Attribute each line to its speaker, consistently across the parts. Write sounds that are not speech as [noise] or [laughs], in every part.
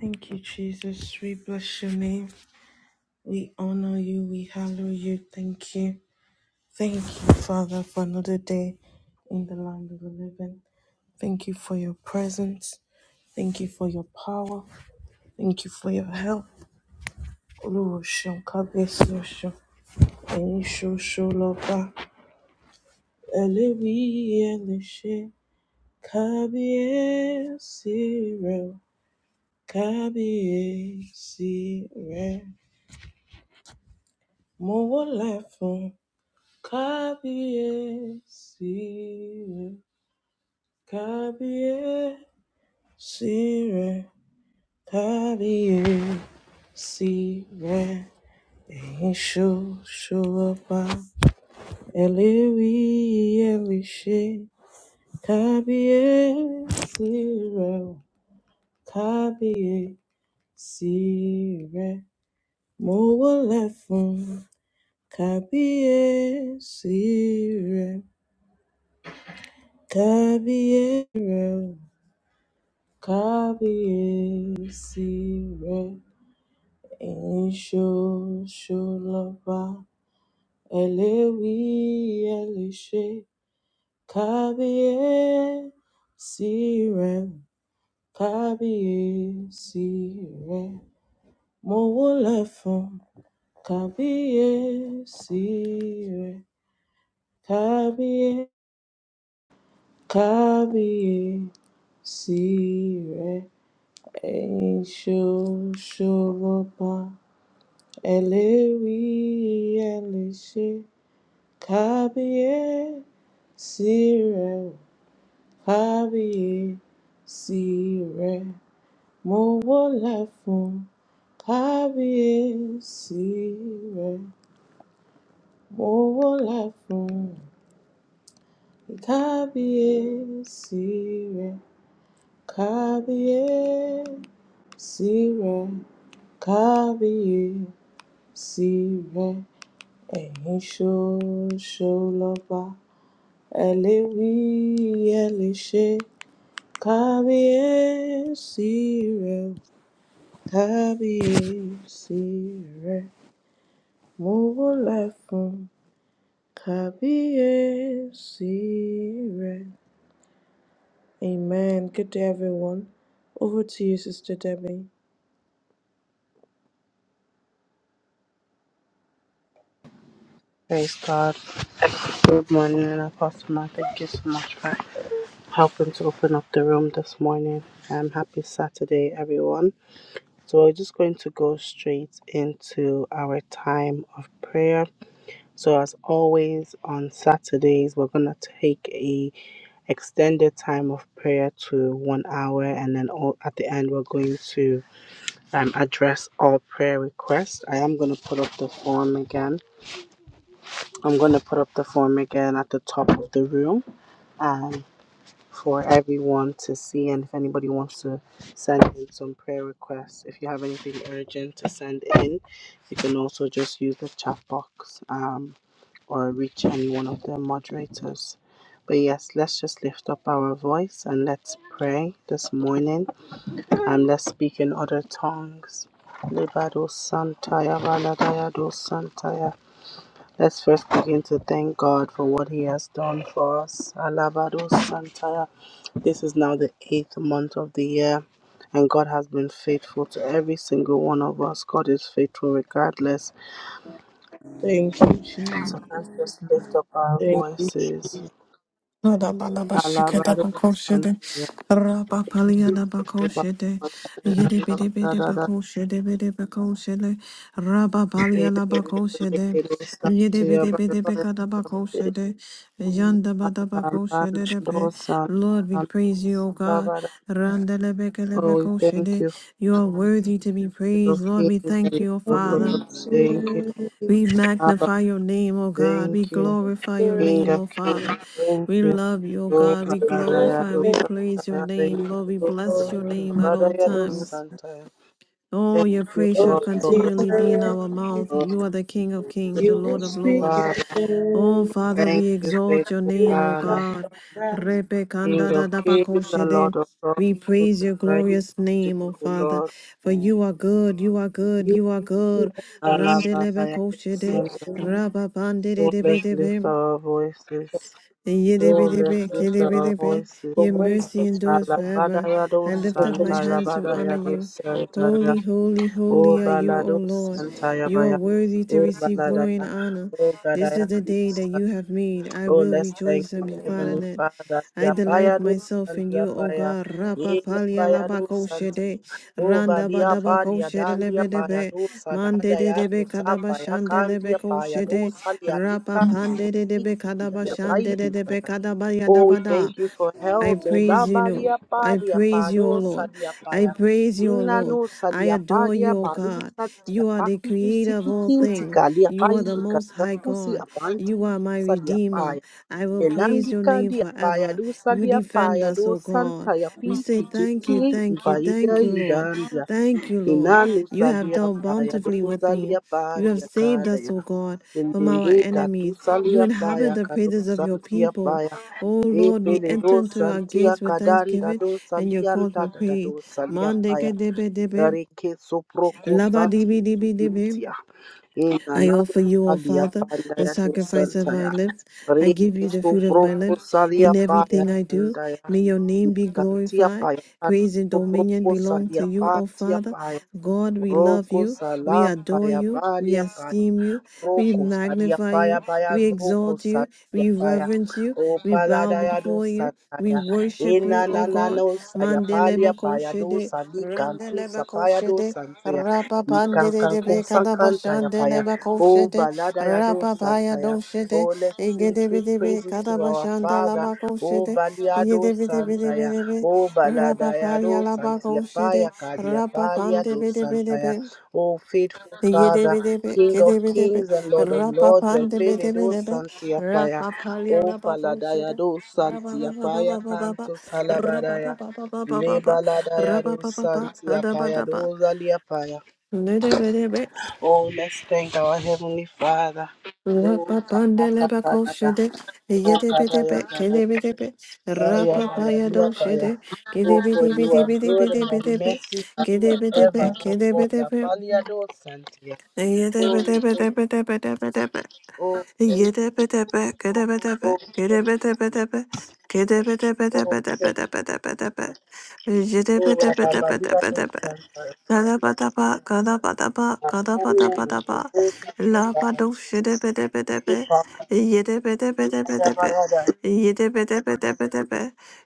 Speaker 1: Thank you, Jesus. We bless your name. We honor you. We hallow you. Thank you. Thank you, Father, for another day in the land of the living. Thank you for your presence. Thank you for your power. Thank you for your help. Olúwaṣeun, kábíyèsí ọ̀ṣun, ẹ̀yin ṣoṣo lọ́ba, ẹlẹ́wìí ẹlẹ́ṣẹ̀, kábíyèsí rẹ̀ o, kábíyèsí rẹ̀. Mo wólẹ̀ fún Kabiye sire, kabiye sire, kabiye sire. Eyin sho sho ọba ẹlẹ́rìí ẹlẹ́ṣẹ̀ kábíyè sire, kábíyè sire, Mo wólẹ̀ fún kábíyè sire, kábíyè rẹ̀ kábíyèsí rẹ ẹ̀yin ṣoṣolọba ẹ lè wí ẹ lè ṣe kábíyèsí rẹ o, kábíyèsí rẹ mo wólẹ̀ fún kábíyèsí rẹ kábíyè kábíyèsí rẹ ẹ̀yin ṣoṣolọba. Eléwí ẹlẹ́ṣẹ̀ kábíyèsí rẹ̀ ò, kábíyèsí rẹ̀ mo wólẹ̀ fún kábíyèsí rẹ̀ mo wólẹ̀ fún kábíyèsí rẹ̀ kábíyèsí rẹ̀ kábíyèsí rẹ̀ ẹ̀yin ṣoṣo lọba ẹ lè wí ẹ lè ṣe kábíyèsí rẹ o, kábíyèsí rẹ mo wólẹ̀ fún kábíyèsí rẹ. Amen. Good day, everyone. Over to you, Sister Debbie.
Speaker 2: Praise God. Good morning, and Apostle Ma. Thank you so much for helping to open up the room this morning. Um, happy Saturday, everyone. So we're just going to go straight into our time of prayer. So as always on Saturdays, we're gonna take a extended time of prayer to one hour, and then all, at the end we're going to um, address all prayer requests. I am gonna put up the form again I'm going to put up the form again at the top of the room um, for everyone to see. And if anybody wants to send in some prayer requests, if you have anything urgent to send in, you can also just use the chat box um, or reach any one of the moderators. But yes, let's just lift up our voice and let's pray this morning and let's speak in other tongues. Libado Santaya Valadaya Do Santaya. Let's first begin to thank God for what He has done for us. Alabado Santaya. This is now the eighth month of the year, and God has been faithful to every single one of us. God is faithful regardless.
Speaker 1: Thank you,
Speaker 2: So
Speaker 1: Jesus.
Speaker 2: let's just lift up our
Speaker 1: Thank
Speaker 2: voices. Alabado
Speaker 3: Nadabalabashikadabakoshede,
Speaker 2: Santaya. Lift up
Speaker 3: rabapaliadabakoshede,
Speaker 2: our voices. [laughs] Alabadada.
Speaker 3: yedebedebedebakoshedebedebakoshede,
Speaker 2: Ekerekerekere
Speaker 3: rabapalialabakoshede,
Speaker 2: Santaya. Barabara.
Speaker 3: yedebedebedebekadabakoshede,
Speaker 2: Alabado
Speaker 3: yandabadabakoshede.
Speaker 2: Santaya.
Speaker 3: Lord, we praise you, O God.
Speaker 2: Alabada.
Speaker 3: Randa
Speaker 2: Oh, we
Speaker 3: beko
Speaker 2: thank
Speaker 3: shede.
Speaker 2: you
Speaker 3: You are worthy to be
Speaker 2: King of
Speaker 3: praised. Lord,
Speaker 2: kings
Speaker 3: we
Speaker 2: and
Speaker 3: thank
Speaker 2: Lord
Speaker 3: you, O
Speaker 1: you.
Speaker 2: of
Speaker 3: Father.
Speaker 2: lords,
Speaker 1: Jesus.
Speaker 2: thank you.
Speaker 3: We
Speaker 2: Abba,
Speaker 3: magnify your name, O God. We
Speaker 2: thank you.
Speaker 3: glorify your
Speaker 2: King
Speaker 3: name,
Speaker 2: of
Speaker 3: O
Speaker 2: kings,
Speaker 3: Father.
Speaker 2: thank
Speaker 3: We
Speaker 2: you.
Speaker 3: love you, O
Speaker 2: Oh,
Speaker 3: God. We glorify,
Speaker 2: Barayado
Speaker 3: we praise your
Speaker 2: Santaya, thank
Speaker 3: name. Lord, we
Speaker 2: you.
Speaker 3: bless your name at all
Speaker 2: Barayado
Speaker 3: times.
Speaker 2: Santaya.
Speaker 3: Oh,
Speaker 2: Thank
Speaker 3: your
Speaker 2: you,
Speaker 3: praise shall
Speaker 2: God,
Speaker 1: Thank
Speaker 2: for
Speaker 1: you,
Speaker 2: all the
Speaker 3: continually be in our
Speaker 1: Jesus.
Speaker 3: mouth.
Speaker 2: Lord.
Speaker 3: You are the King of kings, the
Speaker 1: You will
Speaker 3: Lord of
Speaker 1: speak
Speaker 3: lords.
Speaker 1: and
Speaker 2: Father,
Speaker 3: Oh,
Speaker 1: then
Speaker 3: Father,
Speaker 2: thank
Speaker 3: we
Speaker 2: you,
Speaker 3: exalt your
Speaker 2: faithful
Speaker 1: you will
Speaker 3: name, O
Speaker 2: Father.
Speaker 1: find
Speaker 3: God.
Speaker 1: your rest.
Speaker 2: King of kings and Lord
Speaker 3: Repekandadadabakoshede.
Speaker 2: of lords,
Speaker 3: We
Speaker 2: who
Speaker 3: praise
Speaker 2: is
Speaker 3: your
Speaker 2: like
Speaker 3: glorious
Speaker 2: to
Speaker 3: name,
Speaker 2: you,
Speaker 3: O
Speaker 2: O
Speaker 3: Father,
Speaker 2: Lord.
Speaker 3: for you are good, you are good,
Speaker 1: You
Speaker 3: you are
Speaker 1: will
Speaker 3: good.
Speaker 1: rest
Speaker 2: Alabarayado
Speaker 3: Randelebekoshede,
Speaker 2: Santaya. Oh, let's lift
Speaker 3: rababandedebedebe.
Speaker 2: our voices. Oh, let's
Speaker 3: Yidibidibit,
Speaker 2: lift
Speaker 1: and
Speaker 2: our
Speaker 3: kidibidibit,
Speaker 2: voices
Speaker 1: from
Speaker 3: Your
Speaker 1: whence
Speaker 3: mercy
Speaker 1: comes
Speaker 3: endures
Speaker 2: Alabada
Speaker 3: forever.
Speaker 2: yado
Speaker 3: I
Speaker 1: my
Speaker 3: lift up
Speaker 1: help.
Speaker 3: my
Speaker 2: santa
Speaker 1: comes
Speaker 3: hands to
Speaker 2: alabada
Speaker 3: honor
Speaker 2: yado
Speaker 3: you.
Speaker 2: santa ya
Speaker 3: Holy, holy,
Speaker 2: o
Speaker 3: holy are you, O
Speaker 2: balado
Speaker 3: Lord.
Speaker 2: santa ya
Speaker 3: You are
Speaker 2: baya
Speaker 3: worthy to
Speaker 2: o
Speaker 3: receive
Speaker 2: balada
Speaker 3: glory and
Speaker 2: ya
Speaker 3: honor.
Speaker 2: o gada
Speaker 3: This
Speaker 2: ya
Speaker 3: is the
Speaker 2: gado
Speaker 3: day that
Speaker 2: santa
Speaker 3: you have made. I
Speaker 2: oh
Speaker 3: will
Speaker 2: let's thank
Speaker 3: rejoice and
Speaker 2: our
Speaker 3: be glad
Speaker 2: heavenly
Speaker 3: in it.
Speaker 2: father
Speaker 3: I
Speaker 2: ya baya
Speaker 3: delight
Speaker 2: do
Speaker 3: myself
Speaker 2: santa
Speaker 3: in
Speaker 2: ya
Speaker 3: you, O
Speaker 2: baya
Speaker 3: God. Rapa
Speaker 2: ye la
Speaker 3: palia
Speaker 2: baya do
Speaker 3: labako
Speaker 2: santa
Speaker 3: shede,
Speaker 2: o
Speaker 3: randa
Speaker 2: balia
Speaker 3: badabako
Speaker 2: palia
Speaker 3: shede
Speaker 2: dandia paya
Speaker 3: lebedebe,
Speaker 2: do
Speaker 3: mande
Speaker 2: salada
Speaker 3: de
Speaker 2: ya do
Speaker 3: debe
Speaker 2: sapa ya
Speaker 3: kadabashande
Speaker 2: kandia
Speaker 3: lebeko
Speaker 2: paya do
Speaker 3: shede,
Speaker 2: salia
Speaker 3: rapa
Speaker 2: dikantu
Speaker 3: pande de debe
Speaker 2: ikiti ya
Speaker 3: kadabashande
Speaker 2: paidu
Speaker 3: de debe
Speaker 2: saya.
Speaker 3: kadabaya
Speaker 2: Oh, we thank
Speaker 3: dabada.
Speaker 2: you for
Speaker 3: I
Speaker 2: health. Oh, la
Speaker 3: praise you, Lord.
Speaker 2: labadia
Speaker 3: I
Speaker 2: padia
Speaker 3: praise you, O
Speaker 2: pado
Speaker 3: Lord.
Speaker 2: sadia
Speaker 3: I
Speaker 2: paya.
Speaker 3: praise you, O
Speaker 2: Inna
Speaker 3: Lord.
Speaker 2: no
Speaker 3: I
Speaker 2: sadia
Speaker 3: adore
Speaker 2: padia
Speaker 3: you, O
Speaker 2: badu
Speaker 3: God.
Speaker 2: sadia
Speaker 3: You are the
Speaker 2: paki tu
Speaker 3: creator of all
Speaker 2: sipikin
Speaker 3: things.
Speaker 2: tikalia
Speaker 3: You are the
Speaker 2: payi
Speaker 3: most high
Speaker 2: kakakusi
Speaker 3: God.
Speaker 2: apanti
Speaker 3: You are my
Speaker 2: sadia
Speaker 3: redeemer.
Speaker 2: paya.
Speaker 3: I will praise
Speaker 2: Elandi
Speaker 3: your name
Speaker 2: kandi apaya
Speaker 3: forever.
Speaker 2: do
Speaker 3: You
Speaker 2: sadia
Speaker 3: defend
Speaker 2: paya
Speaker 3: us,
Speaker 2: do
Speaker 3: O God.
Speaker 2: santa ya
Speaker 3: We say
Speaker 2: piki tu
Speaker 3: thank you,
Speaker 2: si
Speaker 3: thank you, thank
Speaker 2: ibaida
Speaker 3: you, Lord.
Speaker 2: idandia.
Speaker 3: Thank you, Lord.
Speaker 2: Inna no
Speaker 3: You have
Speaker 2: sadia
Speaker 3: done
Speaker 2: paya do
Speaker 3: bountifully with me.
Speaker 2: sadia
Speaker 3: You have
Speaker 2: pandia
Speaker 3: saved us,
Speaker 2: kadaya.
Speaker 3: O God, from our
Speaker 2: Lindindi
Speaker 3: enemies. You
Speaker 2: katusalia
Speaker 3: inhabit
Speaker 2: paya
Speaker 3: the
Speaker 2: kado
Speaker 3: praises of your
Speaker 2: santia
Speaker 3: people.
Speaker 2: paya.
Speaker 3: O Lord, we
Speaker 2: Epele
Speaker 3: enter
Speaker 2: do
Speaker 3: into our
Speaker 2: santia
Speaker 3: gates with
Speaker 2: kadanda
Speaker 3: thanksgiving
Speaker 2: do
Speaker 3: and your courts
Speaker 2: salianta
Speaker 3: with
Speaker 2: da da
Speaker 3: praise.
Speaker 2: do salia paya.
Speaker 3: Mandeke debe debe,
Speaker 2: Reke soproko
Speaker 3: laba dibi dibi
Speaker 2: satia.
Speaker 3: I
Speaker 2: Inanano
Speaker 3: offer you, O
Speaker 2: salia
Speaker 3: Father,
Speaker 2: panda
Speaker 3: the
Speaker 2: ya do
Speaker 3: sacrifice of my
Speaker 2: santaya.
Speaker 3: lips. I give
Speaker 2: Reke
Speaker 3: you the fruit of my
Speaker 2: soproko
Speaker 3: lips.
Speaker 2: salia
Speaker 3: In everything
Speaker 2: paya
Speaker 3: I do,
Speaker 2: danda ya.
Speaker 3: may your name be
Speaker 2: Kantia
Speaker 3: glorified.
Speaker 2: paya kanto
Speaker 3: Praise and dominion
Speaker 2: soproko
Speaker 3: belong to
Speaker 2: salia
Speaker 3: you, O
Speaker 2: pantia
Speaker 3: Father.
Speaker 2: paya.
Speaker 3: God, we love
Speaker 2: Rogo
Speaker 3: you. We
Speaker 2: salam
Speaker 3: adore
Speaker 2: paya
Speaker 3: you. We
Speaker 2: balia paya.
Speaker 3: esteem you. We
Speaker 2: Roko sadia
Speaker 3: magnify
Speaker 2: paya
Speaker 3: you.
Speaker 2: paya
Speaker 3: We
Speaker 2: roko
Speaker 3: exalt you.
Speaker 2: sadia
Speaker 3: We
Speaker 2: paya
Speaker 3: reverence you.
Speaker 2: o
Speaker 3: We bow
Speaker 2: palada ya do
Speaker 3: before you. We
Speaker 2: sataya
Speaker 3: worship you,
Speaker 2: ina
Speaker 3: O
Speaker 2: na na
Speaker 3: God.
Speaker 2: no saya palia
Speaker 3: Mandeleba
Speaker 2: paya do
Speaker 3: koshede,
Speaker 2: sali kantu
Speaker 3: randeleba
Speaker 2: sapaya do
Speaker 3: koshede,
Speaker 2: santia
Speaker 3: Rapa
Speaker 2: nikan
Speaker 3: pandere
Speaker 2: kan
Speaker 3: de
Speaker 2: kun
Speaker 3: bekada
Speaker 2: sankanta ya
Speaker 3: bashande
Speaker 2: paya
Speaker 3: leba
Speaker 2: o
Speaker 3: koshete.
Speaker 2: balada ya do
Speaker 3: Rapa paya
Speaker 2: santaya
Speaker 3: doshete.
Speaker 2: oh let's sing
Speaker 3: Igede
Speaker 2: sweet
Speaker 3: bide
Speaker 2: praises to
Speaker 3: bekada
Speaker 2: our
Speaker 3: bashande
Speaker 2: father
Speaker 3: laba
Speaker 2: oh
Speaker 3: koshete.
Speaker 2: baliado
Speaker 3: Igede bide bide
Speaker 2: santaya
Speaker 3: bide be.
Speaker 2: oh
Speaker 3: Rapa
Speaker 2: balada ya
Speaker 3: paya
Speaker 2: do
Speaker 3: laba
Speaker 2: santia paya
Speaker 3: koshete.
Speaker 2: kadia
Speaker 3: Rapa
Speaker 2: palia
Speaker 3: pande
Speaker 2: do
Speaker 3: bide bide
Speaker 2: santaya
Speaker 3: be.
Speaker 2: Oh, faithful
Speaker 3: Igede
Speaker 2: Father,
Speaker 3: bide be.
Speaker 2: King of
Speaker 3: Gede bide be.
Speaker 2: kings and Lord of
Speaker 3: Rapa
Speaker 2: lords, I
Speaker 3: pande
Speaker 2: pele
Speaker 3: bide
Speaker 2: do
Speaker 3: bide be.
Speaker 2: santia paya.
Speaker 3: Rapa paya
Speaker 2: Oh,
Speaker 3: laba
Speaker 2: paladaya
Speaker 3: koshete.
Speaker 2: do
Speaker 3: Rapa
Speaker 2: santia
Speaker 3: ba ba ba
Speaker 2: paya
Speaker 3: ba ba ba ba.
Speaker 2: canto
Speaker 3: Rapa ba
Speaker 2: salabadaya.
Speaker 3: ba ba ba ba ba ba.
Speaker 2: Lebaladaya
Speaker 3: Rapa
Speaker 2: do
Speaker 3: ba ba ba.
Speaker 2: santia
Speaker 3: Ada ba
Speaker 2: paya
Speaker 3: da
Speaker 2: do zalia paya.
Speaker 3: ba.
Speaker 2: Oh, let's thank our Heavenly Father. Oh,
Speaker 3: Rapa
Speaker 2: kakaka kakaka.
Speaker 3: Rapapandelebakosede,
Speaker 2: Oh,
Speaker 3: yedebedebe,
Speaker 2: kadaya kadaya.
Speaker 3: kedebedebe,
Speaker 2: Aya, baya, bia, paya.
Speaker 3: rapapayadosede,
Speaker 2: Oh, for you are good and your
Speaker 3: kedebidibidibidibidibidebe,
Speaker 2: mercy is
Speaker 3: kedebedebe,
Speaker 2: forever. Oh, Lord,
Speaker 3: kedebedebe,
Speaker 2: apalia do santia. Oh, thank,
Speaker 3: yedebedebedebedebedebe,
Speaker 2: oh, thank,
Speaker 3: yedebedebe, kedebedebe,
Speaker 2: oh, thank,
Speaker 3: kedebedebedebe,
Speaker 2: oh, thank you,
Speaker 3: kedebedebedebedebedebedebe,
Speaker 2: Jesus. Oh, Rabba, Babila, no
Speaker 3: yedebedebedebedebedebe,
Speaker 2: Santa,
Speaker 3: Gadabadaba, gadabadaba,
Speaker 2: Ananya,
Speaker 3: gadabadabadaba.
Speaker 2: no Santa,
Speaker 3: Labado shidebedebedebe.
Speaker 2: Lipa,
Speaker 3: Yedebedebedebedebe. Yedebedebedebedebe.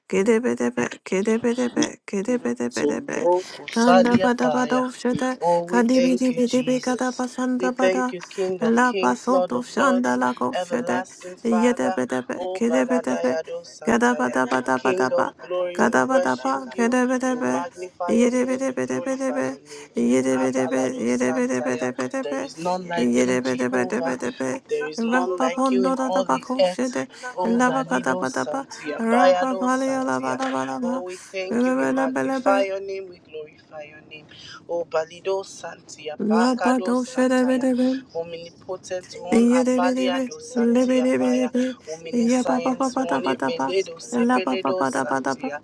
Speaker 3: Gedebedebe, gedebedebe, gedebedebedebe.
Speaker 2: Zumbroko Salia
Speaker 3: Gandabadabado
Speaker 2: Paya.
Speaker 3: shede.
Speaker 2: Oh, we thank you,
Speaker 3: Kadibidibidibidi
Speaker 2: Jesus. We
Speaker 3: gadabasandabada.
Speaker 2: thank you, King of Kings, Lord
Speaker 3: Labasoto
Speaker 2: of Lords,
Speaker 3: shandalako shede.
Speaker 2: Everlasting Father.
Speaker 3: Yedebedebe,
Speaker 2: Oh,
Speaker 3: gedebedebe.
Speaker 2: Baladayado Santaya. King
Speaker 3: Gadabadabadabadaba.
Speaker 2: of Glory, we
Speaker 3: Gadabadaba,
Speaker 2: worship you. We
Speaker 3: gedebedebe. Rabba
Speaker 2: magnify your name. We glorify your name. Abalado Santaya. There is none like you, Jehovah. There is none like you in all the earth. Oh, Balido Santia, Bayado Santia. Oh, we thank you. We magnify your name. We glorify your name. Oh, Balido Santia, Bakado Santaya, Omnipotent One, Abaliado Santia Paya, Omniscience One, Epeledo, Sepeledo Santia.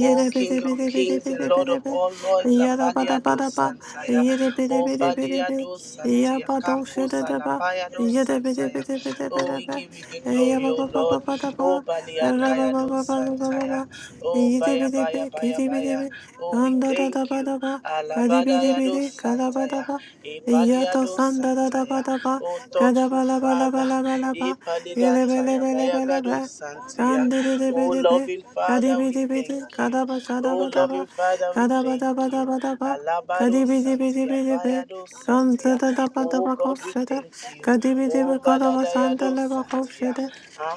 Speaker 2: Oh, King of Kings and Lord of all Lords, Abaliado Santaya, Oh, Baliado Santia, Kanko Salapayado Santaya. Oh, we give you the glory, oh Lord. Oh, Baliadayado Santaya. Oh, baya, baya, baya, baya. Oh, we thank you. Alabadaya do santaya. Epalia
Speaker 3: Yato
Speaker 2: do
Speaker 3: sanda da da ba
Speaker 2: santaya.
Speaker 3: da ba
Speaker 2: Oh,
Speaker 3: Kada
Speaker 2: thoughtful
Speaker 3: kada kada kada bala bala
Speaker 2: Father.
Speaker 3: bala bala ba, ba ba ba,
Speaker 2: Epalidataya.
Speaker 3: ba ba ba ba,
Speaker 2: Bayagado
Speaker 3: ba
Speaker 2: santia.
Speaker 3: bele bele bele be, be,
Speaker 2: Oh,
Speaker 3: be, de be,
Speaker 2: loving
Speaker 3: kadi
Speaker 2: Father,
Speaker 3: bi
Speaker 2: we
Speaker 3: di bi
Speaker 2: thank
Speaker 3: di,
Speaker 2: you.
Speaker 3: kada ba sada
Speaker 2: Oh,
Speaker 3: ba da ba,
Speaker 2: loving Father, we
Speaker 3: kada ba
Speaker 2: thank
Speaker 3: da ba da
Speaker 2: you.
Speaker 3: ba da ba, kadi
Speaker 2: Alabado
Speaker 3: bi di bi di
Speaker 2: santia.
Speaker 3: bi di be,
Speaker 2: Bayado
Speaker 3: kante
Speaker 2: santia.
Speaker 3: da da ba da
Speaker 2: Oh, God, we
Speaker 3: Kadabalabalabalabalaba.
Speaker 2: thank
Speaker 3: Yelebelebelebelebe. de
Speaker 2: you. Oh,
Speaker 3: Kadibidibidi. de
Speaker 2: baladaya do
Speaker 3: Kadabadabadabadaba. de
Speaker 2: santia.
Speaker 3: Kanzadabadabakoshada.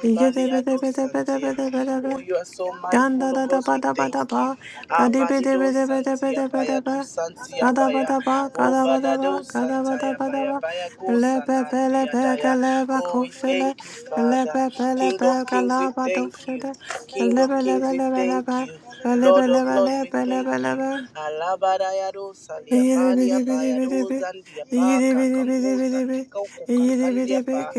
Speaker 3: de
Speaker 2: do santia.
Speaker 3: Yedebedebedebedebedebe.
Speaker 2: Oh, you are so
Speaker 3: Ganda
Speaker 2: mindful
Speaker 3: da
Speaker 2: of
Speaker 3: da
Speaker 2: us.
Speaker 3: ba
Speaker 2: We
Speaker 3: da ba da
Speaker 2: thank
Speaker 3: ba.
Speaker 2: you.
Speaker 3: Gadi bi di bi
Speaker 2: Abalido
Speaker 3: di bi di bi
Speaker 2: Santia
Speaker 3: di bi di
Speaker 2: Baya do
Speaker 3: bi.
Speaker 2: Santia
Speaker 3: Gada ba
Speaker 2: Baya.
Speaker 3: da ba,
Speaker 2: Oh,
Speaker 3: gada ba da ba,
Speaker 2: Balado
Speaker 3: gada ba da
Speaker 2: Santaya
Speaker 3: ba da
Speaker 2: Baya
Speaker 3: ba.
Speaker 2: Baya Go
Speaker 3: Le pe pe le
Speaker 2: Salandia
Speaker 3: pe ke
Speaker 2: Daya.
Speaker 3: le ba
Speaker 2: Oh,
Speaker 3: ko
Speaker 2: we
Speaker 3: she le.
Speaker 2: thank you,
Speaker 3: Le
Speaker 2: Father.
Speaker 3: pe pe le
Speaker 2: King
Speaker 3: pe
Speaker 2: of
Speaker 3: ke
Speaker 2: Kings,
Speaker 3: la
Speaker 2: we
Speaker 3: ba do
Speaker 2: thank
Speaker 3: she
Speaker 2: you.
Speaker 3: de.
Speaker 2: King
Speaker 3: Le
Speaker 2: of
Speaker 3: be le
Speaker 2: Kings,
Speaker 3: be
Speaker 2: we
Speaker 3: le be le
Speaker 2: thank
Speaker 3: be.
Speaker 2: you.
Speaker 3: Be le be
Speaker 2: Lord
Speaker 3: le
Speaker 2: of
Speaker 3: be
Speaker 2: Lords,
Speaker 3: le
Speaker 2: we
Speaker 3: be le
Speaker 2: thank
Speaker 3: be le
Speaker 2: you.
Speaker 3: be.
Speaker 2: Alabadaya do Salia
Speaker 3: Yidi
Speaker 2: Palia
Speaker 3: bidi bidi
Speaker 2: Baya
Speaker 3: bidi
Speaker 2: do
Speaker 3: bidi
Speaker 2: Zandia
Speaker 3: bidi,
Speaker 2: Pa
Speaker 3: yidi bidi
Speaker 2: Kakankusa Tika Kukankandia Pa.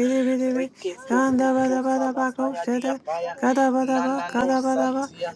Speaker 2: Reke Soko Sala Paya Dia Paya. Nana no Santia.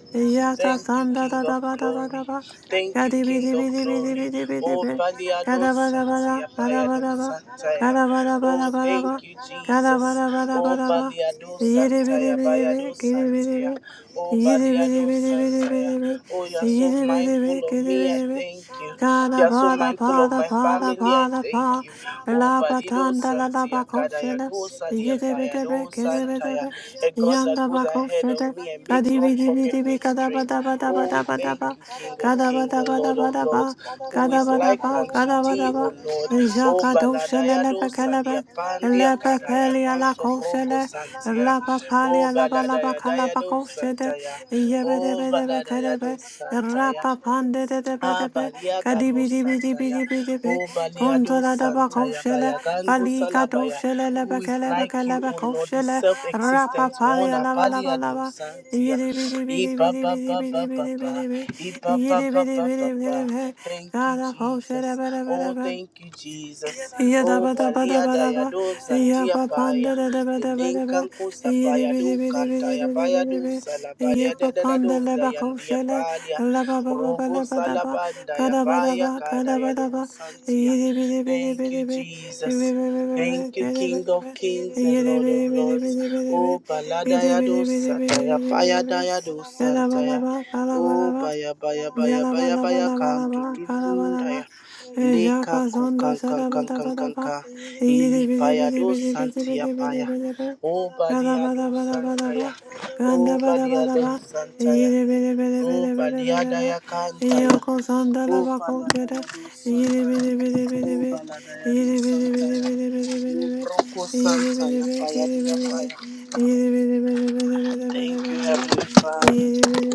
Speaker 2: Thank you, King of Glory. Thank you, King of Glory. Oh, Baliado Santia, Bayado Santaya. Oh, thank you, Jesus. Oh, Baliado Santaya, Bayado Santia. Oh, Baliado Santaya. Oh, you are so mindful of
Speaker 3: bidi
Speaker 2: me. I
Speaker 3: bidi bidi,
Speaker 2: thank you. You
Speaker 3: Gana
Speaker 2: are so
Speaker 3: bada
Speaker 2: mindful of
Speaker 3: bada
Speaker 2: my
Speaker 3: bada
Speaker 2: family. I
Speaker 3: bada
Speaker 2: thank
Speaker 3: ba.
Speaker 2: you. Oh,
Speaker 3: La
Speaker 2: Balido
Speaker 3: batanda la la
Speaker 2: Santia, Kadaya
Speaker 3: bakofshele.
Speaker 2: Gosa,
Speaker 3: Yede bede be
Speaker 2: Diapayado
Speaker 3: kede bede
Speaker 2: Santaya
Speaker 3: be.
Speaker 2: a God that
Speaker 3: Yanda
Speaker 2: goes ahead
Speaker 3: bakofshele.
Speaker 2: of me and makes
Speaker 3: Kadi
Speaker 2: all
Speaker 3: bidi
Speaker 2: crooked
Speaker 3: bidi bi
Speaker 2: ways
Speaker 3: kada
Speaker 2: straight.
Speaker 3: bada bada
Speaker 2: Oh, we
Speaker 3: bada bada
Speaker 2: thank
Speaker 3: ba.
Speaker 2: you, King of
Speaker 3: Kada
Speaker 2: Kings
Speaker 3: bada
Speaker 2: and
Speaker 3: bada
Speaker 2: Lord of
Speaker 3: bada
Speaker 2: Lords,
Speaker 3: ba.
Speaker 2: who
Speaker 3: Kada
Speaker 2: is
Speaker 3: bada
Speaker 2: like
Speaker 3: ba
Speaker 2: unto
Speaker 3: kada bada
Speaker 2: thee,
Speaker 3: ba.
Speaker 2: O Lord. Oh,
Speaker 3: Jaka dovshele le
Speaker 2: Baladayado
Speaker 3: bekele be.
Speaker 2: Saliapandia
Speaker 3: La bacalia
Speaker 2: Kadayago
Speaker 3: la
Speaker 2: Sobrogo
Speaker 3: cochele,
Speaker 2: Santia.
Speaker 3: la
Speaker 2: Oh,
Speaker 3: papalia la balabacala
Speaker 2: Baladayadayado
Speaker 3: bacochede,
Speaker 2: Santaya. Oh,
Speaker 3: yebedebedebecadebe,
Speaker 2: Baladayado Santaya.
Speaker 3: rapapande de de
Speaker 2: Ah,
Speaker 3: debedebe,
Speaker 2: balia gado santaya.
Speaker 3: cadibidibidibidibidib,
Speaker 2: Oh, baliado
Speaker 3: gondola da
Speaker 2: santaya.
Speaker 3: bacochele,
Speaker 2: Baya gangu
Speaker 3: balica
Speaker 2: salabaya.
Speaker 3: dochele,
Speaker 2: Who is
Speaker 3: lebecele,
Speaker 2: like
Speaker 3: becele,
Speaker 2: you, O Lord, the
Speaker 3: bacochele,
Speaker 2: self-existent one.
Speaker 3: rapapalia la
Speaker 2: Abaliado
Speaker 3: balabalaba.
Speaker 2: santia. E ba ba ba ba ba ba.
Speaker 3: Yidibidibidibidibidibidibidibidib,
Speaker 2: E ba ba ba ba ba ba.
Speaker 3: yidibidibidibidibidib,
Speaker 2: Thank you,
Speaker 3: cada pochele,
Speaker 2: Jesus. Oh,
Speaker 3: bedebedebe.
Speaker 2: thank you, Jesus. Oh, baliada
Speaker 3: Yadabadabadabadaba.
Speaker 2: yado santia paya.
Speaker 3: Yapapandadabadabadaba.
Speaker 2: Elenkan kusa do kantaya paya do
Speaker 3: Yidibidibidibidibidibidi.
Speaker 2: salabaria da da da do zayandia
Speaker 3: Yapapandalabakoshele.
Speaker 2: padia. Rogo
Speaker 3: Labababalabadaba.
Speaker 2: salabanda ya baya
Speaker 3: Kadabadaba.
Speaker 2: kada ya do
Speaker 3: Kadabadaba.
Speaker 2: santia. Thank you,
Speaker 3: Yidibidibidibidibi.
Speaker 2: Jesus.
Speaker 3: Ibibibibibi.
Speaker 2: Thank you, King
Speaker 3: Yidibidibi.
Speaker 2: of Kings and Lord of Lords.
Speaker 3: Yidibidibidibidibidibi.
Speaker 2: Oh, balada ya do sataya, baya
Speaker 3: Yidibidibidibidibidibi.
Speaker 2: da ya do santaya.
Speaker 3: Kadabadaba.
Speaker 2: Oh,
Speaker 3: Kadabadaba.
Speaker 2: baya baya baya baya baya kantu
Speaker 3: Yalabalabalaba, kalabalaba,
Speaker 2: tundaya. Leka
Speaker 3: Ejaka
Speaker 2: ku
Speaker 3: zondo
Speaker 2: kan kan kan kan kan
Speaker 3: sarabalabalaba,
Speaker 2: kan.
Speaker 3: Yidi
Speaker 2: Ili
Speaker 3: bidi
Speaker 2: paya
Speaker 3: bidi
Speaker 2: do
Speaker 3: bidi bidi
Speaker 2: santia
Speaker 3: bidi bidi
Speaker 2: paya.
Speaker 3: bidi bidi,
Speaker 2: Oh, balia do santaya.
Speaker 3: Galabalabalaba,
Speaker 2: Oh, balia do
Speaker 3: Gandabalabalaba,
Speaker 2: santaya.
Speaker 3: Yidi bidi bidi
Speaker 2: O
Speaker 3: bidi bidi bidi
Speaker 2: Baliada
Speaker 3: bidi,
Speaker 2: ya
Speaker 3: Eh,
Speaker 2: Kantaya,
Speaker 3: Yoko
Speaker 2: O
Speaker 3: zandalaba
Speaker 2: Paladaya
Speaker 3: kongere,
Speaker 2: do
Speaker 3: Yidi
Speaker 2: Santaya,
Speaker 3: bidi bidi bidi
Speaker 2: O
Speaker 3: bidi, Eh,
Speaker 2: Baladaya do
Speaker 3: Yidi bidi bidi
Speaker 2: Santaya,
Speaker 3: bidi bidi bidi bidi,
Speaker 2: Lubroko
Speaker 3: Eh, Yidi bidi
Speaker 2: Santaya,
Speaker 3: bidi bidi
Speaker 2: Payadia
Speaker 3: bidi bidi,
Speaker 2: Paya.
Speaker 3: Eh, Yidi bidi bidi bidi bidi bidi
Speaker 2: Thank you,
Speaker 3: bidi
Speaker 2: Heavenly
Speaker 3: bidi,
Speaker 2: Father.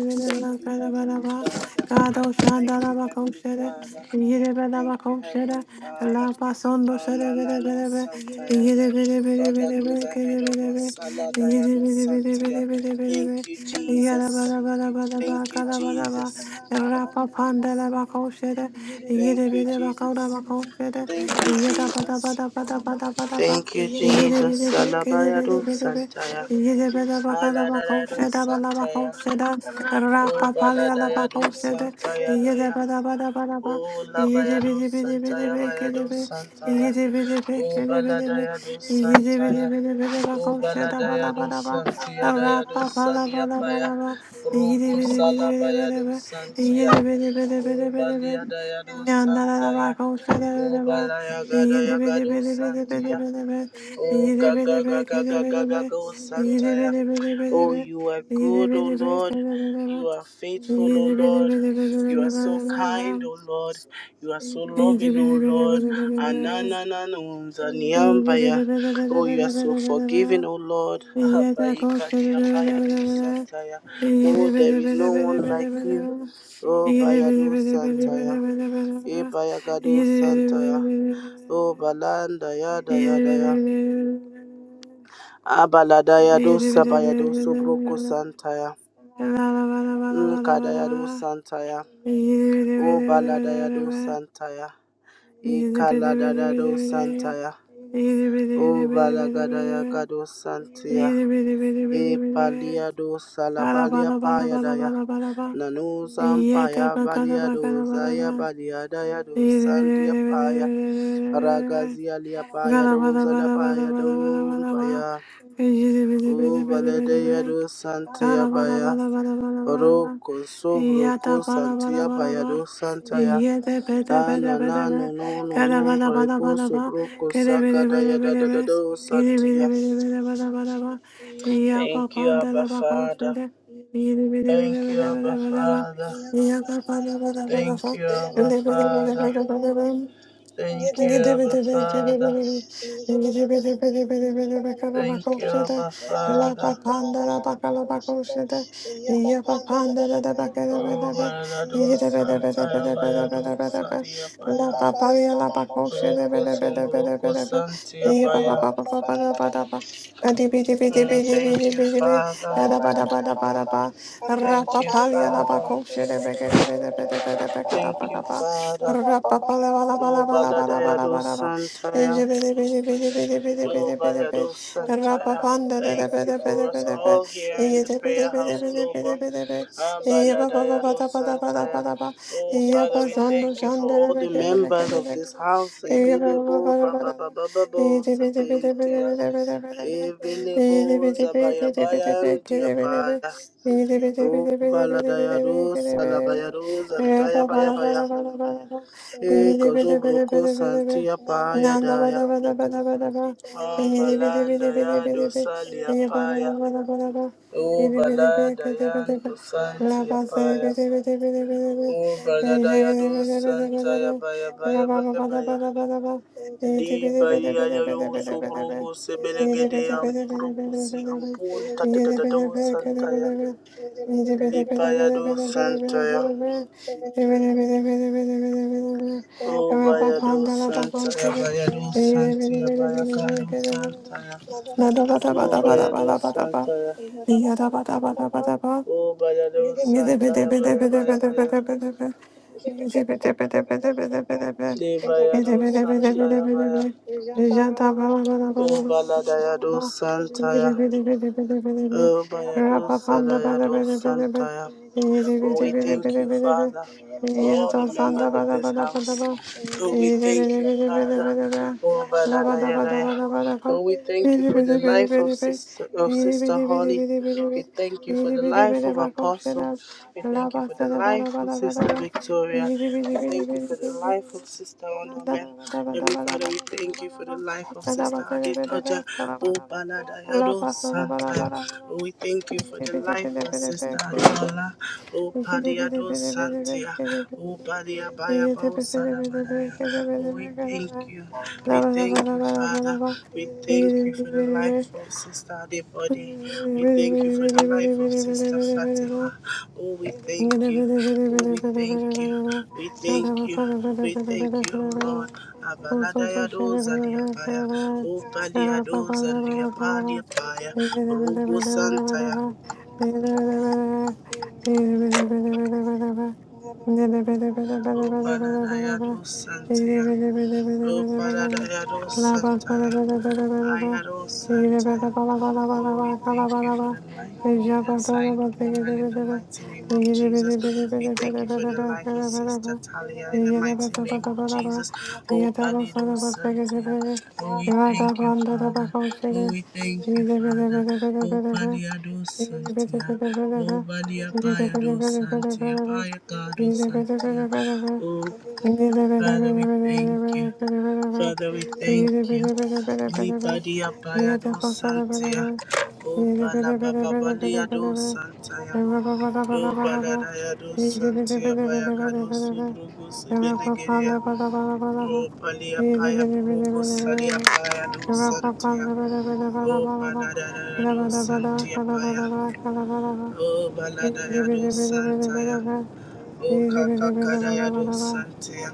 Speaker 2: Thank you, Heavenly Father.
Speaker 3: Kado
Speaker 2: Thank
Speaker 3: shandara
Speaker 2: you,
Speaker 3: bako
Speaker 2: Heavenly
Speaker 3: shere,
Speaker 2: Father.
Speaker 3: yere bana
Speaker 2: Thank you,
Speaker 3: bako shere,
Speaker 2: Heavenly Father.
Speaker 3: la pasondo shere bere
Speaker 2: Ananano
Speaker 3: bere be,
Speaker 2: Santaya,
Speaker 3: yere bere bere
Speaker 2: God that
Speaker 3: bere
Speaker 2: goes
Speaker 3: be, kere
Speaker 2: ahead of
Speaker 3: bere be,
Speaker 2: us, Saladaya
Speaker 3: yere
Speaker 2: do
Speaker 3: bere bere
Speaker 2: Santaya.
Speaker 3: bere bere bere
Speaker 2: Thank you,
Speaker 3: be, yara
Speaker 2: Jesus.
Speaker 3: bara bara bara ba,
Speaker 2: Thank you,
Speaker 3: kada bara ba,
Speaker 2: Jesus.
Speaker 3: ra pa pandara bako shere, yere
Speaker 2: Thank you,
Speaker 3: bere bako da
Speaker 2: Jesus.
Speaker 3: bako shere,
Speaker 2: Thank you,
Speaker 3: yada bada
Speaker 2: Jesus.
Speaker 3: bada bada bada bada ba,
Speaker 2: Thank you,
Speaker 3: yere
Speaker 2: Jesus.
Speaker 3: bere be, kere
Speaker 2: Salabayado
Speaker 3: bere bere be,
Speaker 2: Santaya. Aladayado Santaya. O Baladayado Santaya. O Labayado Santaya Bayado Santaya. O Baladayado Santaya. O Baladayado Santia Dayado Sania Paya. Rogo Salabayado Santia. O balia
Speaker 3: Yidi
Speaker 2: Baliadayado Santaya. O Balayagada Yagado Santia. Oh, gaga, gaga, gaga, gaga, ga ga Santaya. Oh, you are good, oh Lord. You are faithful, oh Lord. You are so kind, oh
Speaker 3: Yandara
Speaker 2: Lord. You are so loving, oh Lord. Ananananunzaniambaya. Oh, you are so forgiving, oh Lord.
Speaker 3: Yada koşa da da da
Speaker 2: Abaikadiapaya do
Speaker 3: da da da
Speaker 2: Santaya. Oh, there is no one like you. Oh, Bayado Santaya. E Bayagado Santaya. Oh, Balanda, yada, yada, Abaladaya do sabaya do sobroko santaya. Nkadaya do santaya. O baladaya do santaya. Ikaladada do santaya. O balagadaya kado santia. E
Speaker 3: Either
Speaker 2: palia do
Speaker 3: Bala
Speaker 2: salabalia
Speaker 3: bala bala bala
Speaker 2: payadaya.
Speaker 3: bala bala bala.
Speaker 2: Nanu
Speaker 3: Yete
Speaker 2: sampaya
Speaker 3: bakala
Speaker 2: balia
Speaker 3: bakala
Speaker 2: do
Speaker 3: bala
Speaker 2: zaya
Speaker 3: bala.
Speaker 2: balia daya do
Speaker 3: Yete bide
Speaker 2: sandia
Speaker 3: bide bide
Speaker 2: paya.
Speaker 3: bide bide.
Speaker 2: Ragazia lia paya
Speaker 3: Bala
Speaker 2: do
Speaker 3: bala bala bala bala
Speaker 2: zalapaya
Speaker 3: bala
Speaker 2: do
Speaker 3: bala bala.
Speaker 2: paya.
Speaker 3: Yete bide bide
Speaker 2: O
Speaker 3: bide bide
Speaker 2: baladaya
Speaker 3: bide.
Speaker 2: do santia
Speaker 3: Bala bala
Speaker 2: paya.
Speaker 3: bala bala bala bala bala.
Speaker 2: Roko sobroko
Speaker 3: Yata bala bala
Speaker 2: santia
Speaker 3: bala
Speaker 2: bayado
Speaker 3: bala.
Speaker 2: santaya
Speaker 3: Yete bide bide
Speaker 2: anana
Speaker 3: bide bide.
Speaker 2: no no no
Speaker 3: Bala
Speaker 2: no
Speaker 3: bala bala
Speaker 2: breko
Speaker 3: bala bala.
Speaker 2: sobroko
Speaker 3: Kede bide
Speaker 2: sakada
Speaker 3: bide
Speaker 2: yada
Speaker 3: bide
Speaker 2: da da
Speaker 3: bide.
Speaker 2: do
Speaker 3: Kede bide
Speaker 2: satia.
Speaker 3: bide bide bala bala bala. Yapa
Speaker 2: Thank you, Abba
Speaker 3: pandala
Speaker 2: Father.
Speaker 3: bakosede. La
Speaker 2: Thank you, Abba Father. Thank you, Abba Father. Thank you, Abba Father. Thank you, Abba Father. Oh, Balado Santa Yabayado Sadia Paya.
Speaker 3: paparia la
Speaker 2: Roko Sombroko
Speaker 3: pacosha,
Speaker 2: Santia
Speaker 3: Rapa
Speaker 2: Paya. Mm, thank you, Father. Thank you, Father. Thank you, Father. Oh, Baladayado Santaya. Oh, Bayado Santaya. Thank you for us all here in the Prayer House Global. Ah,
Speaker 3: Iya ba ba ba ba
Speaker 2: Baladayado
Speaker 3: da ba da ba da ba
Speaker 2: Santaya.
Speaker 3: da ba
Speaker 2: Oh,
Speaker 3: Iya
Speaker 2: Father,
Speaker 3: ba.
Speaker 2: we
Speaker 3: zando
Speaker 2: thank you for
Speaker 3: zando re
Speaker 2: all
Speaker 3: re
Speaker 2: the
Speaker 3: ke re re ke
Speaker 2: members
Speaker 3: re
Speaker 2: of
Speaker 3: re.
Speaker 2: this house.
Speaker 3: Iya ba ba ba ba
Speaker 2: Ibelebo,
Speaker 3: da ba
Speaker 2: Baba,
Speaker 3: da ba
Speaker 2: Baba,
Speaker 3: Iya
Speaker 2: Baba,
Speaker 3: de be de be de be de
Speaker 2: Sepentia.
Speaker 3: be de be de be de be. Iya de be
Speaker 2: Evelebo
Speaker 3: de be ke de be de be
Speaker 2: Zabayabayan
Speaker 3: ke de be de be.
Speaker 2: Diabaya.
Speaker 3: Iya de be de be
Speaker 2: O
Speaker 3: de be de be de be de be
Speaker 2: Baladayado
Speaker 3: ke de be de be.
Speaker 2: Salabayado
Speaker 3: Iya ba
Speaker 2: Zantaya
Speaker 3: ba
Speaker 2: Bayabaya.
Speaker 3: da
Speaker 2: E Kozobroko Santia Paya Daya. Ambalanda Yado Salia Paya.
Speaker 3: ba. Nanda
Speaker 2: O
Speaker 3: La
Speaker 2: Baladayan to Santia
Speaker 3: base
Speaker 2: Paya. O Baladayado Santaya Baya Baya Baya Baya. Li bari ya yo sobrogo sebelegede amprokusi ampul tatatado santaya. Li bayado santaya. Oh,
Speaker 3: Rabba
Speaker 2: bayado
Speaker 3: Panda, Rabba
Speaker 2: santaya
Speaker 3: Panda,
Speaker 2: bayado santaya bayakado santaya.
Speaker 3: Na da da da
Speaker 2: O
Speaker 3: ba da ba da ba
Speaker 2: bayado
Speaker 3: da ba da ba.
Speaker 2: Santa!
Speaker 3: Ya da ba da ba da ba da ba.
Speaker 2: Oh, bayado santaya baya baya baya. Debayado Santaya Baya. O Baladayado Santaya. O Bayado Salayado Santaya. Oh, we thank you, Father, for all the members of this house. Oh, we thank you, Father. Oh, Baladayadaya. Oh, we thank you for the life of Sister of Sister Holly.
Speaker 3: Yada
Speaker 2: We thank you for
Speaker 3: Yedi
Speaker 2: the
Speaker 3: bidi
Speaker 2: life
Speaker 3: bidi
Speaker 2: of
Speaker 3: bak
Speaker 2: Apostle.
Speaker 3: komşular.
Speaker 2: We
Speaker 3: La
Speaker 2: thank you for the
Speaker 3: bastara bada
Speaker 2: life of
Speaker 3: bada
Speaker 2: Sister
Speaker 3: bada ba.
Speaker 2: Victoria.
Speaker 3: Yedi
Speaker 2: We
Speaker 3: bidi bidi
Speaker 2: thank you
Speaker 3: bidi
Speaker 2: for the
Speaker 3: bidi
Speaker 2: life of
Speaker 3: bidi.
Speaker 2: Sister
Speaker 3: Nanda
Speaker 2: Onomen.
Speaker 3: da bada bada
Speaker 2: Heavenly
Speaker 3: bada
Speaker 2: Father, we
Speaker 3: bada bada
Speaker 2: thank you for
Speaker 3: bada ba.
Speaker 2: the life of
Speaker 3: Sada
Speaker 2: Sister
Speaker 3: bastara bada be.
Speaker 2: Adedoja
Speaker 3: Kala bada ba. La
Speaker 2: Obaladayado
Speaker 3: bastara bada
Speaker 2: Santa.
Speaker 3: bada bada ba.
Speaker 2: We thank you for
Speaker 3: Yedi
Speaker 2: the
Speaker 3: bidi
Speaker 2: life
Speaker 3: bidi
Speaker 2: of
Speaker 3: bidi
Speaker 2: Sister
Speaker 3: bidi bidi
Speaker 2: Adola
Speaker 3: Yedi bidi
Speaker 2: Opadiado
Speaker 3: bidi bidi bidi
Speaker 2: Santia
Speaker 3: bidi bidi.
Speaker 2: Obadiabaya
Speaker 3: Yedi
Speaker 2: Bao
Speaker 3: bidi bidi bidi bidi
Speaker 2: Salamadaya.
Speaker 3: bidi
Speaker 2: Oh, We
Speaker 3: bidi
Speaker 2: thank
Speaker 3: bidi.
Speaker 2: you.
Speaker 3: La
Speaker 2: We
Speaker 3: bada
Speaker 2: thank
Speaker 3: bada
Speaker 2: you,
Speaker 3: bada bada
Speaker 2: Father.
Speaker 3: ba.
Speaker 2: We thank
Speaker 3: Yedi
Speaker 2: you
Speaker 3: bidi
Speaker 2: for the
Speaker 3: bidi bidi bidi bidi bidi bidi
Speaker 2: life of Sister Adebody. We thank you for the life
Speaker 3: bidi
Speaker 2: of
Speaker 3: bidi
Speaker 2: Sister
Speaker 3: bidi bidi. bidi.
Speaker 2: Fatima. Oh, we
Speaker 3: Thank you.
Speaker 2: thank you. Oh, we thank you. We thank you. We thank you, oh Lord. Abaladaya doza liapaya. O palia doza liapalia paya. Rogo santaya. O paladaya dos santaya. O paladaya dos santaya. Ayarosataya. Oh, we thank you for the life of the assigned woman in the mighty name of
Speaker 3: Yeah,
Speaker 2: Jesus. We thank you for the life of Sister Talia in the mighty name of Jesus. Oh, Valido Santia. Oh, we thank you, Father. Oh, we thank you, Father. Oh, Paliado Santia. Oh, Balia Payado Santia. Payacado Santia. Oh, Father, we thank you. Father, we thank you. Lipadia payado santia. O balababalia do santaya. O baladaya do santia bayagado subrugo sibelegeria. O palia paya progo salia paya do santia. O baladaya do santia paya.
Speaker 3: Easy,
Speaker 2: O baladaya do santaya. O kakakadaya do santia.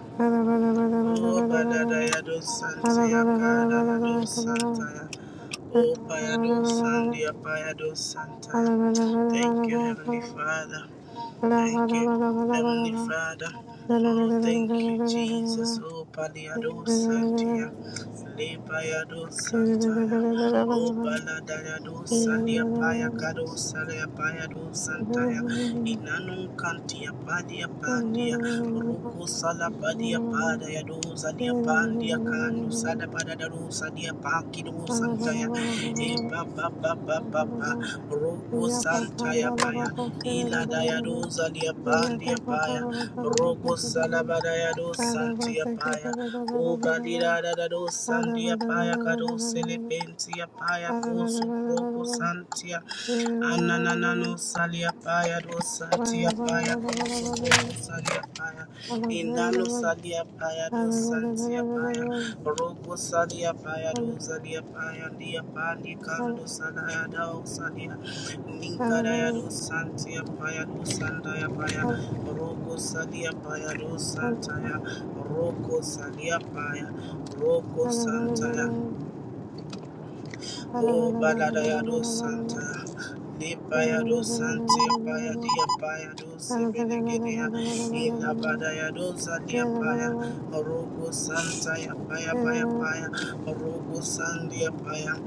Speaker 2: O baladaya do
Speaker 3: Thank
Speaker 2: santia kadaya do santaya. Oh, Payado Sandia, Payado Santa. Thank you, Heavenly Father. Thank you, Heavenly Father. Oh, thank you, Jesus. Oh, Paliado Santia. Le Payado Santa. Oh, Paladayado Sandia, Payacado Salia, Payado Santa. Inanum Cantia, Padia Pandia. Ruku Sala Padia Padayado Zadia Pandia Candu Sada Padadaro
Speaker 3: you.
Speaker 2: Sadia Pakido
Speaker 3: Father,
Speaker 2: Santa. E ba ba ba ba ba ba. Rogo Santa ya paya. Ila da ya doza lia bandi ya paya. Rogo salabada ya do santi ya paya. O badira da da do sandi ya paya. Kado selepenti ya paya. Kosu proko santi ya. Ananana no salia paya do santi ya paya. Kosu proko salia paya. Inano salia paya do santia paya. Rogo salia paya do salia paya. Dia pandi kando salaya do salia. Ninkaraya do santia paya do sandaya paya. Rogo salia paya do santaya. Rogo salia paya. Rogo santaya. O Baladayado Santa, Nipayado Santia Paya Dia Paya do Sebelegedea, Ila Badayado Sandia Paya, Orogo Santa Ya Paya Paya Paya, Orogo Sandia Paya,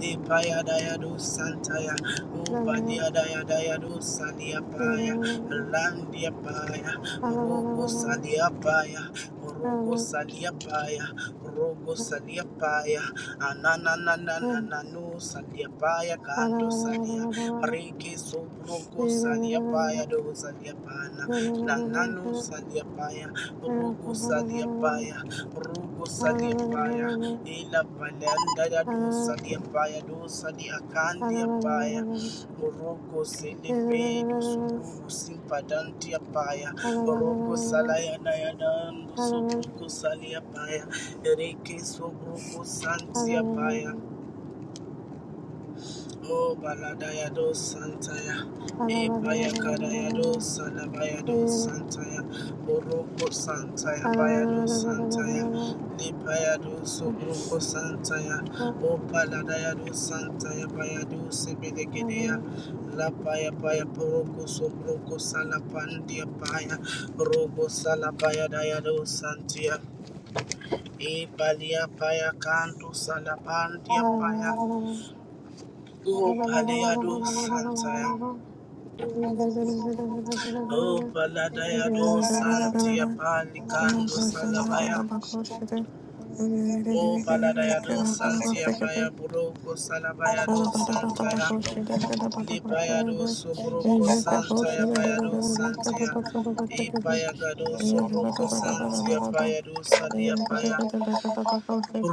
Speaker 2: Nipaya Dayado Santa Ya, O Badia Dayado Sandia Paya, Landia Paya, Rogo Sandia Paya, Orogo Sandia Paya, Rogo Sandia Paya,
Speaker 3: Yeah.
Speaker 2: Anananananano salia paya
Speaker 3: Hello.
Speaker 2: kanto salia. Reke sobroko salia paya do salia pana. Nanano salia paya. Rugo salia paya. Rugo salia paya. Ila palanda ya do salia paya do salia kandia paya Oroko Selebe Dusubru Simpadantia Paya Oroko Salaya Nayanan Dusubruko Salia Paya Ereke Sobruko Santia Paya O Baladaya do Santaya, Epaya Kadaya do Salabaya do Santaya, Oroko Santaya, Bayado Santaya, Lipaya do Sobroko Santaya, O Paladaya do Santaya, Bayado Sebedegedea, La Paya Paya Poroko Sobroko Salapandia Paya, Robo Salabaya Daya do Santia, E Palia Paya Canto Salapandia
Speaker 3: Thank
Speaker 2: Paya. O Paliado Santa, O Paladayado Santia Palicando Salavaya, O Paladayado Santia
Speaker 3: you.
Speaker 2: Paya Buroco Salabayado Santa, Libayado Sobroco Santa Bayado Santia, E Payagado Sobroco Santia Payado Salia Paya.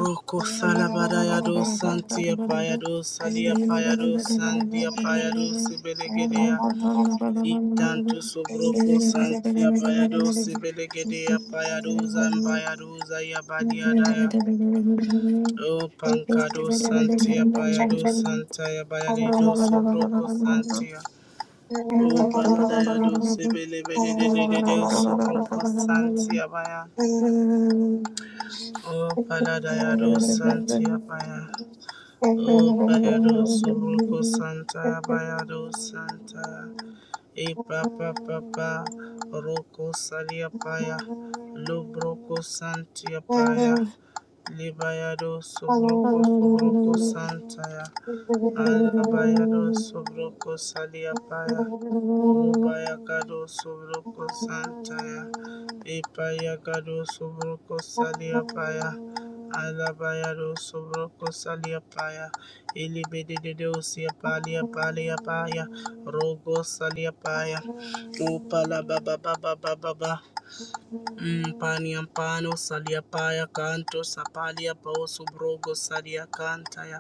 Speaker 2: Roko salabadaya do santia payado salia payado sandia payado sibelegedia litantu sobroko santia payado sibelegedia payado zambayado zayabadiadaya o pankado santia payado santaya
Speaker 3: Thank
Speaker 2: bayalido sobroko santia o baladaya do sibelebedededede sobroko santia baya O Paladayado Santia Baya. O Bayado Suruko Santa Bayado Santa. E Papa Papa Roko Salia Paya. Lubroko Santia Paya.
Speaker 3: you.
Speaker 2: Libayado Subroko Subroko Santaya. Alabayado Subroko Salia Baya, O Ubayagado Subroko Santa, E Payagado Subroko Salia Baya. Alabaya do sobroko salia paya. Ilibidi de dosia palia palia
Speaker 3: Mm-hmm.
Speaker 2: paya. Rogo salia paya. Upala baba baba baba baba. Mm, Paniampano Saliapaya Canto Sapalia Poso Brogo Salia Cantaya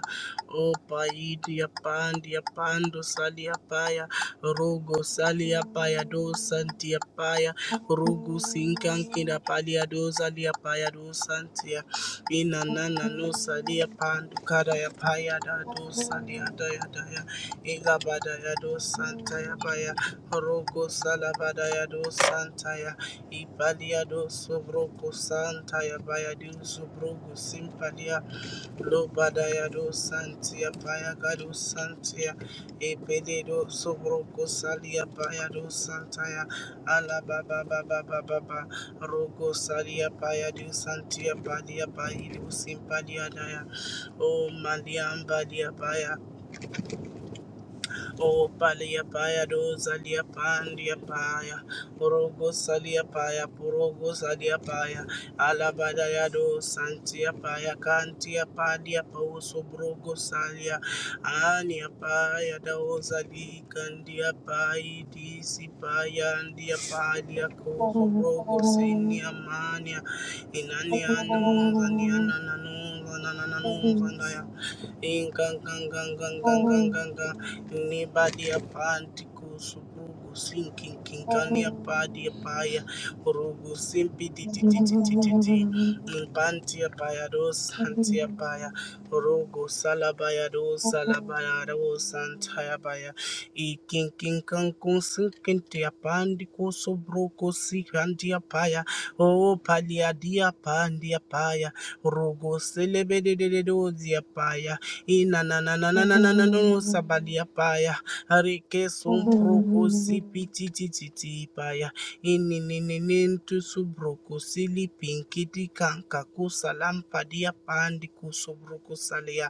Speaker 2: O Paidia Pandia Pando Saliapaya Rogo Saliapaya Do Santiapaya Rugu Sinkankida Palia Do Saliapaya Do Santia Inanana No Salia Pandu Kadaya Paya Da Do Salia Daya daya Ilabadaya do Santaya Baya Rogo Salabadaya do Santaya Ibalia do Sobroko Santaya Baya do Sobrogo Simpalia Lobadaya do Santia Baya Gado Santia Ebele do Sobroko Salia Baya do Santaya Alababa Baba Baba Baba Rogo Salia Baya do Santia Balia Baya do Simpalia Daya O Maliam Balia Baya O paliapaya dozalia pandiapaya. Porogo saliapaya, porogo saliapaya. Alabadaya do santia santiapaya, cantiapadia pauso brogo salia. ania Aniapaya dozali candiapai disipaya andiapadia coso brogo sinia mania, inania siniamania. Inanianos, anianananos, ananananos, in gang gang gang gang gang Oh, gang gang gang anybody apanti kusubugu sinking oh, kinkani apadi apaya urugu simpi di ti ti ti ti ti ti impanti apaya dos santi apaya urugu salabaya dos salabaya dos santaya baya ikin kang kun sinkin ti apandi kusubruku sikanti apaya o palia dia pandia paya rugu selebede de de dozia paya Ina na na na na na na na no sabadia paya. Arike son proko si piti titi ti paya. Ini ni ni ni tu subroko sili pinkiti kanka kusa lampa dia pandi kusubroko salia.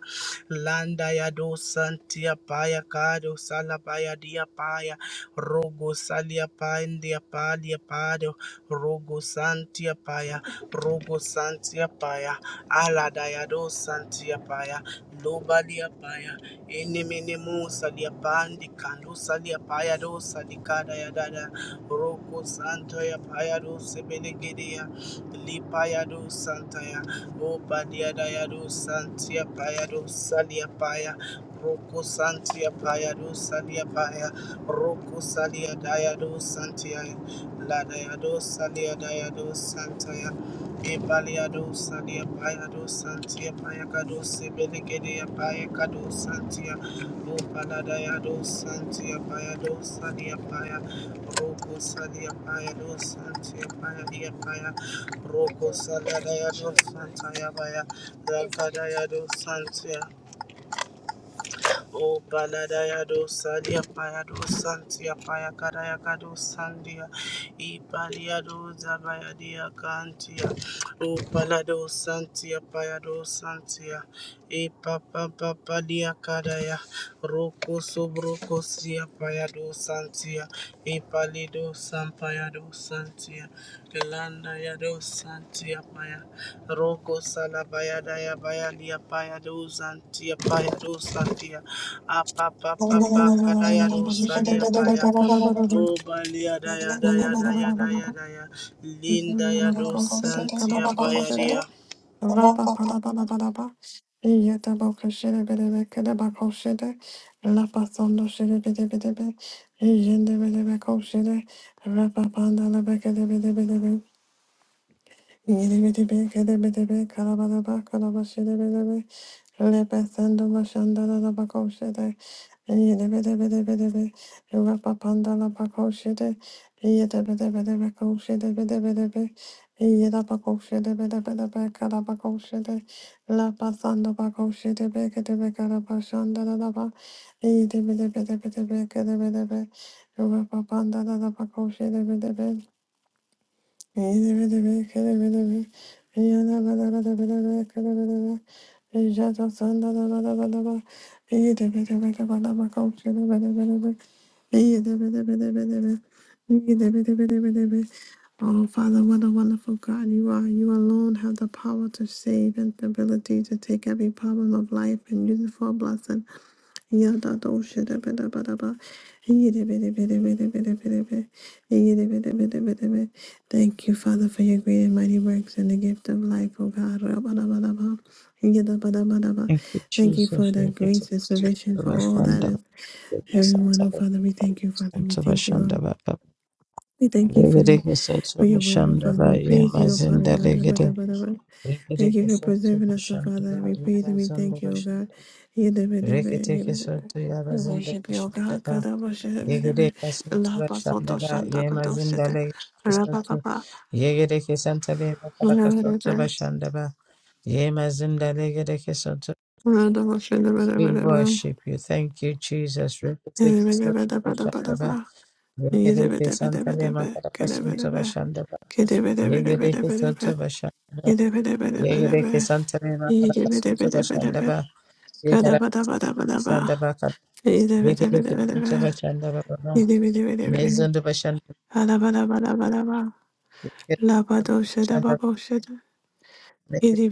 Speaker 2: Landa ya do santia paya kado salabaya dia paya. Rogo salia pandia palia pado. Rogo santia paya. Rogo santia paya. Aladayado Santiapaya, Lobalia paya, enemene musa lia pandi kandusa salia paya dosa dikada ya dada, roko santo ya paya dosa belegedia, lipaya dosa taya, obadia daya dosa tia paya dosa lia paya, roko santia paya dosa salia paya, roko salia daya dosa santia, la daya dosa lia daya dosa Ebaliado Sadia Payado Santia Payacado Sibilicade Payacado Santia Upanadayado Santia Payado Sadia Paya Roko Sadia Payado Santia Payadia Paya Roko Saladayado Santaya Paya Rakadayado Santia O baladaya do sadia paya do santia paya kadaya kado sandia. I palia do zabaya dia kantia. O palado santia paya do santia. E papa papa dia kadaya. Roko sobroko sia paya do santia. E palido sampaya do santia. Elanda ya do santia paya. Roko salabayada ya bayalia payado zantia payado santia apa pa pa pa karaya do
Speaker 3: Rapapanda
Speaker 2: salia paya o balia da ya da ya da ya da ya da ya linda ya do santia payadia
Speaker 3: la Yedebedebedebedebe, Oh, Father, what a wonderful God you are. You alone have the power to save and the ability to take every problem of life and use it for a blessing. Yadadoshidabidabidabi. Yidibidibidibidibidibidi. Yidibidibidibidibidi. Thank you, Father, for your great and mighty works and the gift of life, O God. Rabadabadaba, yidabadabadaba.
Speaker 4: Thank you,
Speaker 3: Thank you for
Speaker 4: Jesus. We
Speaker 3: that
Speaker 4: give to
Speaker 3: grace and salvation
Speaker 4: the
Speaker 3: for all that
Speaker 4: Vashanda,
Speaker 3: is
Speaker 4: the
Speaker 3: everyone, oh
Speaker 4: Kisatara,
Speaker 3: Father. We thank you, Father. We
Speaker 4: Santa
Speaker 3: thank you,
Speaker 4: Vashanda,
Speaker 3: Lord.
Speaker 4: Baka,
Speaker 3: We thank you for
Speaker 4: Legate
Speaker 3: the, for
Speaker 4: Kisatara
Speaker 3: your word, oh
Speaker 4: Vashanda,
Speaker 3: Father. We
Speaker 4: Baya,
Speaker 3: praise you, oh Father
Speaker 4: Mazinda
Speaker 3: God.
Speaker 4: Legate,
Speaker 3: Rabadabadaba. Thank
Speaker 4: Regate
Speaker 3: you for
Speaker 4: Kisatara
Speaker 3: preserving us, oh Father.
Speaker 4: Vashanda,
Speaker 3: We praise and we
Speaker 4: Yarazanda
Speaker 3: thank you, oh God.
Speaker 4: Vashanda,
Speaker 3: Yidabadaba,
Speaker 4: Regate Kisatara
Speaker 3: yidabadaba. We
Speaker 4: Yarazanda
Speaker 3: worship you, O God.
Speaker 4: Vashanda,
Speaker 3: Kadabashadabadaba.
Speaker 4: Yegate Kisatara Vashanda, Baya, Mazinda
Speaker 3: Lahabasotoshantakadoshete.
Speaker 4: Legate Kisatara,
Speaker 3: Rabababa.
Speaker 4: Yegate Kisantale, Baka, Santa Vashanda, Ba, Ye Mazinda Legate We worship you. Thank you, Jesus. Repeteke soto bashandaba. Yegereke santalema karakasunto bashandaba. Yegereke soto bashandaba. Yegereke santalema karakasunto bashandaba. Yegereke sandaba
Speaker 3: Labado
Speaker 4: kar. Yegereke santo bashandaba baba. Mezondo bashandaba. Yegereke santo bashandaba. Mekereke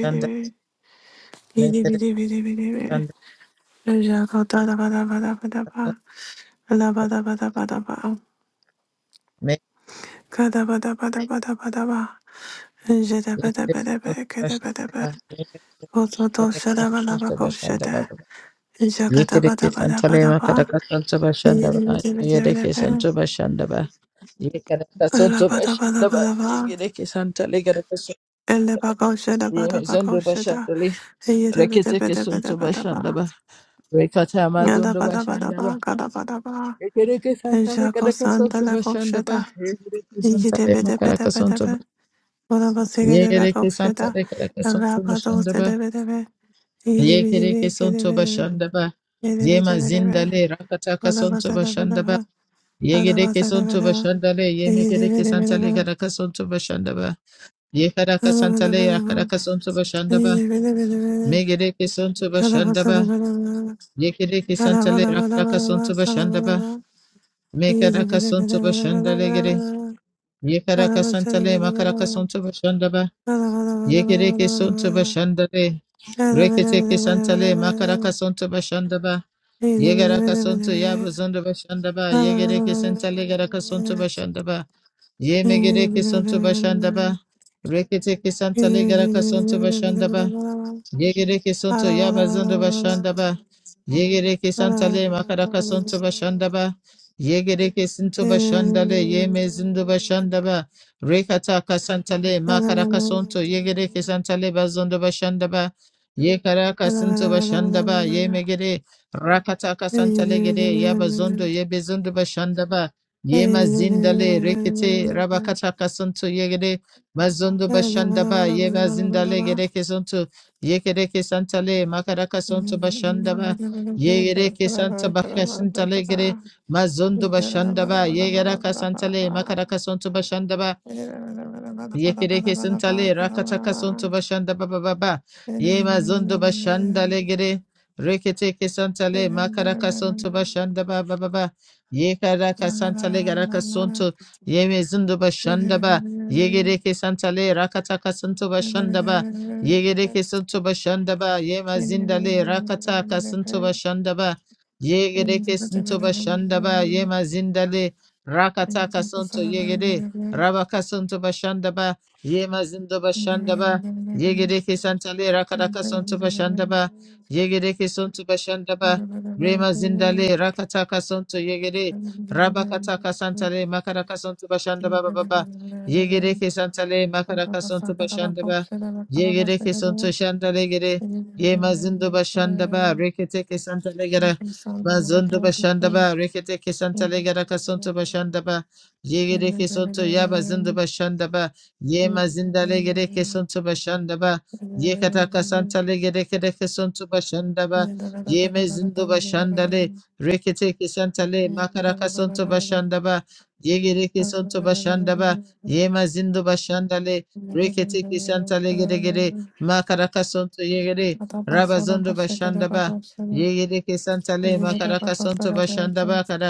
Speaker 4: sanda. Mekereke sanda.
Speaker 3: Alabadabadabadaba. Kadabadabadabadabadaba.
Speaker 4: Mekereke
Speaker 3: Jedabadabadaba,
Speaker 4: soto bashandaba.
Speaker 3: kadabadaba.
Speaker 4: Yegereke santo bashandaba.
Speaker 3: Ototoshadabalabakosada.
Speaker 4: Yekereke santale
Speaker 3: Jagadabadabadabadaba.
Speaker 4: makaraka santo bashanda ba. Yekereke
Speaker 3: Yedibidibidibidibidi.
Speaker 4: santo bashanda ba. Yekereke santo bashanda ba.
Speaker 3: Alabadabadabadaba.
Speaker 4: Yekereke santale karaka santo ba. Yeme zando bashanda
Speaker 3: Elebakoshadabadabakosada.
Speaker 4: li. Reketeke santo bashanda
Speaker 3: Yedibidibidibidibidaba.
Speaker 4: ba. Rekata amazondo bashanda
Speaker 3: Yadabadabadaba,
Speaker 4: ba.
Speaker 3: kadabadaba.
Speaker 4: Yekereke santale karaka santo bashanda ba.
Speaker 3: Jakosandalakoshada.
Speaker 4: Yekereke santale makaraka santo
Speaker 3: Yedibidibidibidibidi.
Speaker 4: ba.
Speaker 3: Bonobo sege debe
Speaker 4: Yekereke
Speaker 3: kavşeda.
Speaker 4: santale karaka santo
Speaker 3: Darra bado
Speaker 4: bashanda
Speaker 3: se
Speaker 4: ba.
Speaker 3: debe debe. İyi bir
Speaker 4: Yekereke
Speaker 3: debe ke
Speaker 4: santo
Speaker 3: debe debe.
Speaker 4: bashanda ba.
Speaker 3: ye
Speaker 4: Yema zindale rakataka santo
Speaker 3: Bonobosekedebe
Speaker 4: bashanda ba.
Speaker 3: kofsheta
Speaker 4: Yegedeke sonto
Speaker 3: rabadosedebedebe
Speaker 4: bashandale, yemegedeke
Speaker 3: idibidebe
Speaker 4: santale
Speaker 3: kedebedebe
Speaker 4: karaka sonto bashandaba. Yekaraka santale yakaraka sonto bashandaba.
Speaker 3: idibidebedebe
Speaker 4: Megedeke sonto bashandaba.
Speaker 3: bonobosedebedebe bonobosedebedebe
Speaker 4: Yekedeke santale rakaraka sonto
Speaker 3: idibidebedebe
Speaker 4: bashandaba.
Speaker 3: bonobosedebedebe
Speaker 4: Mekaraka sonto
Speaker 3: idibidebedebe
Speaker 4: bashandale
Speaker 3: bonobosedebedebe bonobosedebedebe
Speaker 4: gede.
Speaker 3: bonobosedebedebe idibidebedebedebedebedebe
Speaker 4: Yekaraka santale makaraka
Speaker 3: bonobosedebedebedebe
Speaker 4: sonto bashandaba. Yekedeke sonto bashandale. Reketeke santale
Speaker 3: bonobosedebedebedebedebe
Speaker 4: makaraka sonto bashandaba.
Speaker 3: Thank
Speaker 4: Yegaraka sonto yabazondo bashandaba. Yegedeke santale garaka sonto bashandaba. Ye megere ke santo bashanda ba. Rekete ke santa legara ka santo bashanda ba. Yegereke sonto yabazondo bashandaba. Yegereke santale makaraka sonto bashandaba. Yegereke sinto bashandale yeme zindo bashandaba. Rekata kasantale makaraka sonto yegereke santale bazondo bashandaba. Yekaraka sinto bashandaba yemegere rakata kasantale gede yabazondo yebezondo bashandaba. Yema zindale rekete rabakata kasanto yegere mazondo bashandaba yeba zindale
Speaker 3: you.
Speaker 4: gereke sonto Yekereke santale makaraka sonto bashandaba. Yegereke santa bakasintale gere mazondo
Speaker 3: Thank you.
Speaker 4: bashandaba. Yegeraka santale makaraka sonto bashandaba. Yekereke suntale rakataka suntu bashanda baba baba yema zundu bashanda legere reketeke santale makaraka suntu bashanda baba baba yekaraka santale garaka suntu yeme zundu bashanda ba yegereke santale rakataka suntu bashanda ba yegereke suntu bashanda ba yema zindale rakataka suntu bashanda ba yegereke suntu bashanda ba yema zindale rakataka suntu yegere Rabaka Santo Bashandaba, Yemazindo Bashandaba, Yegedeke Santale Rakadaka Santo Bashandaba, Yegedeke Santo Bashandaba, Rema Zindale Rakataka Santo Yegede,
Speaker 3: Thank
Speaker 4: Rabakataka
Speaker 3: you.
Speaker 4: Santale Makaraka Santo Bashandaba Baba, Yegedeke Santale Makaraka Santo Bashandaba, Yegedeke Santo Shandale Gede, Yemazindo Bashandaba, Reketeke Santale Gada, Mazondo Bashandaba, Reketeke Santale Gada Kasanto Bashandaba, Ye gere ke sonto ya ba zinda ba shanda ba. ye ma zinda legere kesonto sonto ba. shanda ba ye Yekata kasanta legere kere kesonto sonto ba. shanda ba ye Yeme zindo ba shanda le. Rekete kesanta le. Makara kasonto bashanda ba. Yegere kesonto sonto ba. shanda ba ye ma zindo ba shanda le. Rekete kesanta le gere. gere Makara kasonto yegere. Raba zondo ba shanda ba. ye Yegere kesanta le.
Speaker 3: Thank
Speaker 4: Makara kasonto bashanda
Speaker 3: you.
Speaker 4: ba. kada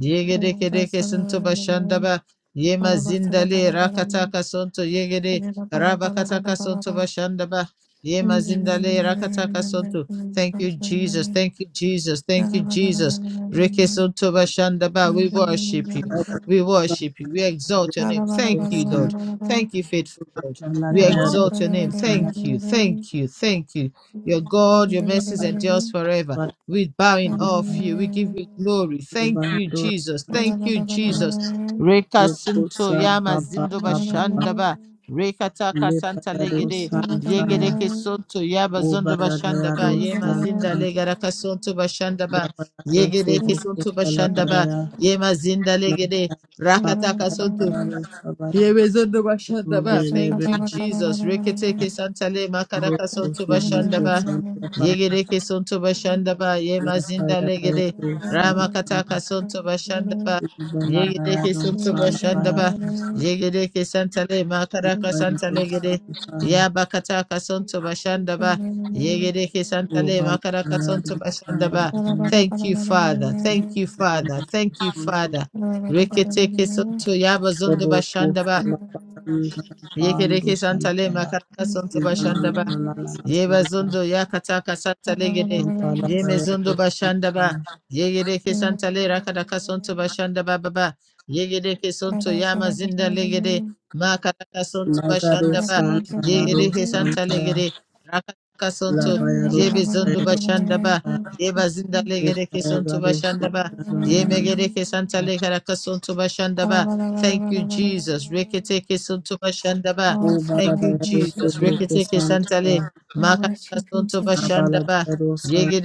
Speaker 4: Yegedeke Sunto Bashandaba Yema Zindale Rakataka Sonto Yegede Rabakataka Sonto Bashandaba Yema Zindale Rakataka Sonto. Thank you, Jesus. Thank you, Jesus. Thank you, Jesus. Reke Sonto Bashandaba. We worship you. We worship you. We exalt your name.
Speaker 2: do
Speaker 4: Thank you,
Speaker 2: san
Speaker 4: Lord. Thank you, faithful God.
Speaker 2: ala
Speaker 4: We
Speaker 2: da ya do
Speaker 4: exalt your name.
Speaker 2: santia
Speaker 4: Thank you. Thank you. Thank you. Your God, your mercies
Speaker 2: pa
Speaker 4: endures forever.
Speaker 2: pa
Speaker 4: We bow in awe of you. We give you glory. Thank you,
Speaker 2: do
Speaker 4: Jesus. Thank
Speaker 2: santia
Speaker 4: you, Jesus. Reka Sinto
Speaker 2: kusa
Speaker 4: Yama
Speaker 2: pa pa
Speaker 4: Zindoba
Speaker 2: pa pa pa
Speaker 4: Shandaba. Reka Taka
Speaker 2: le
Speaker 4: Santa
Speaker 2: payado
Speaker 4: Legede. Yegede
Speaker 2: santia
Speaker 4: Kesonto Yaba
Speaker 2: o
Speaker 4: Zondoba
Speaker 2: balada ya
Speaker 3: Thank
Speaker 4: Shandaba. Yema
Speaker 3: you.
Speaker 4: Zinda
Speaker 2: do
Speaker 4: Legaraka Sonto Bashandaba.
Speaker 2: Dabararo
Speaker 4: Yegede
Speaker 2: subruku
Speaker 4: Kesonto Bashandaba.
Speaker 2: salabaraya
Speaker 4: Yema Zinda Legede.
Speaker 2: labararo
Speaker 4: Rakataka Sonto.
Speaker 2: salabararo sabara
Speaker 4: Here is on Yebezondo bashandaba. Thank
Speaker 2: ubelebe
Speaker 4: you, Jesus. Reketeke santale makaraka
Speaker 2: ruku
Speaker 4: sonto
Speaker 2: subruku
Speaker 4: bashandaba.
Speaker 2: salabara
Speaker 4: Yegereke sonto bashandaba. Yemazinda legede.
Speaker 2: labararo
Speaker 4: Ramakataka
Speaker 2: salabaraya
Speaker 4: sonto bashandaba. Yegereke
Speaker 2: ubelarayaro
Speaker 4: sonto bashandaba.
Speaker 2: salabararo
Speaker 4: Yegereke santale makaraka
Speaker 2: salabararo
Speaker 4: santale gede.
Speaker 2: salabaraya
Speaker 4: Yabakataka sonto bashandaba. Yegereke santale makaraka
Speaker 2: ubelarayaro
Speaker 4: sonto bashandaba.
Speaker 2: salabararo
Speaker 4: Thank you, Father. Thank you, Father. Thank you, Father. Reketeke sonto yaba zondo
Speaker 2: ruku
Speaker 4: bashanda ba.
Speaker 2: salabaraya bandu
Speaker 4: Yekereke santale
Speaker 2: santaya
Speaker 4: makaraka sonto
Speaker 2: na na
Speaker 4: bashanda
Speaker 2: na
Speaker 4: ba.
Speaker 2: na na na
Speaker 4: Ye
Speaker 2: na
Speaker 4: bazundo ya kataka santa
Speaker 2: na
Speaker 4: legede.
Speaker 2: na
Speaker 4: Ye
Speaker 2: na
Speaker 4: mezundo bashanda ba. Ye gede ke
Speaker 3: Oh,
Speaker 4: santa le rakada kasonto bashanda ba ba ba. Ye gede ke sonto
Speaker 3: Father, I
Speaker 4: ya
Speaker 3: worship
Speaker 4: mazinda
Speaker 3: you.
Speaker 4: legede. Ma kada kasonto
Speaker 2: Nagaro
Speaker 4: bashanda
Speaker 3: I
Speaker 4: ba.
Speaker 2: Santa
Speaker 4: Ye
Speaker 2: Yaro
Speaker 4: gede ke santa
Speaker 2: Santa
Speaker 4: legede. Rakada kasonto.
Speaker 2: Labayaro
Speaker 4: Ye bezundo
Speaker 2: Sayaro
Speaker 4: bashanda ba.
Speaker 2: Santa
Speaker 4: Ye bazinda legede ke sonto
Speaker 2: Upayagaro
Speaker 4: bashanda ba. Ye
Speaker 2: Santa
Speaker 4: megede ke santa le kada kasonto bashanda ba. Thank you, Jesus. Rekete ke sonto bashanda ba.
Speaker 2: O
Speaker 4: Thank you,
Speaker 2: Baladayaro
Speaker 4: Jesus.
Speaker 2: Subruko
Speaker 4: Rekete ke santa le.
Speaker 2: Santa
Speaker 4: Makaka
Speaker 3: worship you
Speaker 4: santo
Speaker 3: today.
Speaker 4: bashanda
Speaker 2: Abaladayaro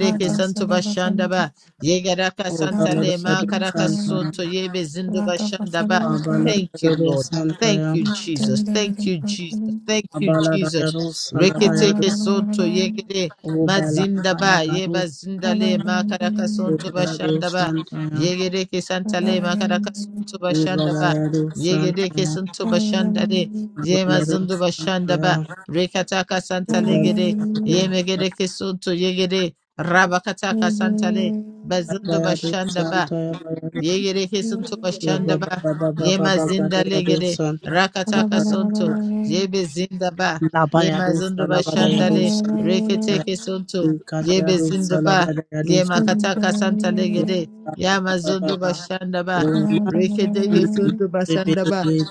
Speaker 3: Out of
Speaker 4: santo bashanda
Speaker 3: Sadabatabatam,
Speaker 4: Yegeraka
Speaker 2: O
Speaker 4: santa
Speaker 3: out of
Speaker 2: Baladayaro
Speaker 4: makaraka
Speaker 3: Shadabakalam,
Speaker 2: Santa
Speaker 4: santo yebe zindo
Speaker 3: out of
Speaker 4: bashanda
Speaker 3: Sadabakalam,
Speaker 4: Thank you,
Speaker 2: Abaladayaro
Speaker 4: Lord.
Speaker 2: Santa
Speaker 4: Thank you, Jesus. Thank you, Jesus.
Speaker 3: Davidabatabatam,
Speaker 4: Thank you, Jesus.
Speaker 2: Abaladayaro
Speaker 3: out of
Speaker 2: Salabayaro
Speaker 4: Reketeke santo
Speaker 3: Sadabakalam,
Speaker 4: yegere
Speaker 2: O
Speaker 4: mazinda ba.
Speaker 2: Balayagaro
Speaker 4: Yeba zinda
Speaker 3: out
Speaker 4: le
Speaker 3: of
Speaker 4: makaraka santo
Speaker 3: Sadabakalam,
Speaker 2: Ubalado
Speaker 4: bashanda ba.
Speaker 2: Santa
Speaker 4: Yegereke santa
Speaker 3: Thank
Speaker 4: le makaraka santo bashanda ba.
Speaker 2: Ubalado
Speaker 4: Yegedeke
Speaker 2: Santa
Speaker 4: santo bashanda le. Yema
Speaker 2: Abalado
Speaker 4: zindo bashanda ba.
Speaker 2: Santa
Speaker 4: Rekataka santalegede,
Speaker 2: Ubalado
Speaker 4: yemegede kesunto yegede, rabakataka santale, bazundo
Speaker 2: Yabado
Speaker 4: bashandaba,
Speaker 2: Santa Yabado
Speaker 4: yegede kesunto bashandaba, yema
Speaker 2: Yabababababababado
Speaker 4: zinda
Speaker 2: Yado
Speaker 4: legede,
Speaker 2: Santa
Speaker 4: rakataka sonto, yebe zindaba,
Speaker 2: Labayado
Speaker 4: yema zundu
Speaker 2: Salabada
Speaker 4: bashanda
Speaker 2: Yado
Speaker 4: le rekete
Speaker 2: Santa
Speaker 4: kesunto,
Speaker 2: Incada
Speaker 4: yebe
Speaker 2: Yado
Speaker 4: zindoba,
Speaker 2: Salabada Yado
Speaker 4: yema
Speaker 2: Santa
Speaker 4: kataka santalegede,
Speaker 3: you.
Speaker 4: yama zundu
Speaker 2: Labababababa
Speaker 4: bashanda ba
Speaker 2: Oman
Speaker 4: rekete kisuntu bashanda ba.
Speaker 2: Repetigate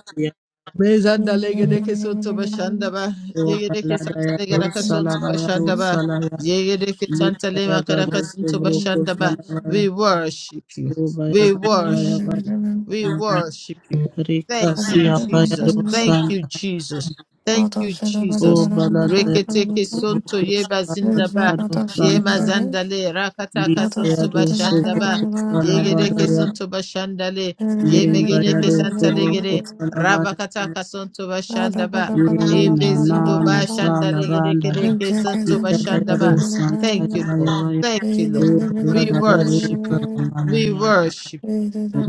Speaker 4: Mezanda legedeke sonto bashanda ba
Speaker 2: Yado
Speaker 4: yegedeke
Speaker 2: Falada
Speaker 4: santa
Speaker 2: Yado
Speaker 4: legaraka sonto
Speaker 2: Salaba Yado
Speaker 4: bashanda ba
Speaker 2: Salaya
Speaker 4: yegedeke santa
Speaker 2: Lipaya Gado
Speaker 4: lemakaraka sonto
Speaker 2: Sobroko
Speaker 4: bashanda ba
Speaker 2: Salabaya
Speaker 4: we worship you
Speaker 2: Obaya
Speaker 4: we
Speaker 2: Baya
Speaker 4: worship
Speaker 2: Baya
Speaker 4: you we worship you thank you
Speaker 2: Rikasi
Speaker 4: jesus thank
Speaker 2: Apaya
Speaker 4: you jesus thank you
Speaker 2: O
Speaker 4: jesus
Speaker 2: Balada
Speaker 4: reketeke sonto
Speaker 2: Sobroko
Speaker 4: yeba
Speaker 3: Yeah,
Speaker 4: zinda ba
Speaker 2: Salabado
Speaker 4: yema
Speaker 2: Santaya
Speaker 4: zanda le rakataka sonto
Speaker 2: Libayado
Speaker 4: bashanda ba
Speaker 2: Sobroko
Speaker 4: yegedeke
Speaker 2: Salabadaya
Speaker 4: sonto bashanda le yemegedeke
Speaker 2: Limbayado
Speaker 4: santa
Speaker 2: Sobroko
Speaker 4: legede
Speaker 2: Salabaya
Speaker 4: Rabakataka Santo Bashandaba. Ebezundo
Speaker 2: Inana Salabanda
Speaker 4: Bashandalegedekedeke Santo
Speaker 2: Ikadayado
Speaker 4: Bashandaba. Thank
Speaker 2: Santaya
Speaker 4: you, Lord.
Speaker 2: Bayabaya
Speaker 4: Thank you, Lord.
Speaker 2: O
Speaker 4: We
Speaker 2: Balada Yaro
Speaker 4: worship you. We
Speaker 2: Salamaya
Speaker 4: worship you.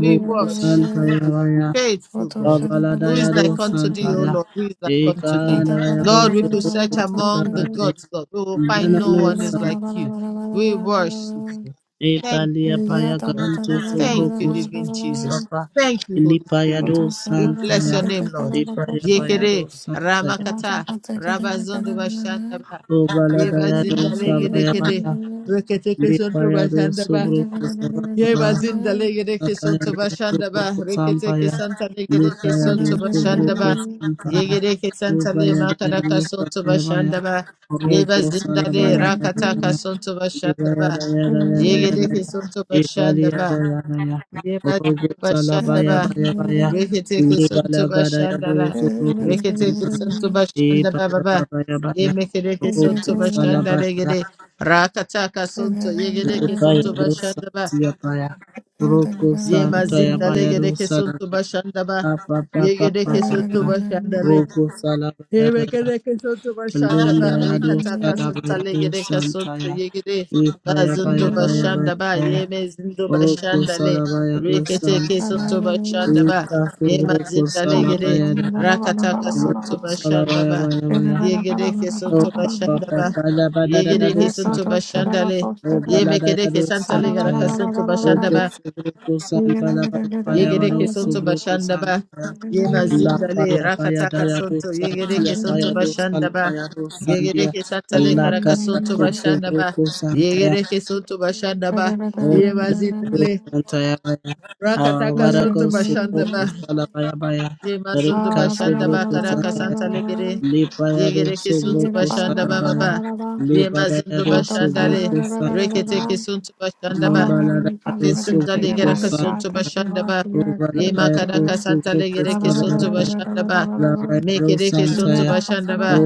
Speaker 4: We worship you
Speaker 2: Santaya Vaya,
Speaker 4: faithful God. Who
Speaker 2: Abaladaya
Speaker 4: is
Speaker 2: do
Speaker 4: like unto thee, O
Speaker 2: Santaya,
Speaker 4: Lord? Who is like unto thee?
Speaker 2: Ekadaya bo
Speaker 4: Lord, we could
Speaker 2: Sobo
Speaker 4: search among the
Speaker 2: Salabadaya,
Speaker 4: gods, Lord. We will find
Speaker 2: Nana
Speaker 4: no
Speaker 2: no
Speaker 4: one is like
Speaker 2: Santaya,
Speaker 4: you. We worship you. Thank you,
Speaker 2: Epalia Paya
Speaker 4: faithful God.
Speaker 2: Gante
Speaker 4: Thank you,
Speaker 2: Sobrocus,
Speaker 4: living Jesus.
Speaker 2: Papa,
Speaker 4: Thank you, Holy
Speaker 2: Ilipaya
Speaker 4: Spirit.
Speaker 2: do
Speaker 3: Otto
Speaker 4: We
Speaker 3: Sadova
Speaker 4: bless your
Speaker 2: Santaya,
Speaker 3: Seke
Speaker 4: name, Lord.
Speaker 3: Dekarava
Speaker 2: Epaya Paya
Speaker 3: Poshada,
Speaker 2: do
Speaker 4: Yekere,
Speaker 2: Santaya,
Speaker 3: Lata
Speaker 4: Ramakata,
Speaker 3: Pateke
Speaker 4: Rabazondo
Speaker 3: Dekarava,
Speaker 4: Bashandaba, Yeba
Speaker 2: Obaladaya do
Speaker 4: Zinda
Speaker 3: Lemon Dividend,
Speaker 2: Savaya
Speaker 4: Legedekede,
Speaker 2: Paya, Lipaya do
Speaker 4: Reketeke
Speaker 2: Sobrocus,
Speaker 4: Ye
Speaker 2: Sababa,
Speaker 4: bazinda
Speaker 3: Individual.
Speaker 4: legere ke sonto bashanda ba
Speaker 2: roko
Speaker 4: rekete ke santa legere ke sonto bashanda ba yegere ke santa le makara ka sonto bashanda ba ye bazinda le rakata ka sonto bashanda ba yegere ke sonto bashanda ba ye bazinda bashanda ba rekete ke sonto bashanda la rekete ke sonto bashanda ba baba ye mekere ke sonto bashanda legere rakata ka sonto yegere ke sonto bashanda ba Ye
Speaker 2: Santa
Speaker 4: mazindale
Speaker 2: Yabaya
Speaker 4: gedeke
Speaker 2: Rusala
Speaker 4: sonto ba
Speaker 2: Apa papa
Speaker 4: Ye
Speaker 2: papa
Speaker 4: gedeke
Speaker 2: papa, pa
Speaker 4: sonto
Speaker 2: pa.
Speaker 4: bashandale.
Speaker 2: Rogo
Speaker 4: Ye
Speaker 2: salabaya daya.
Speaker 4: gedeke sonto
Speaker 2: Lenda
Speaker 4: bashandaba.
Speaker 2: ya do
Speaker 4: Rekataka
Speaker 2: salabaya
Speaker 4: santale
Speaker 2: do
Speaker 4: gedeke sonto gede keson to
Speaker 2: santaya.
Speaker 4: ye gede.
Speaker 2: Ipa ya pa
Speaker 4: Bazundo
Speaker 2: ya pa ya pa ya
Speaker 4: bashanda ba
Speaker 2: pa ya.
Speaker 4: Ye mezindo
Speaker 2: Rogo
Speaker 4: bashandale.
Speaker 2: salabaya do
Speaker 4: Reketeke
Speaker 2: santaya.
Speaker 4: sonto
Speaker 3: Ba-da-ba-da-ba-da-ba-da-ba-da-ba.
Speaker 4: ba
Speaker 2: Ika fi
Speaker 4: Ye
Speaker 2: rogo
Speaker 4: mazindale gede.
Speaker 2: salabaya daya.
Speaker 4: Rakataka sonto
Speaker 2: Rogo salabaya
Speaker 4: ba
Speaker 2: baya baya.
Speaker 4: Ye gedeke
Speaker 2: Oh,
Speaker 4: sonto
Speaker 2: Papa, ba- ba-
Speaker 4: ba
Speaker 2: ba- da-
Speaker 4: Ye
Speaker 2: da- da- do
Speaker 4: gedeke sonto
Speaker 2: Santa.
Speaker 4: bashandale.
Speaker 2: Oh, ba-
Speaker 4: Ye
Speaker 2: la- da-
Speaker 4: mekedeke
Speaker 2: do
Speaker 4: santale
Speaker 2: Santa
Speaker 4: garaka
Speaker 2: ya.
Speaker 4: sonto
Speaker 2: Oh, ko-
Speaker 4: ba
Speaker 2: subro- ko- san- ba- la- ba- ya- ba- ya- ba- do
Speaker 4: Yegereke sonto
Speaker 2: subro- ko- san-
Speaker 4: bashandaba. Yema
Speaker 2: La- ba-
Speaker 4: zindale
Speaker 2: ya- ba- ya-
Speaker 4: rakataka
Speaker 2: da- ya- do
Speaker 4: sonto.
Speaker 2: Santi ya,
Speaker 4: Yegereke
Speaker 2: ba-
Speaker 4: sonto
Speaker 2: do Sal-
Speaker 4: bashandaba.
Speaker 2: ya- do Santi ya.
Speaker 4: Yegereke satale
Speaker 2: La-
Speaker 4: karaka
Speaker 2: ka- ka-
Speaker 4: sonto
Speaker 2: ko-
Speaker 4: bashandaba.
Speaker 2: Santa
Speaker 4: Yegereke sonto bashandaba. Yema
Speaker 2: Santa,
Speaker 4: zindale
Speaker 2: Libaya Rosa,
Speaker 4: rakataka sonto bashandaba. Yema zondo bashandaba karaka santale gere. Yegereke sonto bashandaba baba. Yema zondo
Speaker 3: God Father,
Speaker 4: bashandale. Reketeke
Speaker 3: Father,
Speaker 4: sonto bashandaba.
Speaker 3: Lord Heavenly Father, what a
Speaker 4: Kesinta
Speaker 3: great and
Speaker 4: legera
Speaker 3: mighty God
Speaker 4: kasonto
Speaker 3: that you
Speaker 4: bashanda
Speaker 3: are.
Speaker 4: ba.
Speaker 3: You are great and
Speaker 4: Yema kada
Speaker 3: you
Speaker 4: kasanta legere kesonto bashanda ba. Mekere kesonto bashanda ba.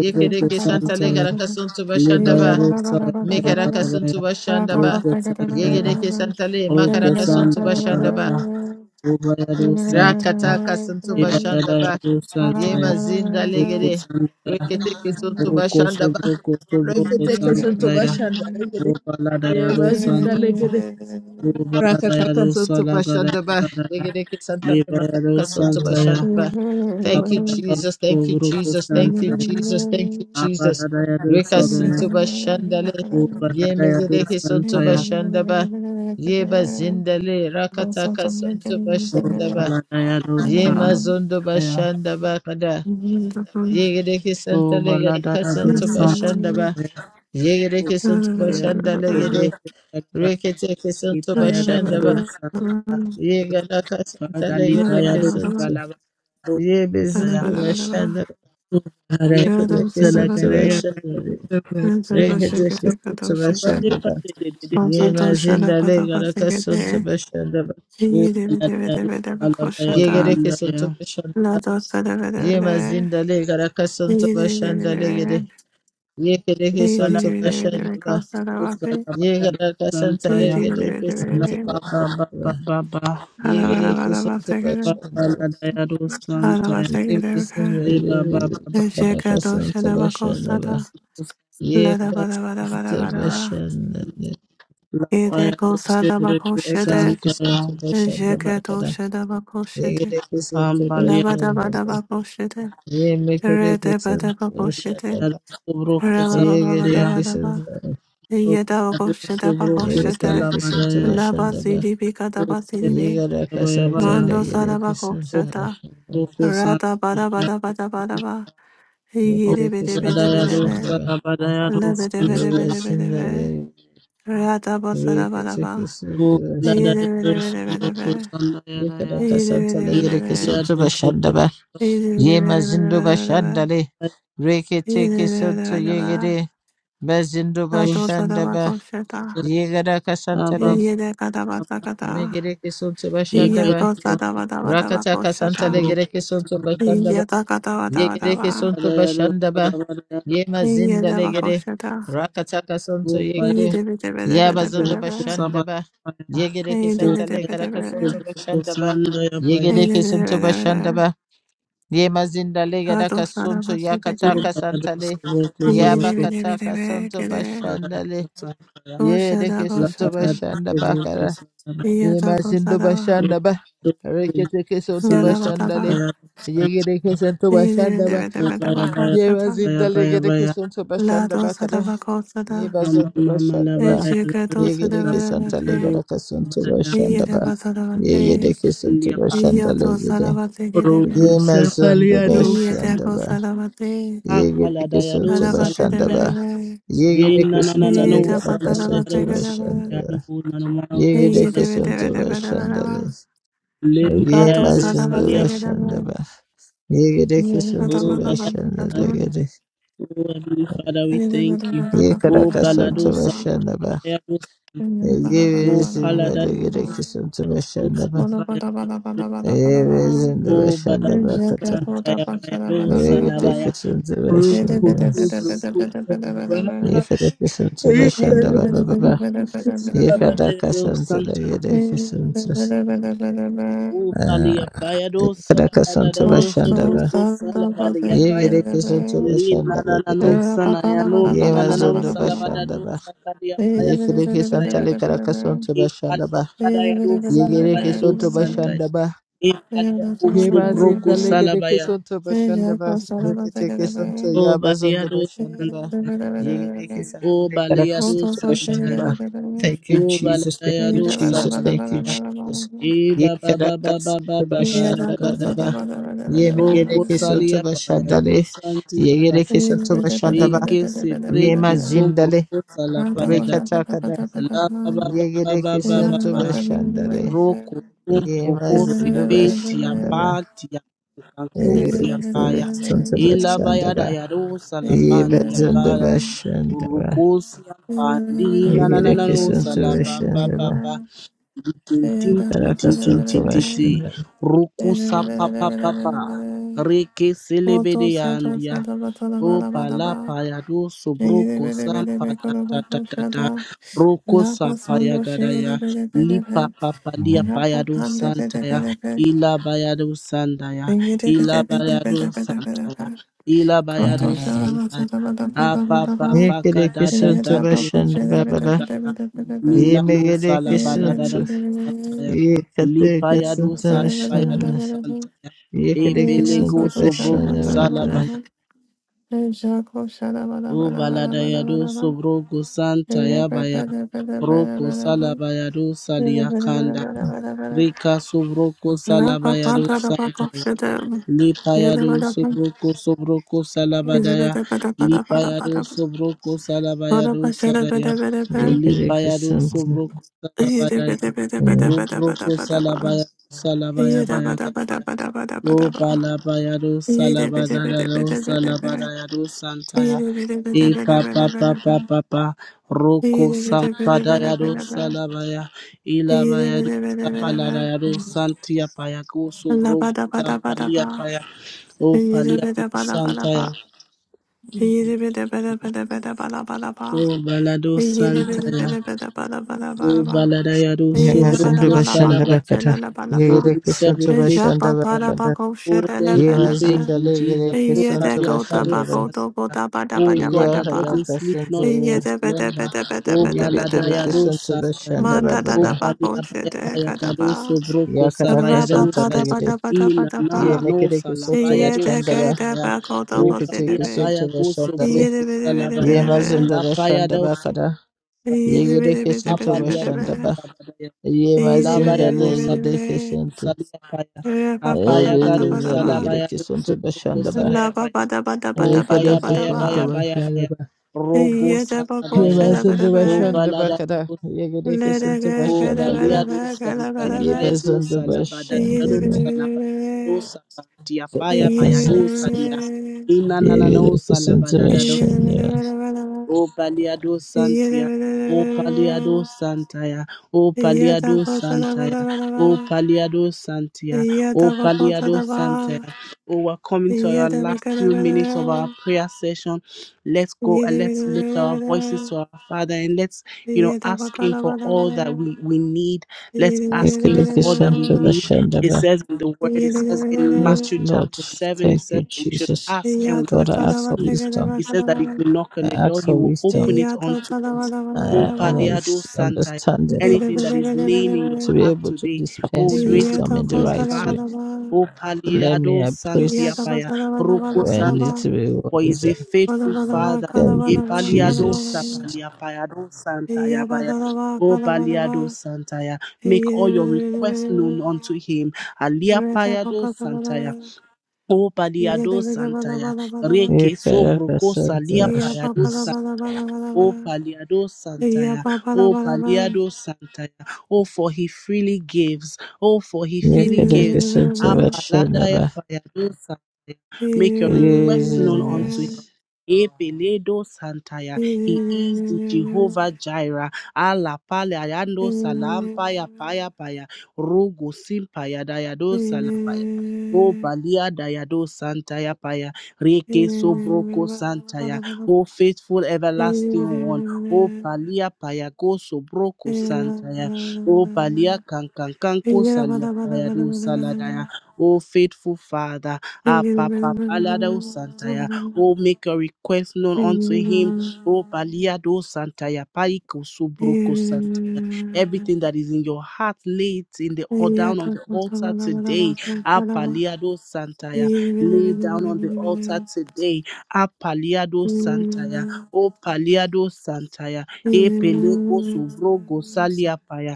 Speaker 4: Yekere kesanta legera kasonto bashanda ba. Mekara
Speaker 2: Baya
Speaker 4: kasonto
Speaker 2: Baya,
Speaker 4: bashanda ba.
Speaker 2: Roko Sandaya,
Speaker 4: Yegere kesanta le makara
Speaker 2: Oko
Speaker 4: kasonto
Speaker 2: Santa
Speaker 4: bashanda ba.
Speaker 2: Rabaya, Ubayadu
Speaker 4: Rakata
Speaker 2: Santaya,
Speaker 4: kasonto bashanda ba.
Speaker 2: Ibayadayadu Santaya,
Speaker 4: Yema zinda
Speaker 2: Oko
Speaker 4: legere.
Speaker 2: Santaya,
Speaker 4: Rekete kesonto
Speaker 2: Oko
Speaker 4: bashanda ba.
Speaker 2: Sobroko Sobroko
Speaker 4: Rekete kesonto
Speaker 2: Sankaraya,
Speaker 4: bashanda
Speaker 3: are. [laughs]
Speaker 4: legere.
Speaker 3: Thank
Speaker 4: Yema
Speaker 2: Ubaladayadu
Speaker 4: zinda
Speaker 2: Santa,
Speaker 3: you.
Speaker 4: legere. Rakataka
Speaker 2: Ubaladayadu
Speaker 4: sonto bashanda
Speaker 2: Salagadaya,
Speaker 4: Degedeke santa
Speaker 2: Ibayadu
Speaker 4: rakataka sonto bashanda
Speaker 2: Santaya,
Speaker 4: Thank you,
Speaker 2: Abadayadu
Speaker 4: Jesus. Thank you,
Speaker 2: Sobroko
Speaker 4: Jesus. Thank you,
Speaker 2: Santaya,
Speaker 4: Jesus. Thank you, Jesus.
Speaker 2: Abadayadu
Speaker 4: Reka
Speaker 2: Sadaya,
Speaker 4: sonto bashandale. Ye
Speaker 2: Ubaladayadu
Speaker 4: megedeke sonto
Speaker 2: Santaya,
Speaker 4: bashanda Ye bazindale. Rakataka sonto bashanda
Speaker 2: Ubaladayadu
Speaker 4: Ye
Speaker 2: Santaya,
Speaker 4: mazondo bashanda kada. Ye gedeke santa le
Speaker 2: Ubaladayadu
Speaker 4: sonto
Speaker 2: Santaya,
Speaker 4: bashanda Ye gedeke sonto
Speaker 2: Santa,
Speaker 4: bashanda gede. Reketeke sonto bashanda Ye galakasanta santa legere kesintu. Ye bezindu başanda. Ye kede kesintu başanda. Re kede kesintu başanda ba. Ye mazinda le galakasantu suntu başanda ba.
Speaker 3: Dee dee dee dee dee dee dee
Speaker 4: Ye
Speaker 3: koshata.
Speaker 4: gere kesintu başanda
Speaker 3: la
Speaker 4: ba.
Speaker 3: dosa dee dee
Speaker 4: Ye
Speaker 3: dee dee.
Speaker 4: mazinda le galakasantu suntu
Speaker 3: Dee dee dee dee
Speaker 4: başanda le gere.
Speaker 3: dee.
Speaker 4: Ye kede
Speaker 3: Dee dee
Speaker 4: kesintu
Speaker 3: dee dee dee
Speaker 4: başanda
Speaker 3: dee
Speaker 4: ba.
Speaker 3: koshata vase.
Speaker 4: Ye galakasanta santa
Speaker 3: Dee
Speaker 4: le
Speaker 3: dee dee
Speaker 4: gere
Speaker 3: dee dee
Speaker 4: kesintu
Speaker 3: dee.
Speaker 4: başanda ba.
Speaker 2: Baba, Baba,
Speaker 4: Ye
Speaker 3: Hara
Speaker 4: gere
Speaker 3: hara hara
Speaker 4: kesintu
Speaker 3: vase kere.
Speaker 4: başanda ba.
Speaker 3: Hara vase kere kere.
Speaker 4: Livisine livi
Speaker 2: Baba,
Speaker 3: Jeka
Speaker 4: kadaka
Speaker 3: dosa
Speaker 4: santa
Speaker 3: dee va
Speaker 4: bashana ba
Speaker 3: koshata. la da
Speaker 4: yeka
Speaker 3: va da va da va da
Speaker 2: Santa,
Speaker 4: santa
Speaker 3: va da va.
Speaker 4: bashana ne
Speaker 3: Ede koshata va
Speaker 2: Lapayarosebroko
Speaker 3: koshete.
Speaker 4: ekadeki
Speaker 2: Santaya
Speaker 4: santa bashana ba
Speaker 3: Jeka
Speaker 4: kada
Speaker 3: dosa dee va koshete.
Speaker 4: yekadeki santa
Speaker 3: la
Speaker 2: Ambalia
Speaker 4: bashana ne
Speaker 3: Shada, Re
Speaker 4: yemekadeki
Speaker 3: de ba de
Speaker 4: santa
Speaker 3: ba bo she de.
Speaker 4: bashana ba
Speaker 2: Payarosebroko
Speaker 3: Re ba ba ba ba da
Speaker 2: Santaria
Speaker 3: ba
Speaker 4: yekadeki
Speaker 3: da ba.
Speaker 4: santa
Speaker 3: Yeda Bakoshida
Speaker 2: Opayarosebroko
Speaker 3: Bakoshida
Speaker 4: yemekadeki santa
Speaker 2: Salamandaya
Speaker 3: Laba
Speaker 4: bashana ba
Speaker 3: CDB Kadaba CDB
Speaker 4: yegadaka santa
Speaker 2: Opayabayabaya
Speaker 3: Mando
Speaker 4: legedeki santa
Speaker 3: Sadabakoshata
Speaker 4: bashana ba
Speaker 2: Obroko
Speaker 3: Rata Bada
Speaker 2: Santaria
Speaker 3: Bada Bada Bada Ba Yede
Speaker 4: yekadeki
Speaker 3: Bede
Speaker 4: santa
Speaker 3: Bede Bede
Speaker 2: Opaladayado
Speaker 4: bashana
Speaker 3: Be
Speaker 4: ba
Speaker 2: Salamadayado
Speaker 3: Lebede Bede Bede Bede
Speaker 4: yevasina ne
Speaker 3: Be Rata Basada Bada
Speaker 4: rekadeki
Speaker 3: Ba
Speaker 4: santa
Speaker 3: Yede
Speaker 2: Opaladayado
Speaker 3: Bede Bede Bede
Speaker 2: Sobroko
Speaker 3: Be
Speaker 2: Santayadaya
Speaker 4: Yekaraka
Speaker 3: Yede Bede
Speaker 4: santale
Speaker 3: Bede
Speaker 4: yereke sonto
Speaker 3: Be
Speaker 2: Ipadiado Sobroko
Speaker 4: bashanda ba.
Speaker 3: Yede Bede Bede Bede Bede Be Yede
Speaker 4: Ye mazindo
Speaker 3: Bede
Speaker 4: bashanda
Speaker 3: Bede Bede
Speaker 4: le. Reke teke sonto
Speaker 3: Be
Speaker 4: yegere. Mazindo
Speaker 3: Nato
Speaker 4: bashanda ba.
Speaker 3: Sadabakoshata
Speaker 2: Santayado
Speaker 4: Yegaraka santale.
Speaker 2: Ababa
Speaker 3: Yede Kadabasakata
Speaker 4: Megereke sonto bashanda
Speaker 3: Iya
Speaker 4: ba.
Speaker 2: Epedo
Speaker 3: kosa dava dava dava
Speaker 4: Rakataka
Speaker 3: kosa
Speaker 4: santale
Speaker 3: da.
Speaker 2: Sobroko
Speaker 4: gereke sonto bashanda ba.
Speaker 3: Iya dava dava dava
Speaker 4: Yegereke
Speaker 3: dava.
Speaker 4: sonto
Speaker 2: Parayado,
Speaker 4: bashanda ba.
Speaker 2: Parayado,
Speaker 4: Ye
Speaker 3: Iya
Speaker 4: mazinda
Speaker 3: dava
Speaker 4: legere.
Speaker 3: kosa da.
Speaker 4: Rakataka sonto
Speaker 2: Upaya,
Speaker 3: Iya
Speaker 4: yegere.
Speaker 3: deve deve
Speaker 4: Ya
Speaker 3: deve deve
Speaker 4: bazondo
Speaker 3: deve.
Speaker 4: bashanda
Speaker 2: Kusaba,
Speaker 4: ba.
Speaker 2: Paya,
Speaker 4: Yegereke
Speaker 3: Iya deve
Speaker 4: santale
Speaker 3: deve
Speaker 4: karaka
Speaker 2: Upaya,
Speaker 4: sonto
Speaker 3: deve.
Speaker 4: bashanda ba.
Speaker 2: Kusanda, Paya, Upaya,
Speaker 3: Iya
Speaker 4: Yegereke
Speaker 3: deve
Speaker 4: sonto
Speaker 3: deve deve.
Speaker 4: bashanda ba. Yemazindale
Speaker 3: Kato
Speaker 4: Yadaka
Speaker 3: sa
Speaker 4: Sunto
Speaker 3: dava se deve.
Speaker 4: Yakataka Santale
Speaker 2: Subuku,
Speaker 3: Iya
Speaker 2: Zubuku,
Speaker 3: deve deve
Speaker 4: Yabakataka
Speaker 3: deve
Speaker 4: Santo
Speaker 3: deve.
Speaker 2: Parayado,
Speaker 4: Bashandale
Speaker 2: Sapaya,
Speaker 3: Kosa da
Speaker 4: Yedeke
Speaker 3: kosa
Speaker 4: Santo
Speaker 3: da.
Speaker 2: Labayado,
Speaker 4: Bashanda
Speaker 2: Subuku,
Speaker 4: Bakara
Speaker 2: Sada,
Speaker 3: Iya da kosa
Speaker 4: Yemazindo
Speaker 3: dava.
Speaker 4: Bashanda Ba
Speaker 2: Upaya,
Speaker 4: Reketeke Santo
Speaker 3: Iya dava
Speaker 2: Santa,
Speaker 4: Bashandale
Speaker 3: dava.
Speaker 2: Paya, Santa,
Speaker 4: Yegedeke Santo
Speaker 3: Iya deve
Speaker 4: Bashanda
Speaker 3: deve
Speaker 4: Ba
Speaker 3: deve
Speaker 2: Upaya,
Speaker 3: dava kosa da.
Speaker 2: Paya,
Speaker 4: Yemazindale
Speaker 2: Paya,
Speaker 4: Gedeke
Speaker 2: Paya,
Speaker 4: Santo
Speaker 3: La
Speaker 4: Bashanda
Speaker 3: dosa
Speaker 4: Bakara
Speaker 3: dava kosa da.
Speaker 2: Mama,
Speaker 4: Yebazonto
Speaker 2: Mama,
Speaker 4: Bashanda Ba
Speaker 2: Labayado,
Speaker 3: Ejika dosa dava
Speaker 4: Yegedeke Santale
Speaker 3: dava
Speaker 2: Labayado,
Speaker 4: Yadaka Santo
Speaker 3: Iye
Speaker 4: Bashanda
Speaker 3: deko
Speaker 4: Ba
Speaker 2: Labayado,
Speaker 3: saravate,
Speaker 4: Yegedeke Santo
Speaker 2: Sandia, Pa,
Speaker 3: iye
Speaker 4: Bashandale
Speaker 3: to
Speaker 4: Yede
Speaker 3: saravate ke
Speaker 2: Rogo,
Speaker 3: debe,
Speaker 4: Yemazondo
Speaker 2: Sapaliado,
Speaker 3: iye
Speaker 4: Bashanda
Speaker 3: deko
Speaker 4: Ba
Speaker 3: saravate,
Speaker 4: Yegere kesin
Speaker 2: Akaladayado
Speaker 4: tübe
Speaker 3: saravate debe
Speaker 2: Salaya
Speaker 4: şendebe.
Speaker 3: debe,
Speaker 4: Yegere kesin tele
Speaker 3: iye
Speaker 2: Rinanananano
Speaker 4: yara
Speaker 3: deko
Speaker 4: kesin
Speaker 3: saravate
Speaker 2: Salayado
Speaker 3: ke
Speaker 4: tübe
Speaker 3: debe,
Speaker 2: Salayano
Speaker 4: şendebe.
Speaker 2: Nanomako
Speaker 4: Yegere
Speaker 3: iye debe
Speaker 4: kesin
Speaker 2: Salayado
Speaker 3: debe
Speaker 4: tübe
Speaker 3: debe debe
Speaker 4: şendebe.
Speaker 3: debe, kato
Speaker 2: Limbarayado
Speaker 4: Yemesin
Speaker 2: Salia
Speaker 3: saravate
Speaker 4: tübe
Speaker 3: ke debe,
Speaker 4: şendebe. Yegere
Speaker 3: iye deko
Speaker 4: kesin
Speaker 2: Oh
Speaker 4: tübe
Speaker 2: Balado
Speaker 3: saravate ke
Speaker 2: San-
Speaker 4: şendebe
Speaker 3: debe,
Speaker 4: gere.
Speaker 2: Oh Heavenly Father we
Speaker 3: iye deko saravate ke debe, iye deko
Speaker 2: thank you
Speaker 4: Yekara
Speaker 2: Oh
Speaker 3: saravate ke debe,
Speaker 4: kesin
Speaker 2: Balado
Speaker 4: tübe
Speaker 3: iye
Speaker 4: şendebe.
Speaker 2: Salayado San- Oh
Speaker 4: Yeverizin tele
Speaker 2: Paladayado
Speaker 4: yara kesin tübe
Speaker 2: Salayado
Speaker 4: şendebe.
Speaker 2: Salabaya
Speaker 4: Yeverizin tübe
Speaker 2: Oh Balado
Speaker 4: şendebe kata. Yegere
Speaker 2: Salabaya
Speaker 4: kesin tübe
Speaker 3: Thank you.
Speaker 2: Rufu
Speaker 4: şendebe.
Speaker 2: Subruku Salabaya
Speaker 4: Yekara kesin tübe
Speaker 2: Ikelo
Speaker 4: şendebe bebe.
Speaker 2: salabada
Speaker 4: Yekadaka
Speaker 2: yado
Speaker 4: Santa
Speaker 2: santa.
Speaker 4: Yedeke Santa
Speaker 2: Upali yapaya do
Speaker 4: Yekadaka
Speaker 2: salabada
Speaker 4: Santa
Speaker 2: do
Speaker 4: Bashandaba
Speaker 2: sobruko salabada yapaya.
Speaker 4: Yegedeke Santa
Speaker 2: Lina
Speaker 4: Bashanda
Speaker 2: na na no
Speaker 4: Legede
Speaker 2: sana ya no na na na no
Speaker 4: Yemazondo
Speaker 2: salabada do
Speaker 4: Bashandaba
Speaker 2: sakadi yapaya do
Speaker 4: Yekedeke Santa
Speaker 2: santa
Speaker 4: Lekaraka Santa
Speaker 2: E Ikali
Speaker 4: Bashandaba
Speaker 2: yapada do
Speaker 4: Yegedeke
Speaker 2: salabaya do
Speaker 4: Soto
Speaker 2: santa. Ikali yako
Speaker 4: Yebazinda
Speaker 2: sobruko
Speaker 4: legede
Speaker 2: salabaya.
Speaker 4: kisunto bashandaba rekete kisunto
Speaker 2: O bali
Speaker 4: yabazondo
Speaker 2: do
Speaker 4: bashandaba
Speaker 2: santa.
Speaker 4: yegede kisunto
Speaker 2: O
Speaker 4: legede
Speaker 2: bali do santa
Speaker 4: kisunto ba.
Speaker 2: ya.
Speaker 4: Thank you,
Speaker 2: O bali
Speaker 4: Jesus. Thank you,
Speaker 2: do
Speaker 3: Yeah,
Speaker 4: Jesus. Thank you,
Speaker 2: salabaya.
Speaker 4: Jesus. Ye
Speaker 2: Eba ba
Speaker 4: kara
Speaker 2: ba ba ba ba ba
Speaker 4: kesunto
Speaker 2: ba
Speaker 4: başında ba Yekada kisunto Ye
Speaker 2: karaya.
Speaker 4: baba. Yemegede
Speaker 2: Roko
Speaker 4: kisunto
Speaker 2: salia paya de
Speaker 4: bashandale.
Speaker 2: santi pa.
Speaker 4: Yegede kisunto bashandaba.
Speaker 2: Reke se breke
Speaker 4: Yema
Speaker 2: son
Speaker 4: zindale.
Speaker 2: proko sala paya da.
Speaker 4: Rekata kada.
Speaker 2: La ba ba ba ba
Speaker 4: Yegede
Speaker 2: ba ba ba
Speaker 4: kisunto
Speaker 2: ba.
Speaker 4: bashandale.
Speaker 2: Roko son
Speaker 4: Yema
Speaker 2: proko se
Speaker 4: zondo
Speaker 2: peti ya
Speaker 4: ba.
Speaker 2: pati ya. Kakusi ya paya. Ela baya da
Speaker 4: Erekisontabashandaba.
Speaker 2: ya ro sala pandi ya kara.
Speaker 4: Yebazondabashandaba.
Speaker 2: Urukusi ya pandi na na na na no sala pa pa pa
Speaker 4: Yegerekisontabashandaba.
Speaker 2: pa. Titititititititi.
Speaker 4: Karakasontabashandaba.
Speaker 2: Rukusa papa papa. Reke selebede
Speaker 3: Koto soto
Speaker 2: yandia.
Speaker 3: sada batada
Speaker 2: O
Speaker 3: bada bada ba.
Speaker 2: palapa ya do
Speaker 3: Shigiri
Speaker 2: sobroko
Speaker 3: bede bede
Speaker 2: sampa
Speaker 3: be
Speaker 2: ta
Speaker 3: koraba
Speaker 2: ta ta ta ta.
Speaker 3: koshada.
Speaker 2: Roko
Speaker 3: Lapa
Speaker 2: sampa ya
Speaker 3: sundo
Speaker 2: gada ya.
Speaker 3: shigiri bede bede be.
Speaker 2: Lipa papa lia
Speaker 3: Rapa
Speaker 2: paya do
Speaker 3: pande
Speaker 2: santa
Speaker 3: bede
Speaker 2: ya.
Speaker 3: bede be.
Speaker 2: Ila baya do santa ya.
Speaker 3: Shigiri bede
Speaker 2: Ila
Speaker 3: bede
Speaker 2: baya
Speaker 3: bede
Speaker 2: do
Speaker 3: bede
Speaker 2: santa
Speaker 3: bede
Speaker 2: ya.
Speaker 3: be.
Speaker 2: Ila baya
Speaker 3: Koto
Speaker 2: do
Speaker 3: shada
Speaker 2: santa ya.
Speaker 3: batada bada bada
Speaker 2: Apa
Speaker 3: bada ba.
Speaker 2: papa kada da da
Speaker 3: Shigiri
Speaker 2: do
Speaker 3: boko
Speaker 4: Yegerekisontabashandaba
Speaker 3: shigiri
Speaker 2: sapa da
Speaker 3: bede
Speaker 4: baba.
Speaker 2: da
Speaker 3: bede
Speaker 2: da.
Speaker 3: bede bede be.
Speaker 2: Nina no
Speaker 3: Shigiri bede bede bede be. Shigiri
Speaker 2: salaba
Speaker 4: Yemegerekisontu.
Speaker 3: bede bede
Speaker 2: Santaya, Lipayado Sanbayado
Speaker 3: bede
Speaker 4: Yekaterekasontabashandaba.
Speaker 3: bede be.
Speaker 2: Santaya,
Speaker 3: Shigiri
Speaker 2: Epelego
Speaker 3: soto shada
Speaker 2: Sobroko
Speaker 4: Yegerekisontabashandaba
Speaker 3: batada bada
Speaker 4: kara.
Speaker 3: ba.
Speaker 2: Salabaya,
Speaker 3: Shako shada bada
Speaker 2: O
Speaker 3: bada bada bada
Speaker 2: Baladayado
Speaker 3: bada ba.
Speaker 2: Sobroko
Speaker 3: La,
Speaker 2: Santaya Baya,
Speaker 3: Yere
Speaker 2: Roko Salabayado Saliakanda, Rika Sobroko Salabayado Santaya. Lipayado sobroko sobroko salabadaya. Lipayado sobroko salabayado sadaya. Lipayado
Speaker 4: Yegerekisontu.
Speaker 2: sobroko salabadaya. Lobroko salabaya salabaya bayaka. O Balabayado Salabadado Salabadayado Santaya E Papa Papa Papa Roko Sampadayado Salabaya Ilabayado Sapaladayado Santia Payako Subrogo Sapalia Paya O
Speaker 3: ye de, ga
Speaker 2: Paliado
Speaker 3: da ba ra ba
Speaker 2: Santaya
Speaker 3: ba. da ba da ba da ba. da ba
Speaker 2: O Balado
Speaker 3: Ye de ge
Speaker 2: Santaya
Speaker 3: de
Speaker 2: O Baladayado Subroko
Speaker 4: Yemegerekisontabashandaba
Speaker 2: Salabaya
Speaker 4: kara.
Speaker 2: Oh, we serve a faithful
Speaker 4: Yegerekisontabashandaba
Speaker 2: God.
Speaker 4: kara.
Speaker 2: Oh, thank you,
Speaker 4: Yemazindale
Speaker 2: faithful Jesus.
Speaker 4: Yereke
Speaker 2: Oh,
Speaker 4: Santo
Speaker 2: Kalia Kado
Speaker 3: ba ko
Speaker 4: Bashandaba.
Speaker 3: da, da,
Speaker 2: Sata.
Speaker 3: da, da, da da,
Speaker 2: Oh, a
Speaker 3: da
Speaker 2: God that doesn't
Speaker 3: Ra Yidibidabadabadaba. Yidibidabidabidabidabadabadaba. Yidibidabidabidabadabadabadaba. Yidibidabadabadabakofilelebadaba.
Speaker 4: Yakadaka
Speaker 2: sleep,
Speaker 3: Yababadabakofilelebelebe. Yidekodabakodobodabadabadabadaba.
Speaker 4: Santa
Speaker 2: not in slumber. Oh,
Speaker 3: Yidibidabidabidabidabidaba.
Speaker 2: Baladaya
Speaker 4: Yebekereke
Speaker 2: do
Speaker 4: Santo
Speaker 2: Sataya.
Speaker 4: Bashandaba
Speaker 2: Oh,
Speaker 4: Baba.
Speaker 2: Palia Baya Baya Gado
Speaker 3: Mandadadabakofidekadaba.
Speaker 2: Sobroko
Speaker 4: Yakadaka
Speaker 2: Sabaya do
Speaker 4: Santa
Speaker 2: Saya.
Speaker 4: Legere.
Speaker 2: Ina Nana no
Speaker 4: Yemekereke Santo
Speaker 2: Salapaya do
Speaker 4: Bashandaba.
Speaker 2: Santaya. Oh,
Speaker 3: de,
Speaker 4: Rikiteke
Speaker 2: Palia
Speaker 3: be.
Speaker 4: Santo
Speaker 2: Baya Go
Speaker 4: Bashandale.
Speaker 3: Yeah,
Speaker 2: Sobroko Salabaya.
Speaker 4: Yemazinda
Speaker 2: La Paya do
Speaker 4: Bashandaba
Speaker 2: Santaya.
Speaker 4: Kada. Yegereke Santo
Speaker 2: Apalia do
Speaker 4: Bashandaba.
Speaker 2: Salabaya. La Baya do
Speaker 4: Yemazindale
Speaker 2: Salabaya.
Speaker 4: Yereke Santo.
Speaker 2: Salabaya, Apaya Garu,
Speaker 4: Ebezinda
Speaker 2: Salabaya,
Speaker 4: Legereke Santo
Speaker 2: Subuku
Speaker 4: Bashandaba.
Speaker 2: Salabaya, Upaya
Speaker 4: Yekereke
Speaker 2: Baya
Speaker 4: Santo
Speaker 2: Baya Baya Baya,
Speaker 4: Bashandaba.
Speaker 2: Rogo Salabaya, O
Speaker 4: Yemazindabashanda
Speaker 2: Balada
Speaker 4: bakada,
Speaker 2: do Santaya, O
Speaker 4: yegedekesintobashandale,
Speaker 2: Balia do Santaya, Baya do Salabada, Dado
Speaker 4: yebazindabashandale,
Speaker 2: Salabada, do Sakantia, Baya Baya do
Speaker 4: kadakasanta,
Speaker 2: Salia, Inanano Salabada,
Speaker 4: yegedekesintobashandale,
Speaker 2: O Paliado Santia, O Paliado Santaya, O Paliado Santaya, O Paliado Santia, O Paliado Santaya.
Speaker 3: Yadababababa,
Speaker 2: Oh, we're coming to our last few minutes of our
Speaker 3: yadabakadabada,
Speaker 2: prayer session. Let's go and let's lift our voices
Speaker 3: yadabadabada,
Speaker 2: to our Father and let's,
Speaker 3: yadabakadabadabada,
Speaker 2: you know, ask Him for
Speaker 3: yadabadabada,
Speaker 2: all that we, we need. Let's ask Him for all
Speaker 3: yadabadabada,
Speaker 2: that we need. It
Speaker 4: yekedekesintobashandaba.
Speaker 2: says in the
Speaker 3: yadotadabakadabakadabada,
Speaker 2: Word, it says in
Speaker 4: Yes,
Speaker 2: Matthew
Speaker 3: yadotadabadabadabada,
Speaker 4: Lord.
Speaker 2: chapter 7, it
Speaker 4: Thank
Speaker 2: says
Speaker 4: you,
Speaker 2: we should
Speaker 4: Jesus.
Speaker 2: ask and we shall
Speaker 4: Lord, I ask for
Speaker 2: receive.
Speaker 4: wisdom.
Speaker 2: He says that if we knock
Speaker 4: I
Speaker 2: on the
Speaker 4: ask
Speaker 2: door, he
Speaker 4: for
Speaker 2: will open
Speaker 4: wisdom
Speaker 2: it unto us. Oh,
Speaker 4: uh, and
Speaker 2: Paliado
Speaker 4: ex-
Speaker 2: Santa,
Speaker 4: understanding, Lord,
Speaker 2: anything that is laying in
Speaker 3: yadabadabadabada,
Speaker 2: your
Speaker 4: to be
Speaker 2: heart
Speaker 4: able to
Speaker 2: today, oh,
Speaker 4: dispense
Speaker 2: raise it
Speaker 4: wisdom in
Speaker 2: to
Speaker 4: the
Speaker 2: your
Speaker 4: right
Speaker 2: Father.
Speaker 4: way.
Speaker 3: yadokosadabadaba,
Speaker 2: Oh,
Speaker 4: So Let me,
Speaker 2: Paliado
Speaker 4: I pray,
Speaker 2: Santiapaya, Roko
Speaker 4: when I
Speaker 3: yadabakadabadabadabadaba,
Speaker 2: Santa,
Speaker 4: need to be
Speaker 2: for he
Speaker 4: wise.
Speaker 2: is a faithful Father.
Speaker 4: Thank
Speaker 2: E
Speaker 4: you,
Speaker 2: Paliado
Speaker 4: Jesus.
Speaker 3: badabadabakadabadabakadabadaba,
Speaker 2: Sapaliapayado Santayabaya. Oh, Paliado
Speaker 3: yabadabakadabadaba,
Speaker 2: Santaya, make all your requests known unto him. Aliapayado Santaya. O paliado santaya,
Speaker 4: You
Speaker 2: reke
Speaker 4: can
Speaker 2: sobroko
Speaker 4: represent
Speaker 2: salia
Speaker 4: us.
Speaker 2: payado sa. O paliado santaya, O paliado santaya. Oh, for he freely gives. Oh, for he
Speaker 4: You
Speaker 2: freely
Speaker 4: can
Speaker 2: gives.
Speaker 4: represent
Speaker 2: A
Speaker 4: us,
Speaker 2: paladaya
Speaker 4: Shanaba.
Speaker 2: payado santaya. Make your request known unto him.
Speaker 4: Jesus.
Speaker 2: E peledo santaya. He is the Jehovah
Speaker 3: Yeah,
Speaker 2: Jireh. Ala paliado salampaya paya paya. Rogo simpaya dayado salapaya. O Balia Dayado Santaya Paya, Reke Sobroko Santaya, O faithful everlasting one, O Palia Paya Go Sobroko Santaya, O Balia Kankankanko Salia Paya Do Saladaya, O faithful Father,
Speaker 3: Thank
Speaker 2: Ah Papa
Speaker 3: you.
Speaker 2: Palado Santaya, O make a request known unto him, O Balia Do Santaya, Paiko Sobroko Santaya. Everything that is in your heart, lay it in the or down on the altar today. Apaliado Santaya. Lay down on the altar today. Apaliado Santaya. O Paliado Santaya. e Epeleko Subrogo Saliapaya.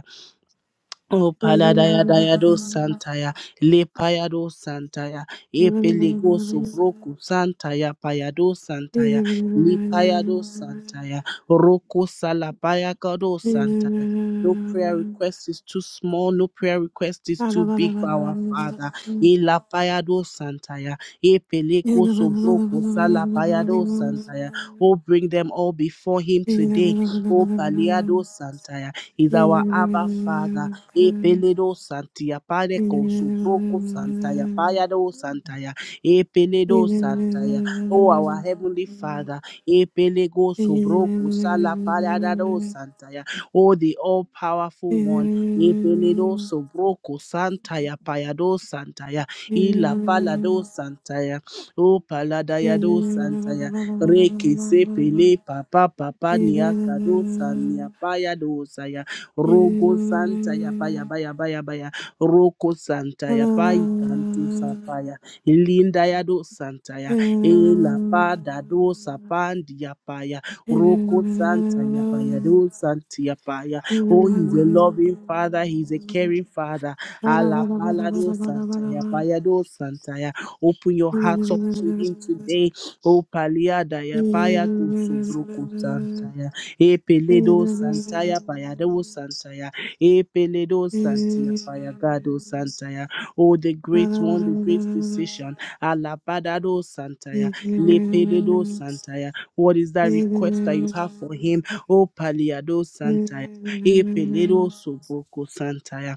Speaker 2: O paladaya dayado santaya, le payado santaya, epelego subroku santaya, payado santaya, li payado santaya, roku salapaya kado santaya. No prayer request is too small, no prayer request is too big for our Father. E la payado santaya, epelego subroku salapayado santaya. Oh, bring them all before Him
Speaker 3: Thank
Speaker 2: today. O paliado santaya is our Abba Father. Epeledo Santia Padeco Subroco Santaya Payado Santaya Epeledo Santaya. Oh our Heavenly Father, Epelego Subroco Sala Payado Santaya. Oh the all powerful one. Epeledo Subroco Santaya Payado Santaya. Ila Palado
Speaker 3: you.
Speaker 2: Santaya. Oh Paladayado Santaya. Reke se pele papa papa niakado sania payado Rogo Santa Yapa Yaba baya baya. ya. Roko Santa Yapa Ikantu Sapaya Linda ya do Santa ya. Elapa Dado Sapandi Yapa paya. Roko Santa Yapa do Santi Yapa ya. paya.
Speaker 3: Thank you.
Speaker 2: Oh, he's a loving father, he's a caring father. Ala pala do Santa Yapa do Santa ya. Open your hearts up to him today. Oh, Paliada Yapaya Gusubruku Santa ya. Epeledo Santaya Payado Santaya. Epeledo Santia Payagado Santaya. Oh, the great one, the great physician. Alabadado Santaya. Lepededo Santaya. What is that request that you have for him? Oh, Paliado Santaya. Epeledo Soboko Santaya.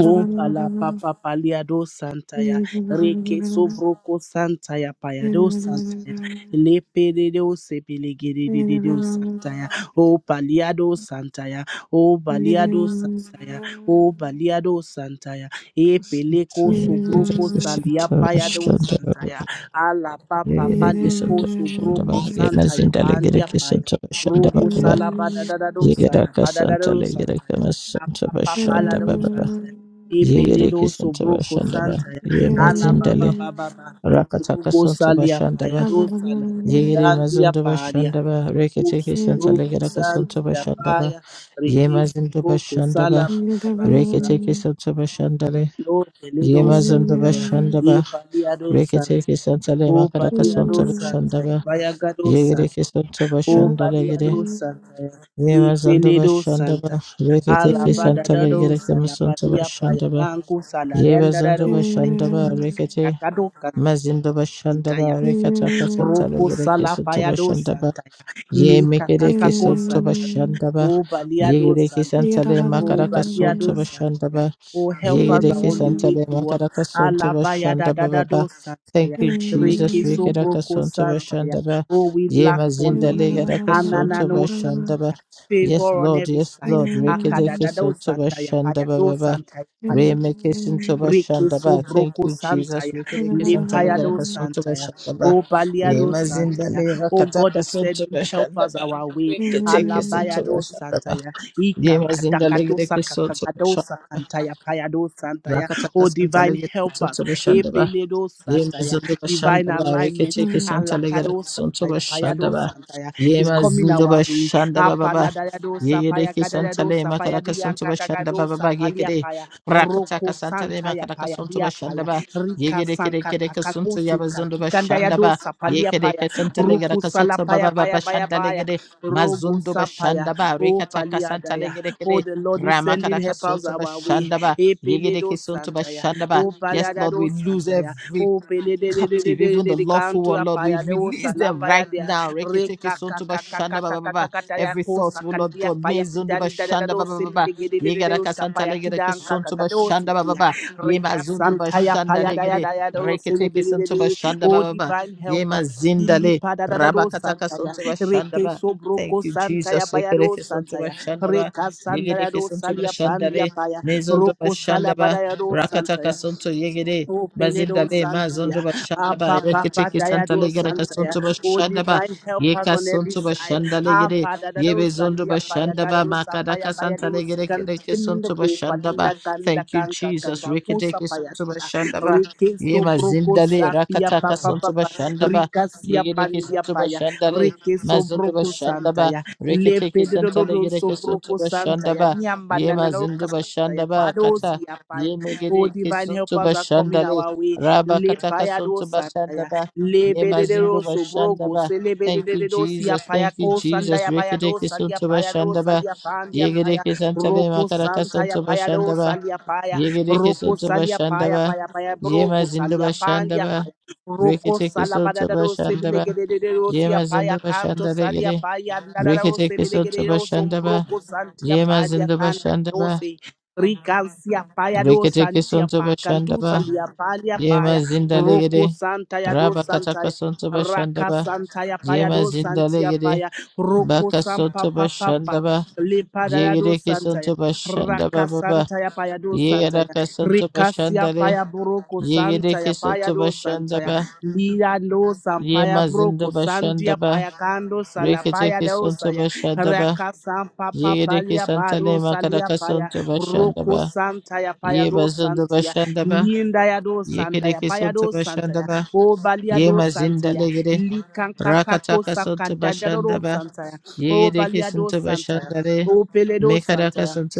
Speaker 2: O pala papa paliado santaya reke sobroko santaya payado santaya lepedo sebelegedeo santaya o paliado santaya o
Speaker 3: Yeah.
Speaker 2: baliado santaya o baliado santaya e
Speaker 4: You
Speaker 2: peleko
Speaker 4: can
Speaker 2: sobroko
Speaker 4: represent
Speaker 2: salia
Speaker 4: us,
Speaker 2: payado santaya
Speaker 4: Shanaba.
Speaker 2: ala
Speaker 4: You
Speaker 2: papa
Speaker 4: can represent
Speaker 2: paliko
Speaker 4: us,
Speaker 2: sobroko
Speaker 4: Shanaba. You can
Speaker 2: santaya pandia paya
Speaker 4: represent us,
Speaker 2: rogo
Speaker 4: Shanaba.
Speaker 2: salabada dadado
Speaker 4: You can
Speaker 2: salabada
Speaker 4: represent
Speaker 2: dadado
Speaker 4: us, you can represent us, Shanaba. You can
Speaker 2: santaya
Speaker 4: represent us,
Speaker 2: apapapala do
Speaker 4: Shanaba.
Speaker 2: santaya Epeledo sobroko santa ya
Speaker 4: You can
Speaker 2: ala baba baba ba rugo
Speaker 4: represent us,
Speaker 2: salia
Speaker 4: Shanaba.
Speaker 2: paya do sala ya
Speaker 4: Yegere
Speaker 2: danti ya
Speaker 4: mazundo
Speaker 2: paria
Speaker 4: bashandaba
Speaker 2: u
Speaker 4: rekete kesanta
Speaker 2: sobroko
Speaker 4: legera
Speaker 2: santa
Speaker 4: kasanto
Speaker 2: ya
Speaker 4: bashandaba
Speaker 2: paya
Speaker 4: ye
Speaker 2: rike
Speaker 4: mazundo
Speaker 2: sobroko
Speaker 4: bashandaba
Speaker 2: sala baba baba
Speaker 4: rekete kesanto bashandale
Speaker 2: lo
Speaker 4: ye
Speaker 2: peledo
Speaker 4: mazundo
Speaker 2: santa ya
Speaker 4: bashandaba
Speaker 2: e palia do
Speaker 4: rekete
Speaker 2: santa
Speaker 4: kesanta le
Speaker 2: o
Speaker 4: makara
Speaker 2: palia
Speaker 4: kasanto
Speaker 2: do santa ya
Speaker 4: bashandaba
Speaker 2: paya gado
Speaker 4: yegere
Speaker 2: santa
Speaker 4: kesanto
Speaker 2: o
Speaker 4: bashandale
Speaker 2: palia
Speaker 4: gere
Speaker 2: do santa ya
Speaker 4: ye
Speaker 2: e
Speaker 4: mazundo
Speaker 2: peledo
Speaker 4: bashandaba
Speaker 2: santa
Speaker 4: rekete kesanta
Speaker 2: Alabadadado,
Speaker 4: legera kasanto
Speaker 2: salabadia,
Speaker 4: bashandaba
Speaker 2: payaganku,
Speaker 4: ye mazundo
Speaker 2: salarendado,
Speaker 4: bashandaba rekete
Speaker 2: Kakado
Speaker 4: mazindo bashandaba
Speaker 2: kakitaya.
Speaker 4: rekata kasanta
Speaker 2: Roko
Speaker 4: legera kesanto
Speaker 2: salapayado
Speaker 4: bashandaba
Speaker 2: santaya.
Speaker 4: Ye
Speaker 2: Ni
Speaker 4: mekereke
Speaker 2: katakako
Speaker 4: sonto
Speaker 2: santaya.
Speaker 4: bashandaba.
Speaker 2: O baliado
Speaker 4: Yegereke
Speaker 2: santia.
Speaker 4: santale
Speaker 2: O
Speaker 4: makaraka sonto
Speaker 2: baliado santia.
Speaker 4: bashandaba.
Speaker 2: O help us
Speaker 4: Yegereke
Speaker 2: on the
Speaker 3: Thank
Speaker 2: way
Speaker 4: santale
Speaker 2: towards
Speaker 4: makaraka sonto
Speaker 2: Alabaya
Speaker 4: bashandaba
Speaker 2: dadadado
Speaker 4: baba.
Speaker 2: santaya.
Speaker 4: Thank you, Jesus.
Speaker 2: Reke
Speaker 4: Rekeraka
Speaker 2: sobroko
Speaker 4: sonto
Speaker 2: santaya.
Speaker 4: bashandaba.
Speaker 2: Oh, we
Speaker 4: Ye
Speaker 2: lack for
Speaker 4: mazinda
Speaker 2: nothing.
Speaker 4: legeraka sonto
Speaker 2: Ananano
Speaker 4: bashandaba.
Speaker 2: santaya.
Speaker 4: Yes,
Speaker 2: Favor on
Speaker 4: Lord.
Speaker 2: every
Speaker 4: Yes,
Speaker 2: side.
Speaker 4: Lord. Rekereke
Speaker 2: Akadadado
Speaker 4: sonto
Speaker 2: santaya.
Speaker 4: bashandaba
Speaker 2: Payado
Speaker 4: baba.
Speaker 2: santaya.
Speaker 4: Remekesin toba
Speaker 2: Rekeso
Speaker 4: shandaba. Thank
Speaker 2: broko
Speaker 4: you, Jesus.
Speaker 2: santaya.
Speaker 4: Rekerekesan
Speaker 2: Lepayado
Speaker 4: talagarakasun toba
Speaker 2: santaya.
Speaker 4: shandaba.
Speaker 2: Oh Baliado
Speaker 4: Yemazinda
Speaker 2: santaya. Oh God, you
Speaker 4: lerakatakasun
Speaker 2: said you
Speaker 4: toba
Speaker 2: help us
Speaker 4: shandaba.
Speaker 2: our way.
Speaker 4: Reketekesin toba
Speaker 2: Alabayado
Speaker 4: shandaba.
Speaker 2: santaya.
Speaker 4: Yemazinda
Speaker 2: Ikakatakato
Speaker 4: legerekesun toba
Speaker 2: sakakakado
Speaker 4: shandaba.
Speaker 2: sakantaya. Payado santaya. Oh
Speaker 4: Rakatakasan
Speaker 2: divine help
Speaker 4: talagarakasun
Speaker 2: us.
Speaker 4: toba shandaba.
Speaker 2: Epeledo
Speaker 4: Yema
Speaker 2: santaya.
Speaker 4: zindo
Speaker 2: Divine
Speaker 4: bashanda ba
Speaker 2: alignment.
Speaker 4: rekete ke santa legera
Speaker 2: Alakado
Speaker 4: sonto
Speaker 2: santaya.
Speaker 4: bashanda
Speaker 2: Payado
Speaker 4: ba.
Speaker 2: santaya. Is
Speaker 4: Yema
Speaker 2: coming
Speaker 4: zindo
Speaker 2: our way.
Speaker 4: bashanda ba ba ba.
Speaker 2: Apaladayado
Speaker 4: Yegere
Speaker 2: sapaya
Speaker 4: ke santa
Speaker 2: kadayado
Speaker 4: le makara
Speaker 2: sapaya
Speaker 4: ka sonto bashanda ba
Speaker 2: diyankakakado
Speaker 4: ba ba yegere.
Speaker 2: sapalia
Speaker 4: Rakata ka
Speaker 2: Roko
Speaker 4: santa le
Speaker 2: Santa ya
Speaker 4: makara ka
Speaker 2: paya
Speaker 4: sonto
Speaker 2: dia
Speaker 4: bashanda
Speaker 2: paya
Speaker 4: ba.
Speaker 2: Rika
Speaker 4: Yegere ke re
Speaker 2: Sanka
Speaker 4: ke re ka sonto
Speaker 2: kakakosi
Speaker 4: yama zindo
Speaker 2: kakikanda ya
Speaker 4: bashanda ba.
Speaker 2: dosa palia
Speaker 4: Yegere
Speaker 2: paya
Speaker 4: ke santa legera
Speaker 2: Ruku
Speaker 4: ka
Speaker 2: sala
Speaker 4: sonto ba
Speaker 2: paya
Speaker 4: ba ba
Speaker 2: paya paya
Speaker 4: bashanda
Speaker 2: paya
Speaker 4: legere.
Speaker 2: Rogo
Speaker 4: Mazundo
Speaker 2: sapaya
Speaker 4: bashanda ba
Speaker 2: O
Speaker 4: rekata ka
Speaker 2: palia
Speaker 4: santa
Speaker 2: daya
Speaker 4: legere ke
Speaker 2: Oh
Speaker 4: re.
Speaker 2: the Lord is
Speaker 4: Ramakara
Speaker 2: sending
Speaker 4: ka
Speaker 2: helpers
Speaker 4: sonto
Speaker 2: our way
Speaker 4: bashanda ba.
Speaker 2: Epele
Speaker 4: Yegere ke
Speaker 2: do
Speaker 4: sonto
Speaker 2: Santa ya
Speaker 4: bashanda ba.
Speaker 2: O
Speaker 4: Yes,
Speaker 2: palia da
Speaker 4: Lord,
Speaker 2: do
Speaker 4: we lose
Speaker 2: Santa ya
Speaker 4: every
Speaker 2: O pele de de de de
Speaker 4: captive,
Speaker 2: de
Speaker 4: even
Speaker 2: de
Speaker 4: the
Speaker 2: de
Speaker 4: lawful
Speaker 2: kantu
Speaker 4: one,
Speaker 2: ya
Speaker 4: Lord. We
Speaker 2: paya de o
Speaker 4: release
Speaker 2: sala
Speaker 4: them right
Speaker 2: paya
Speaker 4: now. Reketeke
Speaker 2: Reka
Speaker 4: sontoba
Speaker 2: kaka
Speaker 4: shanda
Speaker 2: kaka
Speaker 4: ba ba ba
Speaker 2: kaka
Speaker 4: ba.
Speaker 2: kaka taya
Speaker 4: Every thought,
Speaker 2: kosa
Speaker 4: oh Lord
Speaker 2: kandia
Speaker 4: God, me
Speaker 2: paya
Speaker 4: zunduba
Speaker 2: kidan da da da
Speaker 4: shanda ba ba
Speaker 2: dosi
Speaker 4: ba ba.
Speaker 2: piligidi de de
Speaker 4: Yegaraka
Speaker 2: dosa
Speaker 4: santa
Speaker 2: paya
Speaker 4: legereke
Speaker 2: kidan kaka kaka
Speaker 4: sontoba shanda
Speaker 2: dosi
Speaker 4: ba ba
Speaker 2: pia.
Speaker 4: ba. Yema
Speaker 2: Reka
Speaker 4: zunduba
Speaker 2: santaya
Speaker 4: shanda
Speaker 2: paya daya
Speaker 4: legere.
Speaker 2: daya dosi
Speaker 4: Reketeke
Speaker 2: libidi de
Speaker 4: sontoba
Speaker 2: de.
Speaker 4: shanda ba
Speaker 2: Oh
Speaker 4: ba ba.
Speaker 2: divine help
Speaker 4: Yema
Speaker 2: us.
Speaker 4: zindale.
Speaker 2: Ilipa da da da dosa
Speaker 4: Rabakataka
Speaker 2: santaya.
Speaker 4: sontoba shanda
Speaker 2: Reke
Speaker 4: ba. Thank
Speaker 2: sobroko
Speaker 4: you,
Speaker 2: santaya
Speaker 4: Jesus.
Speaker 2: paya
Speaker 4: Yegereke
Speaker 2: dosa
Speaker 4: sontoba
Speaker 2: santaya.
Speaker 4: shanda ba.
Speaker 2: Reka sandaya
Speaker 4: Yegereke
Speaker 2: dosa
Speaker 4: sontoba
Speaker 2: lia
Speaker 4: shanda
Speaker 2: pandia
Speaker 4: le.
Speaker 2: paya.
Speaker 4: Me zunduba
Speaker 2: Roko
Speaker 4: shanda ba.
Speaker 2: salabada ya dosa
Speaker 4: Rakataka
Speaker 2: santaya.
Speaker 4: Santo Yegede
Speaker 2: O Peledo
Speaker 4: Bazindale Mazondo
Speaker 2: Santia,
Speaker 4: Bashandaba
Speaker 2: Apa Papa
Speaker 4: Rekitiki Santa
Speaker 2: Diado
Speaker 4: Legada
Speaker 2: Santaya,
Speaker 4: Kasunto
Speaker 2: O
Speaker 4: Bashandaba
Speaker 2: divine help us
Speaker 4: Yeka
Speaker 2: on every
Speaker 4: Sunto
Speaker 2: side.
Speaker 4: Bashanda
Speaker 2: Ah,
Speaker 4: Legede
Speaker 2: Father, that
Speaker 4: Yebe
Speaker 2: those
Speaker 4: Zondo
Speaker 2: Sandia Paya
Speaker 4: Bashandaba
Speaker 2: Gado Sapaya
Speaker 4: Makadaka
Speaker 2: Paya, they
Speaker 4: Santa
Speaker 2: will
Speaker 4: Legede
Speaker 2: second
Speaker 4: Kedeke
Speaker 2: Kinda
Speaker 4: Sunto Bashandaba
Speaker 2: Pandanda Kanda
Speaker 4: Thank you
Speaker 2: Kanka
Speaker 4: Jesus
Speaker 2: Kanka Kosa
Speaker 4: Rekitiki Sunto
Speaker 2: Payatia,
Speaker 4: Bashandaba
Speaker 2: Rike
Speaker 4: Yema
Speaker 2: Sobroko
Speaker 4: Zindale
Speaker 2: Sapia
Speaker 4: Rakataka
Speaker 2: Papa
Speaker 4: Sunto
Speaker 2: Papa,
Speaker 4: Bashandaba
Speaker 2: Rika Sia
Speaker 4: Yegedeke
Speaker 2: Pandia
Speaker 4: Sunto
Speaker 2: Paya,
Speaker 4: Bashandale
Speaker 2: Rike
Speaker 4: Mazondo
Speaker 2: Sobroko
Speaker 4: Bashandaba
Speaker 2: Santaya,
Speaker 4: Rekitiki
Speaker 2: Lepe
Speaker 4: Santa
Speaker 2: Dodo
Speaker 4: Legede
Speaker 2: Sobroko
Speaker 4: Sunto
Speaker 2: Santaya,
Speaker 4: Bashandaba
Speaker 2: Niambanana
Speaker 4: Yema Zindu
Speaker 2: Santaya,
Speaker 4: Bashandaba
Speaker 2: Pado
Speaker 4: Kata
Speaker 2: Sia Oh,
Speaker 4: Yemegere
Speaker 2: divine
Speaker 4: kesuntu
Speaker 2: helpers are coming
Speaker 4: bashandale.
Speaker 2: our way.
Speaker 4: Raba
Speaker 2: Le
Speaker 4: kataka
Speaker 2: payado
Speaker 4: suntu
Speaker 2: sandaya.
Speaker 4: bashandaba.
Speaker 2: Le
Speaker 4: Yema zindu
Speaker 2: bededero sobrogo.
Speaker 4: bashandaba.
Speaker 2: Se le
Speaker 4: Thank you,
Speaker 2: bededero siya
Speaker 4: Jesus. Thank you,
Speaker 2: payako
Speaker 4: Jesus.
Speaker 2: sandaya
Speaker 4: Rekete
Speaker 2: payado salia
Speaker 4: kesuntu
Speaker 2: payado
Speaker 4: bashandaba.
Speaker 2: salia pandia
Speaker 4: Yegere
Speaker 2: paya.
Speaker 4: kesantale
Speaker 2: Roko
Speaker 4: makaraka
Speaker 2: santaya
Speaker 4: suntu
Speaker 2: payado
Speaker 4: bashandaba.
Speaker 2: salia paya.
Speaker 4: Yegere
Speaker 2: Roko
Speaker 4: kesuntu
Speaker 2: salia paya
Speaker 4: bashandaba.
Speaker 2: paya paya
Speaker 4: Yema
Speaker 2: broko
Speaker 4: zindu
Speaker 2: salia pandia
Speaker 4: bashandaba.
Speaker 2: paya. Roko
Speaker 4: Rekete kesuntu
Speaker 2: salabadadado
Speaker 4: bashandaba.
Speaker 2: sebilegededero siya
Speaker 4: Yema
Speaker 2: paya
Speaker 4: zindu
Speaker 2: kanto
Speaker 4: bashandale
Speaker 2: salia
Speaker 4: gere.
Speaker 2: paya. Nadadaro
Speaker 4: Rekete kesuntu
Speaker 2: sebilegedero
Speaker 4: bashandaba.
Speaker 2: sombroko santia
Speaker 4: Yema
Speaker 2: padia
Speaker 4: zindu
Speaker 2: kanta
Speaker 4: bashandaba.
Speaker 2: dose. Ricalcia paia do
Speaker 4: Rekete
Speaker 2: santia
Speaker 4: kesuntu
Speaker 2: pa
Speaker 4: bashandaba.
Speaker 2: cantusa lia palia
Speaker 4: Yema
Speaker 2: paia roco
Speaker 4: zindalegede.
Speaker 2: santaya do
Speaker 4: Raba kataka
Speaker 2: santaya
Speaker 4: sontaba
Speaker 2: raka
Speaker 4: shandaba.
Speaker 2: santaya paia
Speaker 4: Yema
Speaker 2: do santia
Speaker 4: zindalegede.
Speaker 2: paia roco
Speaker 4: Baka
Speaker 2: sampa pa
Speaker 4: sontaba
Speaker 2: pa pa
Speaker 4: shandaba.
Speaker 2: lipada do
Speaker 4: Yegede ki
Speaker 2: santaya
Speaker 4: sontaba shandaba
Speaker 2: raka
Speaker 4: baba.
Speaker 2: santaya paia do
Speaker 4: Yegada
Speaker 2: santaya
Speaker 4: ka sontaba
Speaker 2: ricasia
Speaker 4: shandale.
Speaker 2: paia broco
Speaker 4: Yegede
Speaker 2: santaya
Speaker 4: ki
Speaker 2: paia
Speaker 4: sontaba
Speaker 2: do santaya
Speaker 4: shandaba.
Speaker 2: lira do sampaya
Speaker 4: Yema
Speaker 2: broco
Speaker 4: zindaba
Speaker 2: sandia
Speaker 4: shandaba.
Speaker 2: paia cando
Speaker 4: Rekete ki
Speaker 2: salapaya barosaya
Speaker 4: sontaba shandaba.
Speaker 2: rakasa papa
Speaker 4: Yegede ki
Speaker 2: palia
Speaker 4: santale
Speaker 2: barosa lia
Speaker 4: makadaka
Speaker 2: paya
Speaker 4: sontaba
Speaker 2: roko
Speaker 4: shandaba.
Speaker 2: santa ya paya do
Speaker 4: Yeba zindaba
Speaker 2: santia
Speaker 4: shandaba.
Speaker 2: linda ya do sanda
Speaker 4: Yekede
Speaker 2: ya
Speaker 4: ki
Speaker 2: paya do
Speaker 4: sontaba
Speaker 2: santa ya
Speaker 4: shandaba.
Speaker 2: o balia do
Speaker 4: Yema
Speaker 2: santa ya
Speaker 4: zindalegede.
Speaker 2: likanka
Speaker 4: Rakataka
Speaker 2: kosa
Speaker 4: Santa
Speaker 2: kanda do
Speaker 4: Bashandaba,
Speaker 2: santa ya o
Speaker 4: Yegedeke
Speaker 2: balia do
Speaker 4: Santa
Speaker 2: santa ya
Speaker 4: Bashandare,
Speaker 2: o pele do santa
Speaker 4: Mekaraka
Speaker 2: ya
Speaker 4: Santa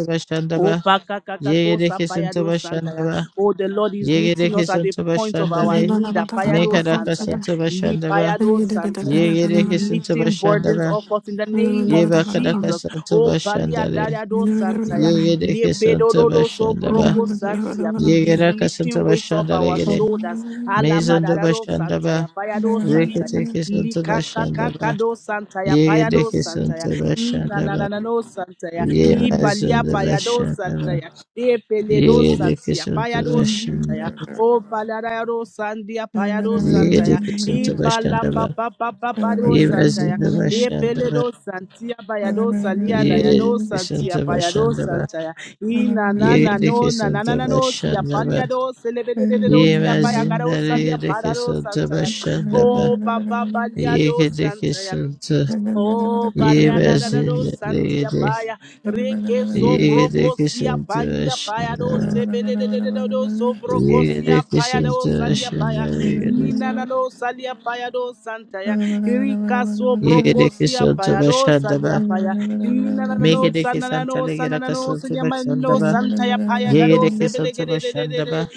Speaker 2: Oh,
Speaker 4: Bashandaba,
Speaker 2: bakakakako
Speaker 4: Yegedeke Santa
Speaker 2: sapayado santaya.
Speaker 4: Bashandaba,
Speaker 2: Oh, the Lord is meeting
Speaker 4: Yegedeke
Speaker 2: us at the
Speaker 4: Santa
Speaker 2: point of our
Speaker 4: Bashandare,
Speaker 2: need. Apayado
Speaker 4: Mekaraka
Speaker 2: santaya.
Speaker 4: Santa Bashandaba,
Speaker 2: Lipayado santaya. He's
Speaker 4: Yegedeke Santa
Speaker 2: lifting burdens
Speaker 4: Bashandaba,
Speaker 2: off us in the name of
Speaker 4: Yebakadaka
Speaker 2: Jesus.
Speaker 4: Santa
Speaker 2: Oh,
Speaker 4: Bashandare,
Speaker 2: baliadado santaya.
Speaker 4: Yegedeke Santa
Speaker 2: Lepedododo
Speaker 4: Bashandaba,
Speaker 2: sobroko santia. He's
Speaker 4: Yegeraka Santa
Speaker 2: lifting weights off
Speaker 4: Bashandare,
Speaker 2: our
Speaker 4: Gede,
Speaker 2: shoulders.
Speaker 4: Mezando
Speaker 2: Alabadado santaya.
Speaker 4: Bashandaba,
Speaker 2: Payado santaya
Speaker 4: Reketeke Santa Bashandaba,
Speaker 2: likakakakado santaya payado
Speaker 4: Yegedeke
Speaker 2: santaya
Speaker 4: Santa Bashandaba,
Speaker 2: inanananano santaya
Speaker 4: Ye
Speaker 2: ipalia
Speaker 3: Hmm.
Speaker 2: payado
Speaker 4: mazundabashandaba.
Speaker 2: santaya epeledo
Speaker 4: Ye
Speaker 2: santia payado
Speaker 3: Thank you.
Speaker 2: santaya
Speaker 4: dikisundabashandaba.
Speaker 2: o palarayado sandia payado
Speaker 4: Ye
Speaker 2: santaya i pala pa
Speaker 4: dikisundabashandaba.
Speaker 2: papapapapado
Speaker 4: Ye
Speaker 2: santaya
Speaker 4: mazundabashandaba.
Speaker 2: epeledo santia payado salia
Speaker 4: Ye
Speaker 2: dayado santia payado
Speaker 4: dikisundabashandaba.
Speaker 2: santaya i na na
Speaker 4: Ye
Speaker 2: na no na na na na no sia
Speaker 4: dikisundabashandaba.
Speaker 2: paliado selebededo
Speaker 4: Ye
Speaker 2: sia payagado
Speaker 4: mazundale ye
Speaker 2: salia parado santaya
Speaker 4: dikisundabashandaba.
Speaker 2: Oh, Baba
Speaker 4: Ye
Speaker 2: Baliado Santaya.
Speaker 4: dikisundu.
Speaker 2: Oh,
Speaker 4: Ye
Speaker 2: Baleada Dado
Speaker 4: mazundale ye
Speaker 2: Santia
Speaker 4: dik.
Speaker 2: Paya. Reke
Speaker 4: Ye
Speaker 2: Sobroco Sia Pandia Paya do
Speaker 4: dikisundabashandaba.
Speaker 2: Sebele do Sobroco
Speaker 4: Ye
Speaker 2: Sia Paya do Salia Paya.
Speaker 4: dikisundabashandaba.
Speaker 2: Nina nado salia payado santaya. Irika
Speaker 4: Yeke
Speaker 2: sobroko
Speaker 4: deke
Speaker 2: sia
Speaker 4: santo
Speaker 2: payado
Speaker 4: bashanda
Speaker 2: salia
Speaker 4: ba.
Speaker 2: paya. Nina
Speaker 4: Meke
Speaker 2: nado
Speaker 4: deke santa
Speaker 2: sananano
Speaker 4: legera
Speaker 2: sananano
Speaker 4: kasanto bashanda
Speaker 2: sanyamano
Speaker 4: ba.
Speaker 2: santaya paya
Speaker 4: Yeke
Speaker 2: kado
Speaker 4: deke santo
Speaker 2: sebelegede de de de
Speaker 4: bashanda
Speaker 2: de.
Speaker 4: ba.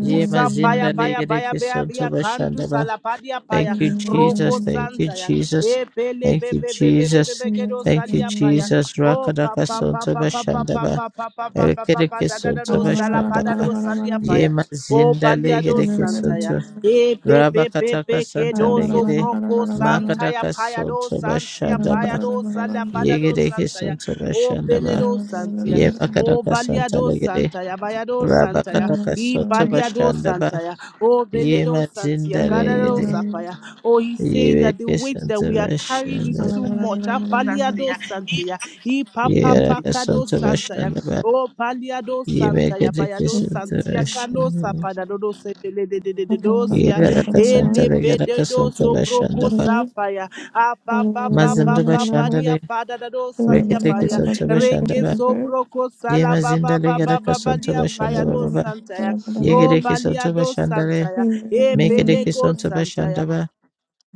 Speaker 4: Ye
Speaker 2: paya
Speaker 4: mazinda
Speaker 2: paya
Speaker 4: lege
Speaker 2: baya
Speaker 4: deke
Speaker 2: baya
Speaker 4: santo
Speaker 2: baya kandu
Speaker 4: bashanda
Speaker 2: salapadia paya.
Speaker 4: Thank
Speaker 3: Thank
Speaker 4: you, Jesus.
Speaker 2: Roko
Speaker 4: Thank you,
Speaker 2: santaya.
Speaker 4: Jesus.
Speaker 2: Ebele
Speaker 4: Thank you,
Speaker 2: bebe bebe bebe
Speaker 4: Jesus.
Speaker 2: bebe kedo
Speaker 4: Thank you,
Speaker 2: salia paya.
Speaker 4: Jesus.
Speaker 2: Oh, pa
Speaker 4: Rakadaka
Speaker 2: pa pa
Speaker 4: santo
Speaker 2: pa pa pa
Speaker 4: bashanda
Speaker 2: pa
Speaker 4: ba.
Speaker 2: pa pa pa pa pa
Speaker 4: Eke
Speaker 2: pa pa
Speaker 4: deke
Speaker 2: da da da
Speaker 4: santo
Speaker 2: do sala pa
Speaker 4: bashanda
Speaker 2: da do
Speaker 4: ba.
Speaker 2: salia paya.
Speaker 4: Ye
Speaker 2: O
Speaker 4: mazinda lege
Speaker 2: paliado
Speaker 4: deke
Speaker 2: santaya.
Speaker 4: santo.
Speaker 2: E pe pe pe
Speaker 4: Rabakataka
Speaker 2: pe ke
Speaker 4: santa
Speaker 2: do so
Speaker 4: legere.
Speaker 2: broco santaya
Speaker 4: Makadaka
Speaker 2: payado
Speaker 4: santo
Speaker 2: santia
Speaker 4: bashanda ba.
Speaker 2: payado salia padado
Speaker 4: Yegede
Speaker 2: santaya.
Speaker 4: Kisanta
Speaker 2: O
Speaker 4: Bashandaba.
Speaker 2: peledo santia. O
Speaker 4: Yebakadaka Santa
Speaker 2: baliado
Speaker 4: Legede.
Speaker 2: santaya bayado santaya.
Speaker 4: Rabakadaka
Speaker 2: E
Speaker 4: Santa
Speaker 2: paliado
Speaker 4: Bashandaba.
Speaker 2: santaya. O beledo
Speaker 4: Yema
Speaker 2: santia
Speaker 4: Zinda
Speaker 2: kadado
Speaker 4: Legede.
Speaker 2: sapaya. Oh, he's saying that the
Speaker 4: Yebeke
Speaker 2: weight that
Speaker 4: Santa
Speaker 2: we are carrying is too
Speaker 4: Bashandaba.
Speaker 2: much. Ah, paliado santaya. E papa
Speaker 4: Yegaraka
Speaker 2: pakado
Speaker 4: Santa
Speaker 2: santaya.
Speaker 4: Bashandaba.
Speaker 2: O paliado santa ya
Speaker 4: Yebekede
Speaker 2: payado
Speaker 4: Kisanta
Speaker 2: santia cano
Speaker 4: Bashandaba.
Speaker 2: sapadado do sepele de de de de dosia
Speaker 4: Yegaraka Santa
Speaker 2: ele
Speaker 4: Legaraka
Speaker 2: pededo
Speaker 4: Santa
Speaker 2: sobroco
Speaker 4: Bashandaba.
Speaker 2: sapaya a pa pa pa pa
Speaker 4: Mazinda
Speaker 2: pa pa dia
Speaker 4: Bashandale.
Speaker 2: pada da do salia
Speaker 4: Rekete
Speaker 2: paya
Speaker 4: Kisanta
Speaker 2: reke
Speaker 4: Bashandaba.
Speaker 3: you.
Speaker 2: sobroco sala
Speaker 4: Yema
Speaker 2: ba
Speaker 4: Zinda
Speaker 2: ba ba ba
Speaker 3: Hello.
Speaker 4: Legaraka
Speaker 2: ba
Speaker 4: Santa
Speaker 2: balia payado
Speaker 4: Bashandaba.
Speaker 2: santa ya o
Speaker 4: Yegede Kisanta
Speaker 2: baliado
Speaker 4: Bashandale.
Speaker 2: santa ya e
Speaker 4: Mekedeki
Speaker 2: pelego
Speaker 4: Santa
Speaker 2: Santa,
Speaker 4: Bashandaba,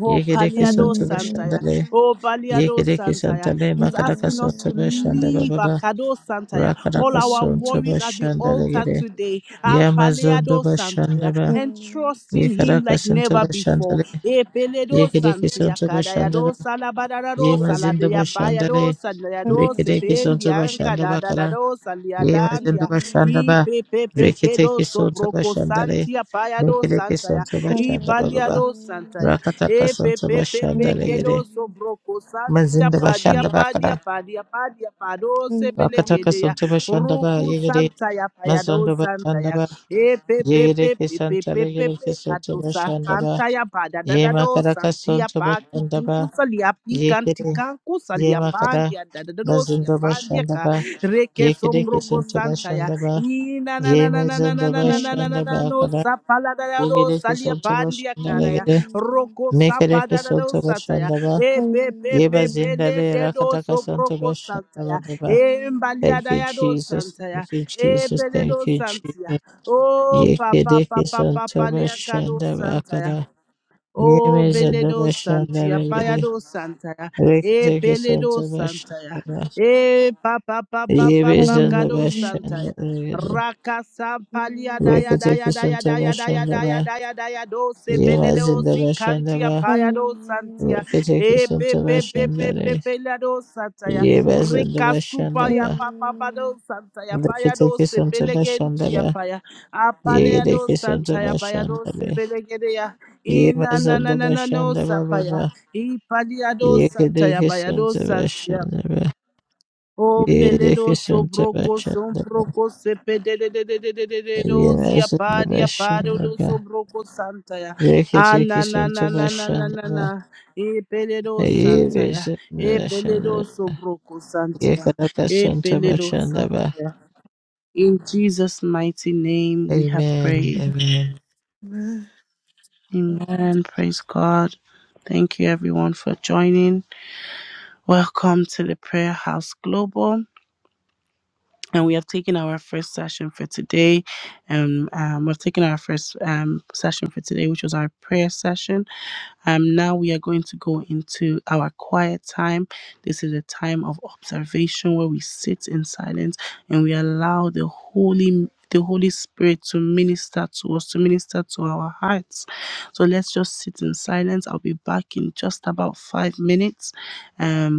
Speaker 2: Oh,
Speaker 4: Yekedeki
Speaker 2: Paliado
Speaker 4: Santa
Speaker 2: Santaya.
Speaker 4: Bashandale,
Speaker 2: Oh, Paliado
Speaker 4: Yekedeki Santa
Speaker 2: Santaya.
Speaker 4: Le
Speaker 2: He's
Speaker 4: Makadaka
Speaker 2: asking us to
Speaker 4: Santa Bashandaba
Speaker 2: leave
Speaker 4: Baba,
Speaker 2: Akado Santaya. All
Speaker 4: Rakadaka
Speaker 2: our
Speaker 4: Santa
Speaker 2: worries at the
Speaker 4: Bashandale
Speaker 2: altar
Speaker 4: Gede,
Speaker 2: today. Ah,
Speaker 4: Yamazondo
Speaker 2: Paliado Santaya.
Speaker 4: Bashandaba,
Speaker 2: And trust in him
Speaker 4: Yekaraka
Speaker 2: like
Speaker 4: Santa
Speaker 2: never before.
Speaker 4: Bashandale,
Speaker 2: Eh, Peledo
Speaker 4: Yekedeki
Speaker 2: Santia.
Speaker 4: Santa
Speaker 2: Kadayado
Speaker 4: Bashandaba,
Speaker 2: Salabadarado
Speaker 4: Yemazindo
Speaker 2: Saladia Payado
Speaker 4: Bashandale,
Speaker 2: Sandayado
Speaker 4: Rekedeki Santa
Speaker 2: Sependia
Speaker 4: Bashandaba Kara,
Speaker 2: Ankadadado
Speaker 4: Yemazindo
Speaker 2: Saliadandia. E
Speaker 4: Bashandaba,
Speaker 2: Pepe Pekedo
Speaker 4: Rekedeki Santa
Speaker 2: Soproko
Speaker 4: Bashandale,
Speaker 2: Santia Payado
Speaker 4: Mekedeki
Speaker 2: Santaya.
Speaker 4: Santa
Speaker 2: E
Speaker 4: Bashandaba Baba.
Speaker 2: Paliado Santaya.
Speaker 4: Rakataka
Speaker 2: E pe
Speaker 4: Santa
Speaker 2: pe pe pe
Speaker 4: Bashanda
Speaker 2: kedo
Speaker 4: Legere,
Speaker 2: so broko santia
Speaker 4: Mazinda
Speaker 2: padia
Speaker 4: Bashanda
Speaker 2: padia
Speaker 4: Bakara,
Speaker 2: padia padia pado se
Speaker 4: Rakataka
Speaker 2: pelegede ya
Speaker 4: Santa Bashanda Ba
Speaker 2: roku
Speaker 4: Yegere,
Speaker 2: santa ya payado
Speaker 4: Mazondo
Speaker 2: santa
Speaker 4: Bashanda
Speaker 2: ya
Speaker 4: Ba,
Speaker 2: e pe pe
Speaker 4: Yegere
Speaker 2: pe pe pe
Speaker 4: Kisanta
Speaker 2: pe pe
Speaker 4: Legere
Speaker 2: pe
Speaker 4: Kisanta
Speaker 2: kado sa
Speaker 4: Bashanda Ba,
Speaker 2: kanta ya pada da da do
Speaker 4: Yemakaraka
Speaker 2: santia
Speaker 4: Santa
Speaker 2: pa ki
Speaker 4: Bashanda
Speaker 2: kunku
Speaker 4: Ba,
Speaker 2: salia pi kanti
Speaker 4: Yekere,
Speaker 2: kanku salia
Speaker 4: Yemakara,
Speaker 2: pandia da da da do sia
Speaker 4: Mazindo
Speaker 2: pandia
Speaker 4: Bashanda
Speaker 2: ka
Speaker 4: Ba,
Speaker 2: reke so
Speaker 4: Yekere
Speaker 2: broko
Speaker 4: Kisanta
Speaker 2: santa ya
Speaker 4: Bashanda Ba,
Speaker 2: ina na na na na na na
Speaker 4: Yemazondo
Speaker 2: na na na na na
Speaker 4: Bashanda
Speaker 2: na no
Speaker 4: Bakara,
Speaker 2: sa pala da da do
Speaker 4: Yegere
Speaker 2: salia
Speaker 4: Kisanta
Speaker 2: pandia
Speaker 4: Bashanda
Speaker 2: kara ya
Speaker 4: Legere,
Speaker 2: Roko
Speaker 4: Mekere
Speaker 2: sapada da do
Speaker 4: Kisanta
Speaker 2: sataya.
Speaker 4: Bashanda ba.
Speaker 2: E pe pe pe
Speaker 4: Yeba
Speaker 2: pe le
Speaker 4: zindale
Speaker 2: de do
Speaker 4: rakataka
Speaker 2: so
Speaker 4: santo
Speaker 2: broko
Speaker 4: bashanda
Speaker 2: sataya.
Speaker 4: baba.
Speaker 2: E mbalia
Speaker 4: Thank
Speaker 2: da
Speaker 4: you,
Speaker 2: ya do
Speaker 4: Jesus.
Speaker 2: santaya.
Speaker 4: Thank you,
Speaker 2: E
Speaker 4: Jesus.
Speaker 2: pele
Speaker 4: Thank
Speaker 2: do
Speaker 4: you,
Speaker 2: santia.
Speaker 4: Jesus.
Speaker 2: Oh papa
Speaker 4: Yekedeke
Speaker 2: papa
Speaker 4: santo
Speaker 2: papa le kado
Speaker 4: bashanda
Speaker 2: santaya.
Speaker 4: bakada.
Speaker 2: O
Speaker 4: Yeme zando
Speaker 2: beledo
Speaker 4: bashanda
Speaker 2: santia,
Speaker 4: legede.
Speaker 2: payado santaya, e
Speaker 4: Reketeke
Speaker 2: peledo
Speaker 4: santo bashanda
Speaker 2: santaya,
Speaker 4: ba.
Speaker 2: e papa papa
Speaker 4: Yebe
Speaker 2: papa
Speaker 4: zando
Speaker 2: kado santaya,
Speaker 4: bashanda legede.
Speaker 2: raka sampalia daya daya
Speaker 4: Reketeke
Speaker 2: daya
Speaker 4: santo
Speaker 2: daya daya
Speaker 4: bashanda
Speaker 2: daya
Speaker 4: ba.
Speaker 2: daya daya do se
Speaker 4: Yema
Speaker 2: peledo
Speaker 4: zando
Speaker 2: si
Speaker 4: bashanda
Speaker 2: kantia
Speaker 4: ba.
Speaker 2: payado santia,
Speaker 4: Reketeke
Speaker 2: e pe
Speaker 4: santo
Speaker 2: pe pe
Speaker 4: bashanda
Speaker 2: pe pe
Speaker 4: le.
Speaker 2: peledo santaya,
Speaker 4: Yeba zando
Speaker 2: rika
Speaker 4: bashanda
Speaker 2: supaya
Speaker 4: ba.
Speaker 2: papa
Speaker 3: Hallelujah.
Speaker 2: pado santaya, payado
Speaker 4: Reketeke
Speaker 2: se
Speaker 4: santo bashanda
Speaker 2: pelegentia
Speaker 4: ba.
Speaker 2: paya, apaleado
Speaker 4: Yeke santa
Speaker 2: santaya, payado
Speaker 4: bashanda
Speaker 2: se
Speaker 4: be.
Speaker 2: pelegedeya.
Speaker 4: Ye
Speaker 2: Ina na na
Speaker 4: mazanda
Speaker 2: na na no
Speaker 4: bashanda baba
Speaker 2: sapaya.
Speaker 4: ba.
Speaker 2: Ipadiado
Speaker 4: Yeke
Speaker 2: santaya
Speaker 4: deke
Speaker 2: bayado
Speaker 4: santa
Speaker 2: santia.
Speaker 4: bashanda ba.
Speaker 2: O
Speaker 4: Ye deke
Speaker 2: peledo
Speaker 4: santa
Speaker 2: sobroko
Speaker 4: bashanda ba.
Speaker 2: sombroko sepe de de de de de de de de
Speaker 4: Ye
Speaker 2: do sia
Speaker 4: mazanda
Speaker 2: padia pado
Speaker 4: bashanda
Speaker 2: do
Speaker 4: ba.
Speaker 2: sobroko santaya.
Speaker 4: Yeke deke
Speaker 2: Ana na
Speaker 4: santa
Speaker 2: na na na na
Speaker 4: bashanda
Speaker 2: na
Speaker 4: ba.
Speaker 2: na. E peledo
Speaker 4: Ye
Speaker 2: santaya.
Speaker 4: bezanda
Speaker 2: E peledo
Speaker 4: bashanda.
Speaker 2: sobroko
Speaker 4: Ye
Speaker 2: santia.
Speaker 4: deke
Speaker 2: E
Speaker 4: santa
Speaker 2: peledo
Speaker 4: bashanda ba.
Speaker 2: santaya. In Jesus' mighty name we have
Speaker 4: Amen.
Speaker 2: prayed.
Speaker 4: Amen.
Speaker 2: Amen. Praise God. Thank you, everyone, for joining. Welcome to the Prayer House Global and we have taken our first session for today and um, we've taken our first um, session for today which was our prayer session um, now we are going to go into our quiet time. This is a time of observation where we sit in silence and we allow the Holy the Holy Spirit to minister to us, to minister to our hearts. So let's just sit in silence. I'll be back in just about five minutes. Um,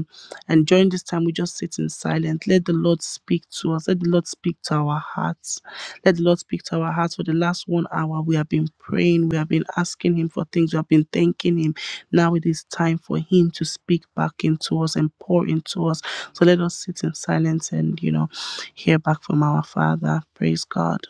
Speaker 2: and during this time, we just sit in silence. Let the Lord speak to us. Let the Lord speak to our hearts. Let the Lord speak to our hearts. For the last one hour, we have been praying. We have been asking Him for things. We have been thanking Him. Now it is time for Him to speak back into us and pour into us. So let us sit in silence and, you know, hear back from our Father. Praise God.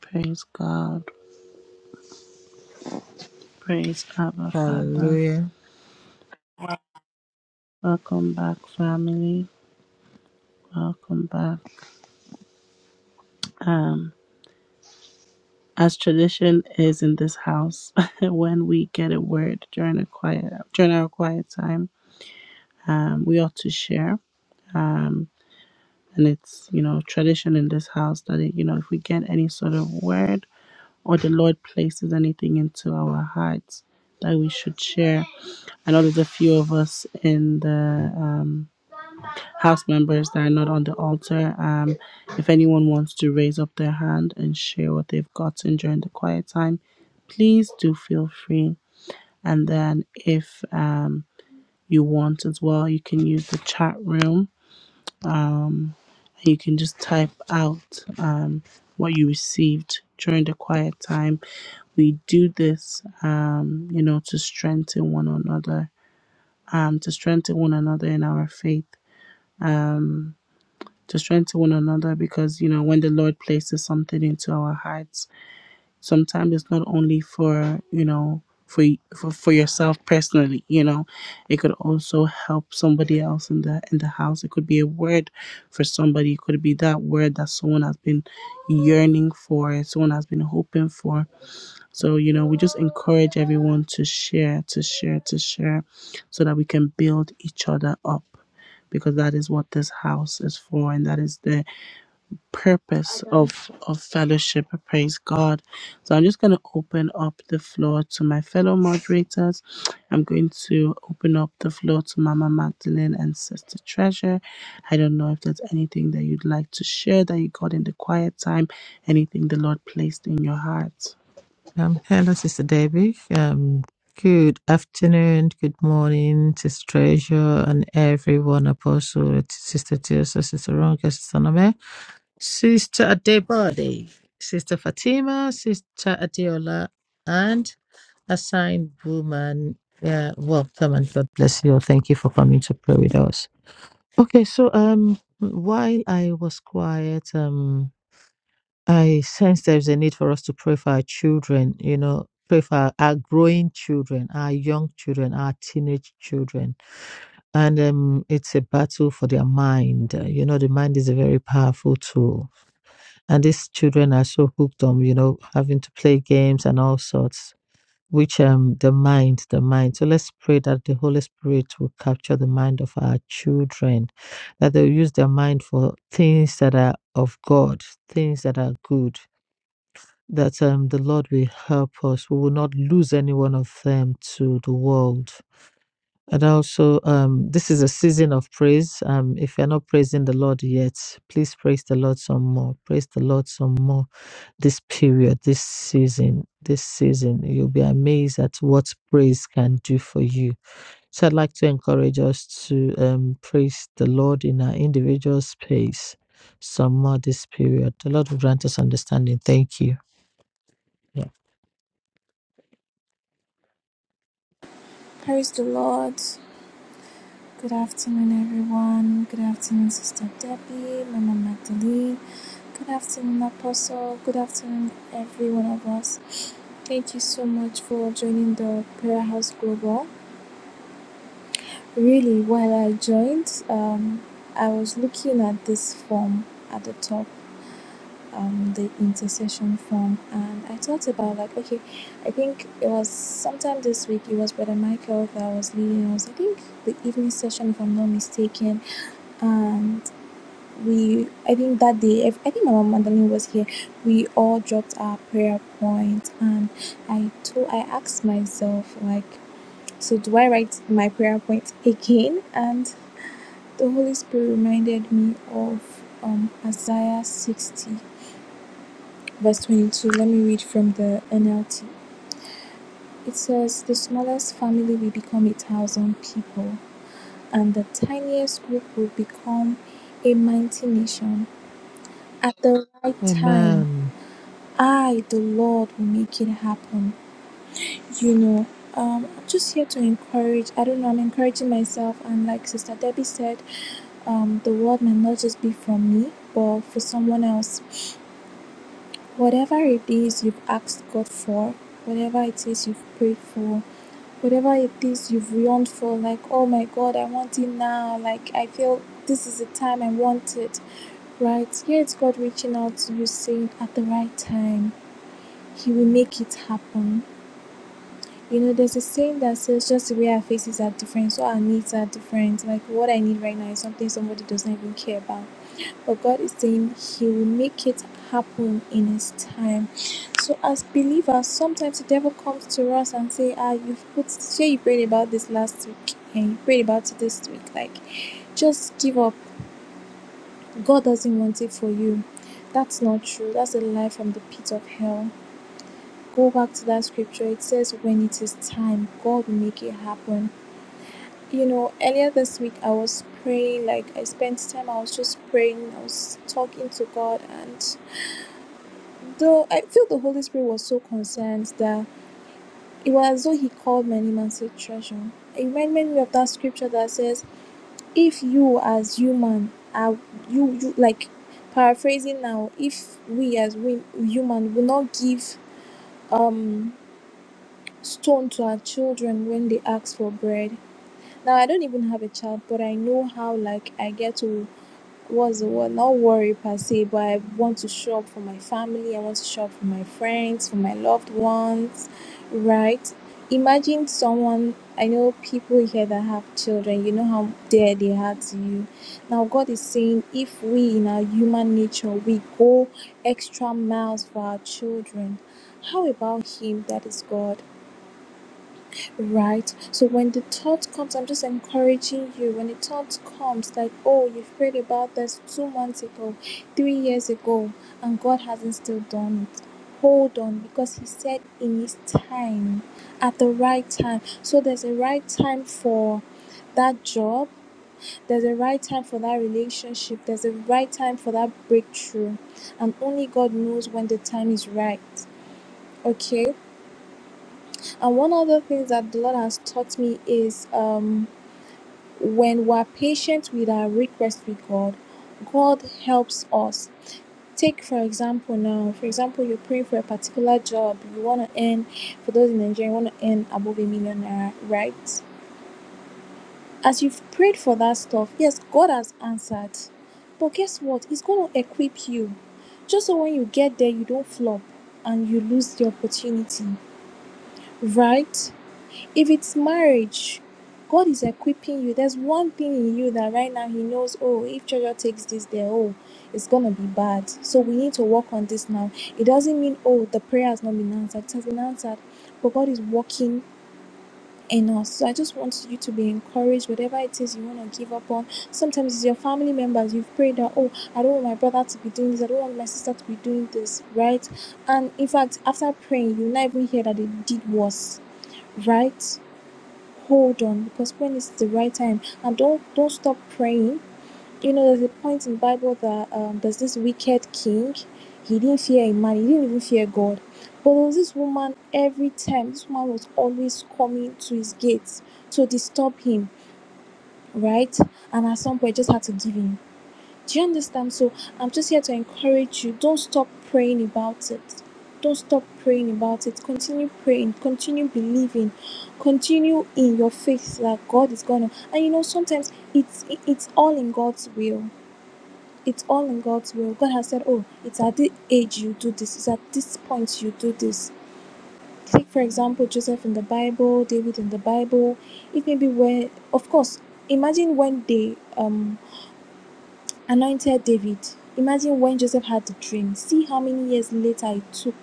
Speaker 2: Praise God. Praise our Father.
Speaker 4: Hallelujah.
Speaker 2: Welcome back, family. Welcome back. Um. as tradition is in this house, [laughs] when we get a word during a quiet during our quiet time, um, we ought to share. Um, and it's you know tradition in this house that it, you know if we get any sort of word or the Lord places anything into our hearts that we should share. I know there's a few of us in the um, house members that are not on the altar. Um, if anyone wants to raise up their hand and share what they've gotten during the quiet time, please do feel free. And then if um, you want as well, you can use the chat room. Um, and you can just type out um, what you received during the quiet time. We do this, um, you know, to strengthen one another, um, to strengthen one another in our faith. Um, to strengthen one another because you know when the lord places something into our hearts sometimes it's not only for you know for y- for, for yourself personally you know it could also help somebody else in the in the house it could be a word for somebody it could be that word that someone has been yearning for someone has been hoping for so you know we just encourage everyone to share to share to share so that we can build each other up because that is what this house is for and that is the purpose of of fellowship praise god so i'm just going to open up the floor to my fellow moderators i'm going to open up the floor to mama magdalene and sister treasure i don't know if there's anything that you'd like to share that you got in the quiet time anything the lord placed in your heart
Speaker 4: Um, hello, Sister Debbie. Um, good afternoon, good morning, Sister Treasure, and everyone, Apostle, Sister Tiosa, Sister Ronke, Sister Nome, Sister Adebode, Sister Fatima, Sister Adeola, and assigned woman. Yeah, welcome and God bless you. Thank you for coming to pray with us. Okay, so um, while I was quiet, um, I sense there's a need for us to pray for our children, you know, pray for our, our growing children, our young children, our teenage children. And um, it's a battle for their mind. Uh, You know, the mind is a very powerful tool. And these children are so hooked on, you know, having to play games and all sorts, which um, the mind, the mind. So let's pray that the Holy Spirit will capture the mind of our children, that they'll use their mind for things that are of God, things that are good that um, the Lord will help us. We will not lose any one of them to the world. And also, um, this is a season of praise. Um, if you're not praising the Lord yet, please praise the Lord some more. Praise the Lord some more this period, this season. This season, you'll be amazed at what praise can do for you. So, I'd like to encourage us to um, praise the Lord in our individual space some more this period. The Lord will grant us understanding. Thank you.
Speaker 5: Praise the Lord. Good afternoon, everyone. Good afternoon, Sister Debbie, Mama Magdalene. Good afternoon, Apostle. Good afternoon, every one of us. Thank you so much for joining the Prayer House Global. Really, while I joined, um, I was looking at this form at the top um the intercession form and I thought about like okay I think it was sometime this week it was Brother Michael that was leading us I think the evening session if I'm not mistaken and we I think that day if- I think my mom Madeline was here we all dropped our prayer point and I told I asked myself like so do I write my prayer point again and the Holy Spirit reminded me of um Isaiah 60 verse 22. Let me read from the NLT. It says, The smallest family will become a thousand people, and the tiniest group will become a mighty nation. At the right time,
Speaker 4: Amen.
Speaker 5: I, the Lord, will make it happen. You know, um, I'm just here to encourage. I don't know, I'm encouraging myself. And like Sister Debbie said, um, the word might not just be from me, but for someone else. Whatever it is you've asked God for, whatever it is you've prayed for, whatever it is you've yearned for, like, oh my God, I want it now. Like, I feel this is the time I want it, right? Here it's God reaching out to you saying, at the right time, He will make it happen. You know, there's a saying that says, just the way our faces are different, so our needs are different. Like, what I need right now is something somebody does not even care about but God is saying He will make it happen in His time. So as believers, sometimes the devil comes to us and say, "Ah, you've put say you prayed about this last week, and you prayed about it this week. Like, just give up. God doesn't want it for you." That's not true. That's a lie from the pit of hell. Go back to that scripture. It says, "When it is time, God will make it happen." You know, earlier this week I was praying. Like I spent time. I was just praying. I was talking to God and Though I feel the Holy Spirit was so concerned that it was as though he called my name and said treasure. It reminded me of that scripture that says, If you as human are you you like paraphrasing now, if we as we human will not give um stone to our children when they ask for bread. Now I don't even have a child, but I know how like I get to what's the word? Not worry per se, but I want to show up for my family. I want to show up for my friends, for my loved ones, right? Imagine someone. I know people here that have children. You know how dear they are to you. Now God is saying, if we in our human nature we go extra miles for our children, how about Him that is God? Right. So when the thought comes, I'm just encouraging you. When the thought comes, like, oh, you've prayed about this two months ago, three years ago, and God hasn't still done it. Hold on, because He said in His time, at the right time. So there's a right time for that job, there's a right time for that relationship, there's a right time for that breakthrough. And only God knows when the time is right. Okay? And one other things that the Lord has taught me is um, when we're patient with our request with God, God helps us. Take, for example, now, for example, you're praying for a particular job, you want to earn, for those in Nigeria, you want to earn above a million naira, right? As you've prayed for that stuff, yes, God has answered. But guess what? He's going to equip you. Just so when you get there, you don't flop and you lose the opportunity, right? if it's marriage, God is equipping you. There's one thing in you that right now He knows, oh, if Jojo takes this there, oh, it's gonna be bad. So we need to work on this now. It doesn't mean, oh, the prayer has not been answered. It has been answered, but God is working in us. So I just want you to be encouraged, whatever it is you want to give up on. Sometimes it's your family members. You've prayed that, oh, I don't want my brother to be doing this, I don't want my sister to be doing this, right? And in fact, after praying, you will not even hear that they did worse, right? hold on because when is the right time and don't don't stop praying you know there's a point in bible that um, there's this wicked king he didn't fear a man he didn't even fear god but there was this woman every time this woman was always coming to his gates to disturb him right and at some point just had to give in do you understand? So I'm just here to encourage you. Don't stop praying about it. Don't stop praying about it. Continue praying. Continue believing. Continue in your faith that God is gonna. And you know, sometimes it's it- it's all in God's will. It's all in God's will. God has said, "Oh, it's at this age you do this. It's at this point you do this." Take for example Joseph in the Bible, David in the Bible. It may be where, of course, imagine when they um Anointed David. Imagine when Joseph had the dream. See how many years later it took.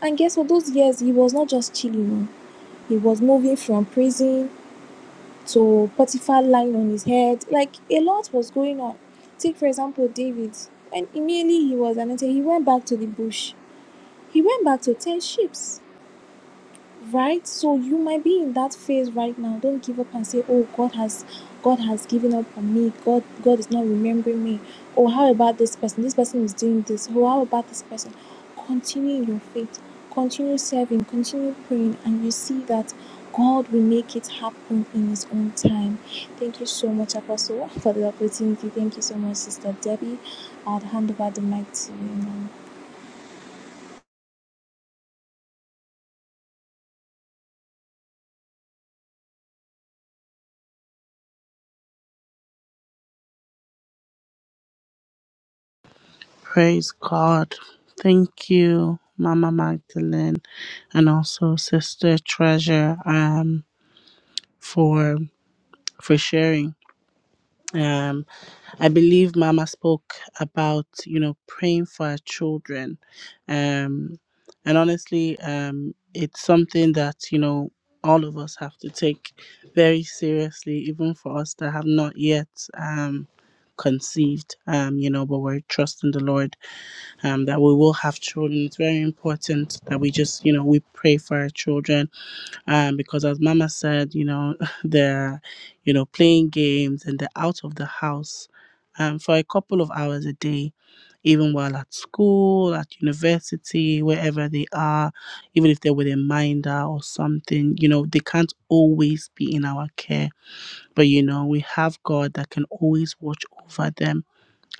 Speaker 5: And guess what? Those years he was not just chilling. oh. He was moving from prison to Potiphar lying on his head. Like a lot was going on. Take for example David. When immediately he was anointed, he went back to the bush. He went back to tend sheep right so you might be in that phase right now don't give up and say oh god has god has given up on me god god is not remembering me or how about this person this person is doing this or how about this person continue in your faith continue serving continue praying and you see that god will make it happen in his own time thank you so much apostle for the opportunity thank you so much sister debbie i'll hand over the mic to you now
Speaker 2: praise god thank you mama magdalene and also sister treasure um for for sharing um. I believe Mama spoke about, you know, praying for our children. Um, and honestly, um, it's something that, you know, all of us have to take very seriously, even for us that have not yet um, conceived, um, you know, but we're trusting the Lord um, that we will have children. It's very important that we just, you know, we pray for our children um, because as Mama said, you know, [laughs] they're, you know, playing games and they're out of the house um, for a couple of hours a day, even while at school, at university, wherever they are, even if they're with a minder or something, you know, they can't always be in our care. But, you know, we have God that can always watch over them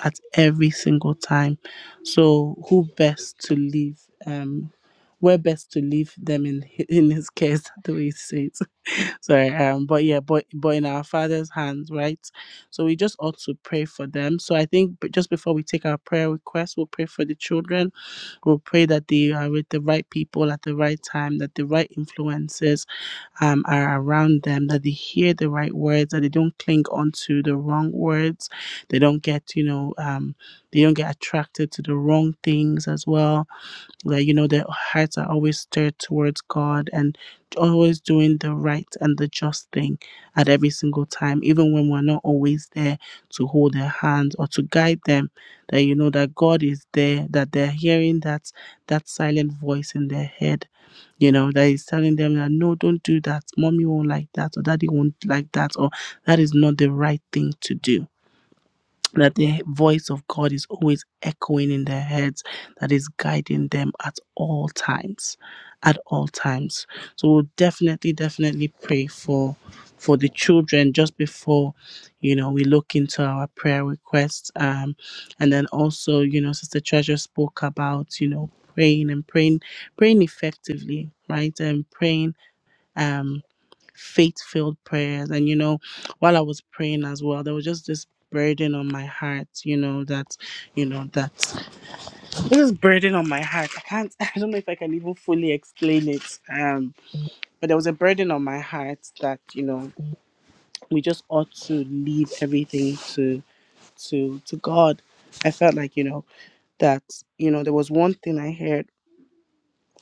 Speaker 2: at every single time. So who best to leave? Um, where best to leave them in [laughs] hi- in His cares? [laughs] The way He says. [laughs] Sorry. Um. But yeah. But but in our Father's hands, right? So we just ought to pray for them. So I think b- just before we take our prayer request, we'll pray for the children. We'll pray that they are with the right people at the right time, that the right influences um, are around them, that they hear the right words, that they don't cling onto the wrong words, they don't get, you know, um, they don't get attracted to the wrong things as well. That you know, their hearts are always stirred towards God and always doing the right and the just thing at every single time, even when we're not always there to hold their hands or to guide them. That you know that God is there, that they're hearing that that silent voice in their head you know, that is telling them that no, don't do that. Mommy won't like that, or daddy won't like that, or that is not the right thing to do that the voice of God is always echoing in their heads, that is guiding them at all times. At all times. So we'll definitely, definitely pray for for the children just before you know we look into our prayer requests. Um and then also, you know, Sister Treasure spoke about, you know, praying and praying, praying effectively, right? And praying um faith filled prayers. And, you know, while I was praying as well, there was just this burden on my heart, you know, that, you know, that this burden on my heart. I can't, [laughs] I don't know if I can even fully explain it. Um, but there was a burden on my heart that, you know, we just ought to leave everything to, to, to God. I felt like, you know, that, you know, there was one thing I heard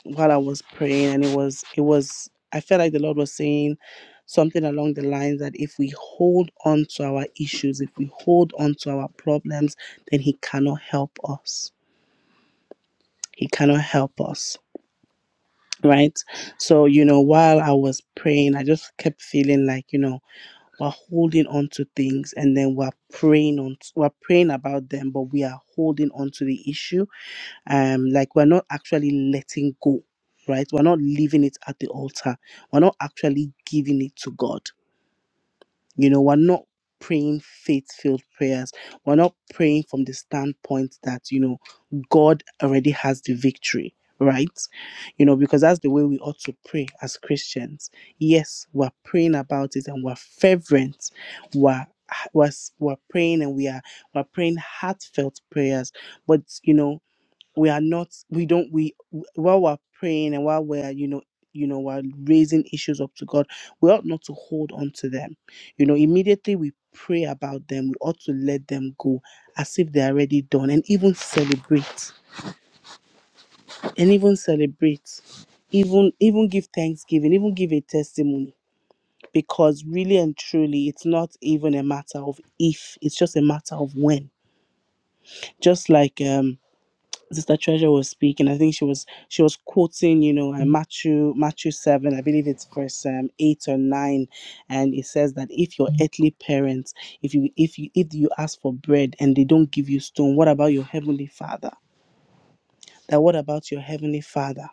Speaker 2: while I was praying, and it was it was I felt like the Lord was saying something along the lines that if we hold on to our issues, if we hold on to our problems, then He cannot help us. He cannot help us. Right. So, you know, while I was praying, I just kept feeling like, you know, we're holding on to things and then we're praying on, we're praying about them, but we are holding on to the issue um like we're not actually letting go right we're not leaving it at the altar we're not actually giving it to god you know we're not praying faith filled prayers we're not praying from the standpoint that you know god already has the victory right you know because that's the way we ought to pray as christians yes we're praying about it and we're fervent we're we're, we're praying and we are we're praying heartfelt prayers but you know we are not we don't we while we're praying and while we're you know you know we're raising issues up to god we ought not to hold on to them you know immediately we pray about them we ought to let them go as if they're already done and even celebrate and even celebrate even even give thanksgiving even give a testimony because really and truly it's not even a matter of if it's just a matter of when just like um Sister Treasure was speaking. I think she was she was quoting, you know, uh, Matthew Matthew seven, I believe it's verse um, eight or nine, and it says that if your earthly parents, if you if you if you ask for bread and they don't give you stone, what about your heavenly Father? That what about your heavenly Father?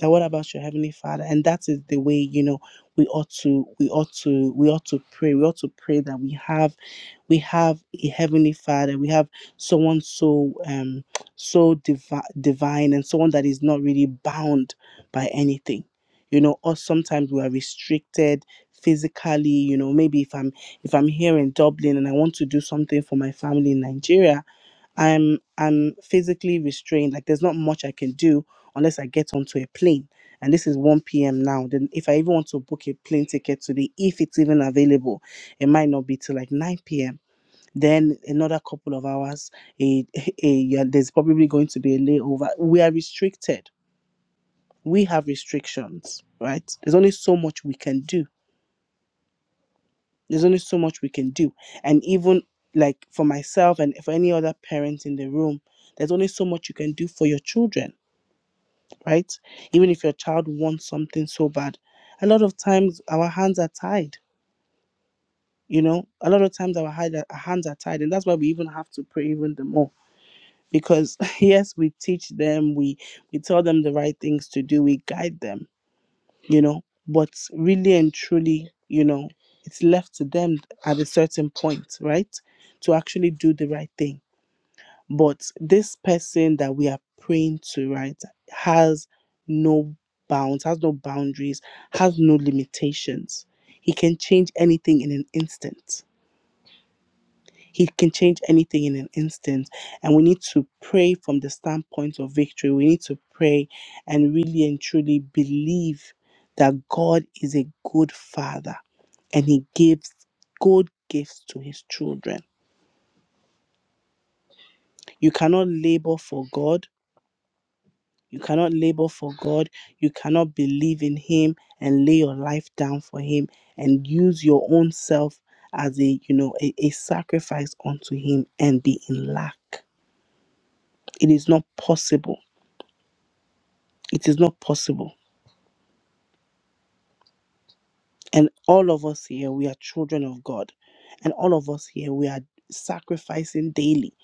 Speaker 2: That what about your heavenly Father? And that is the way you know we ought to we ought to we ought to pray. We ought to pray that we have we have a heavenly father we have someone so um so divi- divine and someone that is not really bound by anything you know or sometimes we are restricted physically you know maybe if i'm if i'm here in dublin and i want to do something for my family in nigeria i'm i'm physically restrained like there's not much i can do unless i get onto a plane and this is 1 p.m now then if i even want to book a plane ticket today if it's even available it might not be till like 9 p.m then another couple of hours, a, a, yeah, there's probably going to be a layover. We are restricted. We have restrictions, right? There's only so much we can do. There's only so much we can do. And even like for myself and for any other parent in the room, there's only so much you can do for your children, right? Even if your child wants something so bad, a lot of times our hands are tied. You know, a lot of times our hand- our hands are tied, and that's why we even have to pray even the more because [laughs] yes we teach them we we tell them the right things to do we guide them you know but really and truly you know it's left to them at a certain point right to actually do the right thing but this person that we are praying to right has no bounds has no boundaries has no limitations he can change anything in an instant he can change anything in an instant. And we need to pray from the standpoint of victory. We need to pray and really and truly believe that God is a good father and he gives good gifts to his children. You cannot labor for God. You cannot labor for God. You cannot believe in him and lay your life down for him and use your own self as a you know a, a sacrifice unto him and be in lack it is not possible It is not possible. And all of us here, we are children of God. And all of us here, we are sacrificing daily.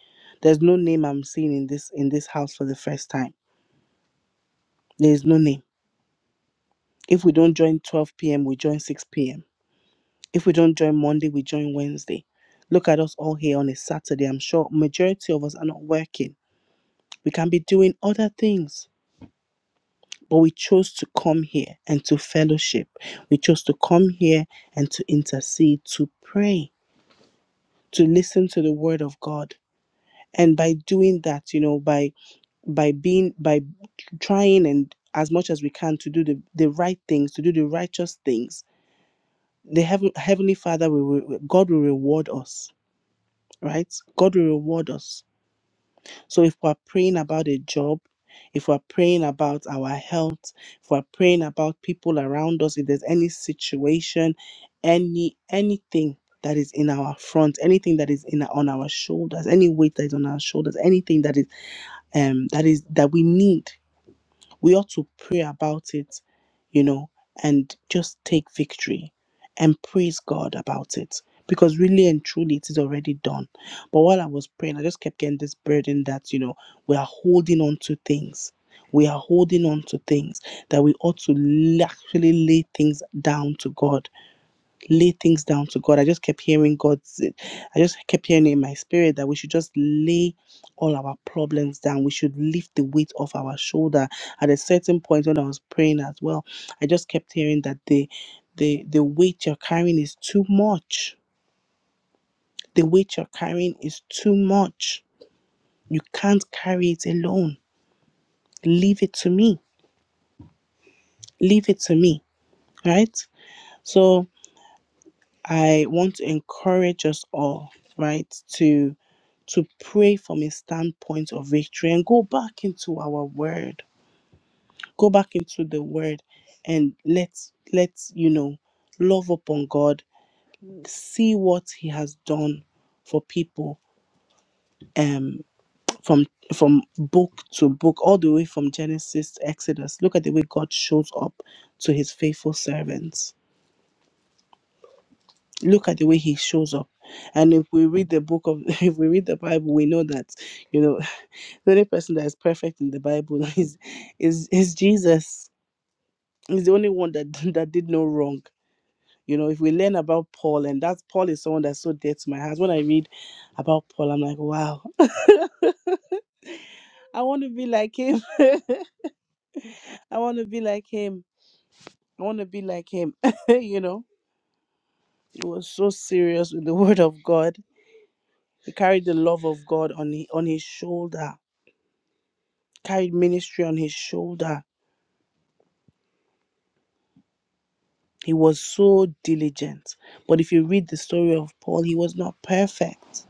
Speaker 2: There's no name I'm seeing in this in this house for the first time. There is no name. If we don't join 12 p.m., we join 6 p.m. If we don't join Monday, we join Wednesday. Look at us all here on a Saturday. I'm sure majority of us are not working. We can be doing other things, but we chose to come here and to fellowship. We chose to come here and to intercede, to pray to listen to the word of god and by doing that you know by by being by trying and as much as we can to do the, the right things to do the righteous things the heaven, heavenly father will re- god will reward us right god will reward us So if we're praying about a job, if we're praying about our health, if we're praying about people around us, if there's any situation, any anything that is in our front, anything that is in on our shoulders, any weight that is on our shoulders, anything that is um that is that we need we ought to pray about it, you know, and just take victory and praise God about it. Because really and truly, it is already done. But while I was praying, I just kept getting this burden that, you know, we are holding on to things. We are holding on to things that we ought to l- actually lay things down to God lay things down to God. I just kept hearing God's, I just kept hearing in my spirit that we should just lay all our problems down. We should lift the weight off our shoulder. At a certain point when I was praying as well, I just kept hearing that the the the weight you're carrying is too much. The weight you're carrying is too much. You can't carry it alone. Leave it to me. Leave it to me. Right? So I want to encourage us all, right, to to pray from a standpoint of victory and go back into our word. Go back into the word and let's let's, you know, love upon God, see what he has done for people um from from book to book all the way from Genesis to Exodus. Look at the way God shows up to his faithful servants look at the way he shows up and if we read the book of [laughs] if we read the bible we know that you know [laughs] the only person that is perfect in the bible [laughs] is is is jesus he's the only one that [laughs] that did no wrong you know if we learn about paul and that's paul is someone that's so dear to my heart when i read about paul i'm like wow [laughs] i want to be like him [laughs] i want to be like him i want to be like him [laughs] you know he was so serious with the word of god he carried the love of god on, he on his shoulder carried ministry on his shoulder. He was so diligent. But if you read the story of Paul, he was not perfect.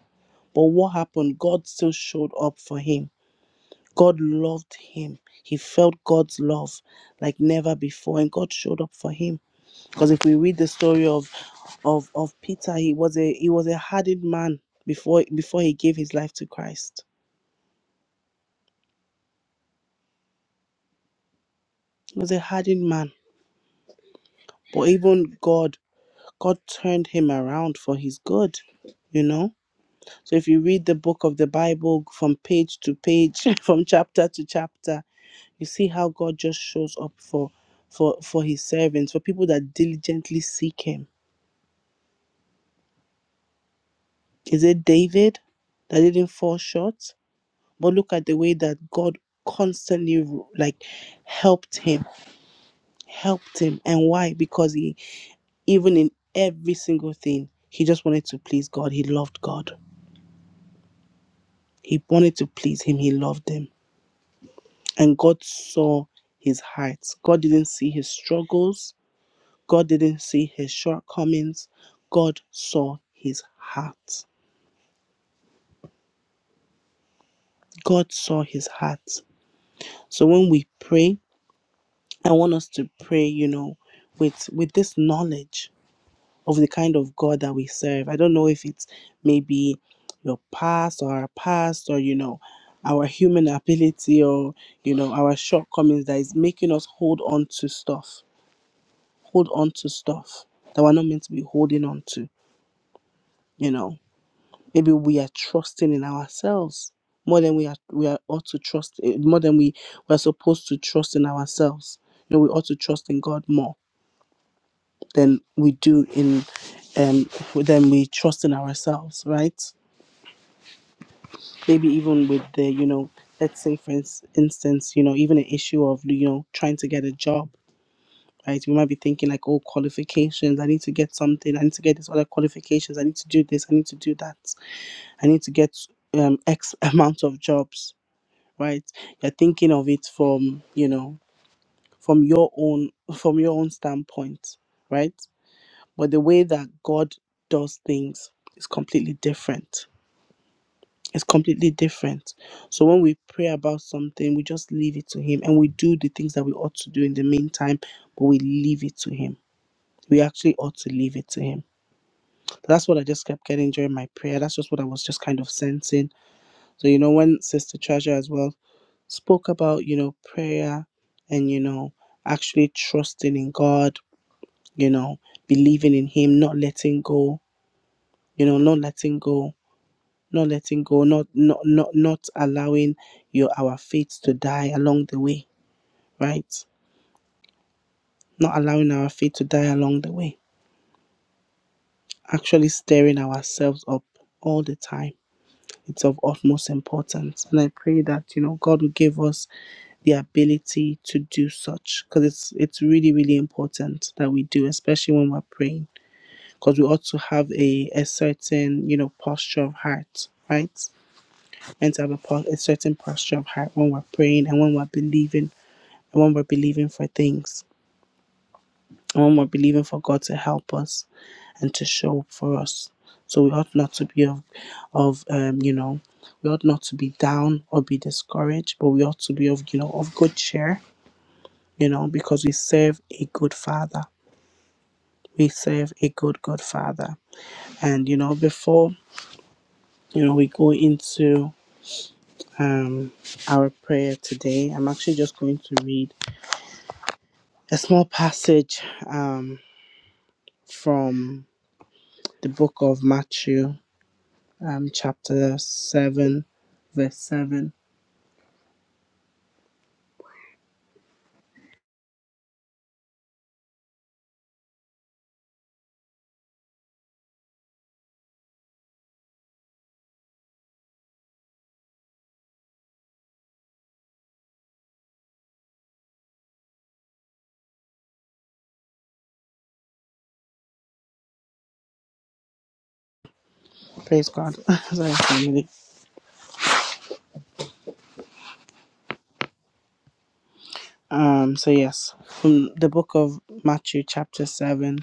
Speaker 2: But what happened? God still showed up for him. God loved him. He felt God's love like never before, and God showed up for him. Because if we read the story of of of Peter, he was a he was a hardened man before before he gave his life to Christ. He was a hardened man, but even God God turned him around for his good. You know So if you read the book of the Bible from page to page, [laughs] from chapter to chapter, you see how God just shows up for for for his servants, for people that diligently seek him. Is it David that didn't fall short? But look at the way that God constantly like helped him, helped him. And why? Because he even in every single thing, he just wanted to please God. He loved God. He wanted to please him. He loved him. And God saw his heart. God didn't see his struggles. God didn't see his shortcomings. God saw his heart. God saw his heart. So when we pray, I want us to pray, you know, with with this knowledge of the kind of God that we serve. I don't know if it's maybe your past or our past or you know our human ability or you know our shortcomings that is making us hold on to stuff hold on to stuff that we're not meant to be holding on to. You know, maybe we are trusting in ourselves more than we are we are ought to trust eh, more than we we're supposed to trust in ourselves. You know, we ought to trust in God more than we do in um than we trust in ourselves, right? Maybe even with the you know, let's say for ins- instance, you know, even an issue of you know trying to get a job right? We might be thinking like, oh, qualifications. I need to get something. I need to get this other qualifications. I need to do this. I need to do that. I need to get um, X [laughs] amount of jobs, right? You're thinking of it from you know from your own from your own standpoint, right? But the way that God does things is completely different. It's completely different. So when we pray about something, we just leave it to Him and we do the things that we ought to do in the meantime, but we leave it to Him we actually ought to leave it to him. That's what I just kept getting during my prayer. That's just what I was just kind of sensing. So, you know, when Sister Treasure as well spoke about, you know, prayer and, you know, actually trusting in God, you know, believing in Him, not letting go, you know, not letting go, not letting go, not not not not allowing your our faith to die along the way, right? Not allowing our faith to die along the way. Actually stirring ourselves up all the time it's of utmost importance and i pray that you know god will give us the ability to do such because it's it's really really important that we do especially when we're praying because we ought to have a a certain you know posture of heart right and to have a, po- a certain posture of heart when we're praying and when we're believing and when we're believing for things and when we're believing for god to help us and to show up for us. So we ought not to be of, of um, you know, we ought not to be down or be discouraged, but we ought to be of, you know, of good cheer, you know, because we serve a good Father. We serve a good, good Father. And you know, before you know, we go into um, our prayer today. I'm actually just going to read a small passage um, from the book of Matthew, um, chapter 7, verse 7. Praise God. [laughs] Sorry, family. Um, so yes, from the book of Matthew, chapter seven,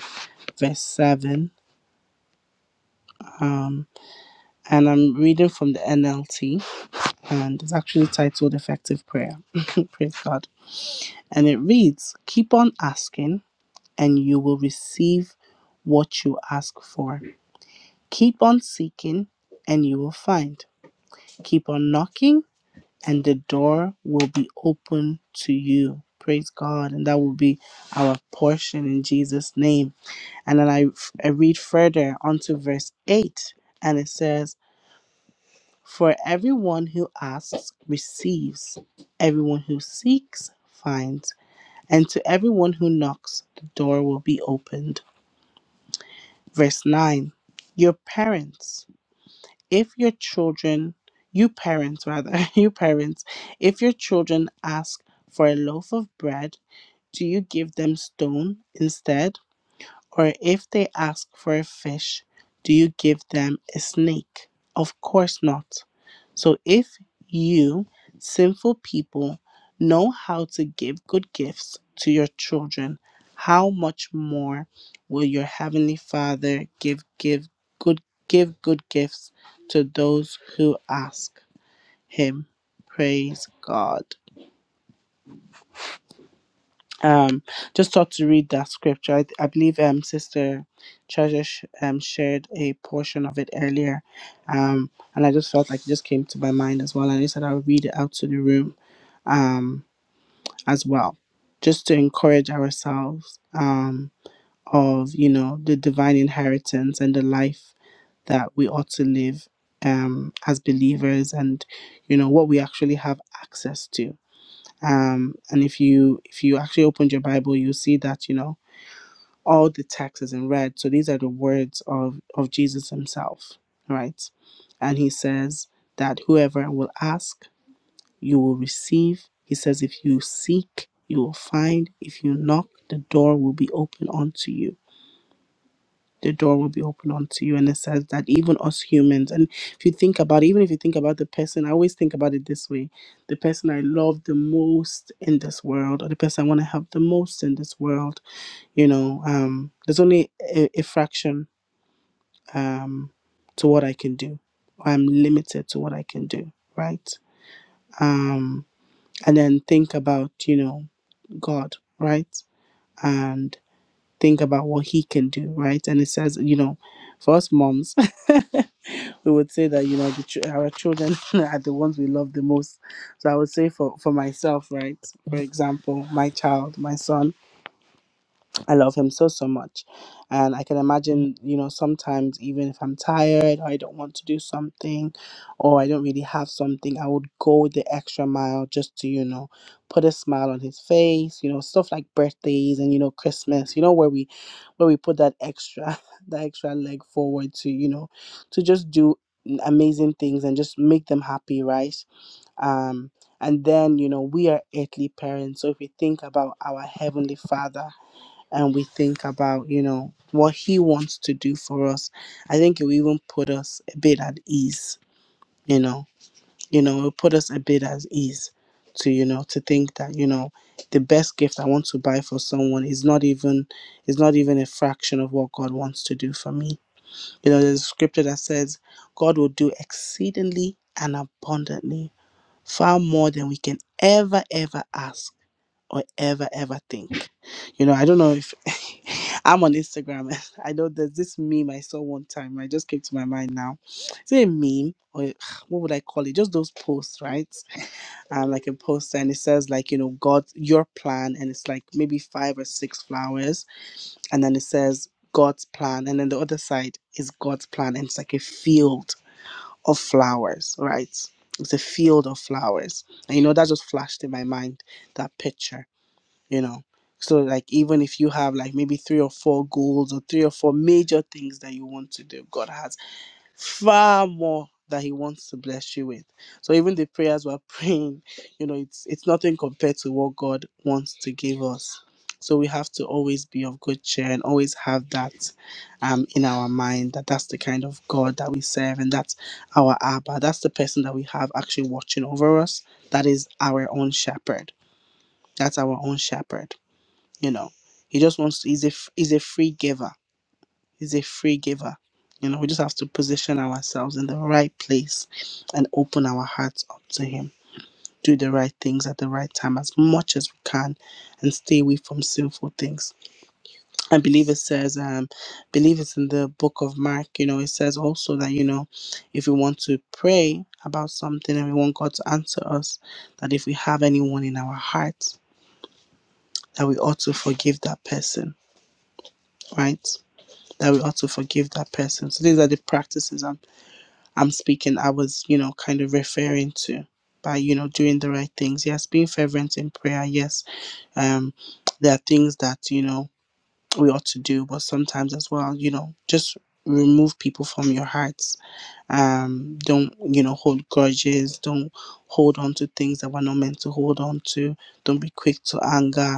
Speaker 2: verse seven. Um, and I'm reading from the NLT, and it's actually titled "Effective Prayer." [laughs] Praise God. And it reads, "Keep on asking, and you will receive what you ask for. Keep on seeking, and you will find. Keep on knocking." and the door will be open to you. Praise God. And that will be our portion in Jesus' name. And then I, I read further onto verse 8, and it says, For everyone who asks receives, everyone who seeks finds, and to everyone who knocks, the door will be opened. Verse 9, Your parents. if your children, you parents rather, [laughs] you parents, if your children ask for a loaf of bread, do you give them stone instead? Or if they ask for a fish, do you give them a snake? Of course not. So if you, sinful people, know how to give good gifts to your children, how much more will your heavenly Father give give good give good gifts to those who ask him? Praise God. um just thought to read that scripture i, I believe um sister treasure sh- um shared a portion of it earlier um and i just felt like it just came to my mind as well and i said i'll read it out to the room um as well just to encourage ourselves um of you know the divine inheritance and the life that we ought to live um as believers and you know what we actually have access to um, and if you if you actually opened your bible you'll see that you know all the text is in red so these are the words of of jesus himself right and he says that whoever will ask you will receive he says if you seek you will find if you knock the door will be open unto you the door will be open unto you. And it says that even us humans, and if you think about it, even if you think about the person, I always think about it this way the person I love the most in this world, or the person I want to help the most in this world, you know, um, there's only a, a fraction um, to what I can do. I'm limited to what I can do, right? Um, and then think about, you know, God, right? And think about what He can do, right? And it says, you know, for us moms, [laughs] we would say that you know the, ch- our children [laughs] are the ones we love the most so i would say for for myself right for example my child my son I love him so so much. And I can imagine, you know, sometimes even if I'm tired or I don't want to do something or I don't really have something, I would go the extra mile just to, you know, put a smile on his face, you know, stuff like birthdays and you know Christmas, you know where we where we put that extra [laughs] that extra leg forward to, you know, to just do amazing things and just make them happy, right? Um and then, you know, we are earthly parents. So if we think about our heavenly father, and we think about, you know, what He wants to do for us, I think it will even put us a bit at ease, you know, you know, it'll put us a bit at ease to, you know, to think that, you know, the best gift I want to buy for someone is not even is not even a fraction of what God wants to do for me. You know, there's a scripture that says God will do exceedingly and abundantly, far more than we can ever, ever ask or ever ever think. You know, I don't know if [laughs] I'm on Instagram. [laughs] I know there's this meme I saw one time. I just came to my mind now. Is it a meme or [sighs] what would I call it? Just those posts, right? Um, like a post, and it says like you know God, your plan, and it's like maybe five or six flowers, and then it says God's plan, and then the other side is God's plan, and it's like a field of flowers, right? It's a field of flowers, and you know that just flashed in my mind that picture you know so like even if you have like maybe three or four goals or three or four major things that you want to do god has far more that he wants to bless you with so even the prayers we're [laughs] praying you know it's it's nothing compared to what god wants to give us so we have to always be of good cheer and always have that um in our mind that that's the kind of god that we serve and that's our abba that's the person that we have actually watching over us that is our own shepherd that's our own shepherd you know, he just wants. He's a f- he's a free giver. He's a free giver. You know, we just have to position ourselves in the right place and open our hearts up to him. Do the right things at the right time as much as we can, and stay away from sinful things. I believe it says, um, believe it's in the book of Mark. You know, it says also that you know, if we want to pray about something and we want God to answer us, that if we have anyone in our hearts, that we ought to forgive that person, right? that we ought to forgive that person. So these are the practices I'm I'm speaking. I was you know kind of referring to by you know doing the right things. Yes, being fervent in prayer. Yes, um, there are things that you know we ought to do, but sometimes as well you know just remove people from your hearts. Um, don't you know hold grudges. Don't hold on to things that we're not meant to hold on to. Don't be quick to anger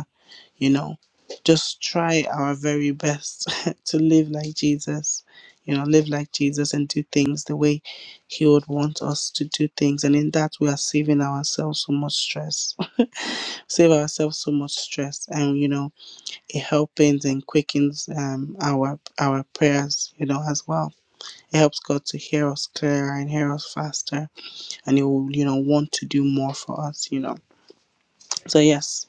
Speaker 2: you know just try our very best [laughs] to live like jesus you know live like jesus and do things the way he would want us to do things and in that we are saving ourselves so much stress [laughs] save ourselves so much stress and you know it helpens and quickens um, our our prayers you know as well it helps god to hear us clearer and hear us faster and he will you know want to do more for us you know so yes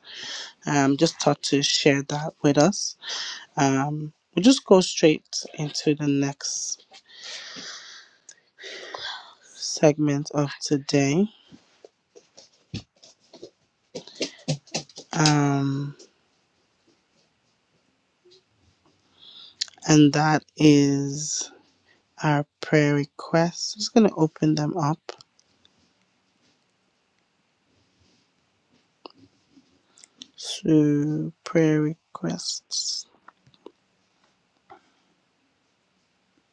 Speaker 2: um just thought to share that with us Um, we'll just go straight into the next segment of today, um, and that is our prayer requests. I'm just going to open them up So prayer requests.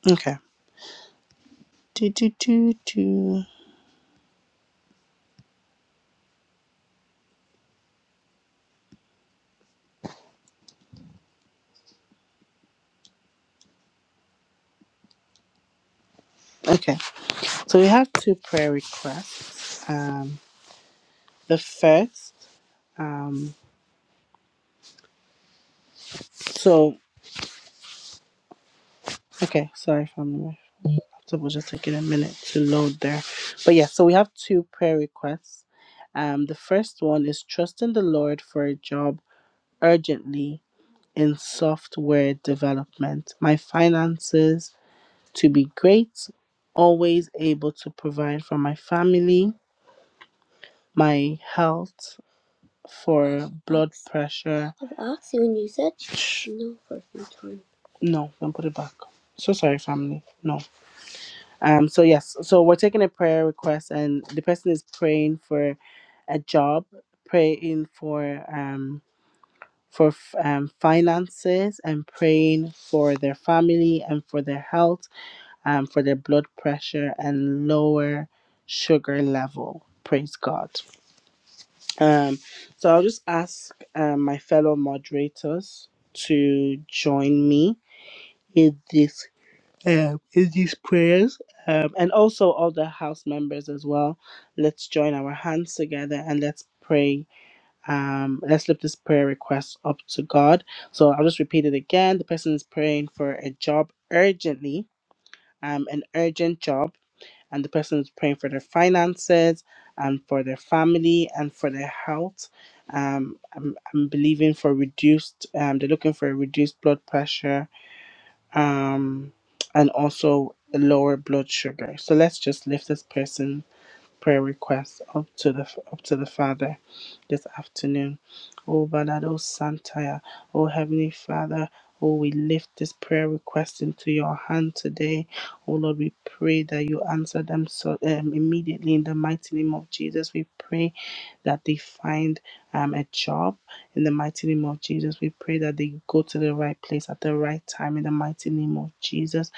Speaker 2: Okay. Do, do, do, do. Okay, so we have two prayer requests. Um, the first um, so okay, sorry family. So we'll just take it a minute to load there. But yeah, so we have two prayer requests. Um, the first one is trust in the Lord for a job urgently in software development. My finances to be great, always able to provide for my family, my health for blood pressure. I've asked you and you said Shh. no for a few times. No, don't put it back. So sorry, family. No. Um, so yes, so we're taking a prayer request, and the person is praying for a job, praying for um for f- um, finances, and praying for their family and for their health, um, for their blood pressure and lower sugar level. Praise God. Um, so I'll just ask um, my fellow moderators to join me in this um, is these prayers um, and also all the house members as well. Let's join our hands together and let's pray. Um, let's lift this prayer request up to God. So I'll just repeat it again. The person is praying for a job urgently, um, an urgent job, and the person is praying for their finances and for their family and for their health. Um, I'm, I'm believing for reduced, um, they're looking for a reduced blood pressure um, and also lower blood sugar. So let's just lift this person prayer requests up to the up to the Father this afternoon. Oh Balado Santaya, oh Heavenly Father, oh we lift this prayer request into your hand today. Oh Lord, we pray that you answer them so um, immediately in the mighty name of Jesus. We pray that they find um, a job in the mighty name of Jesus. We pray that they go to the right place at the right time in the mighty name of Jesus.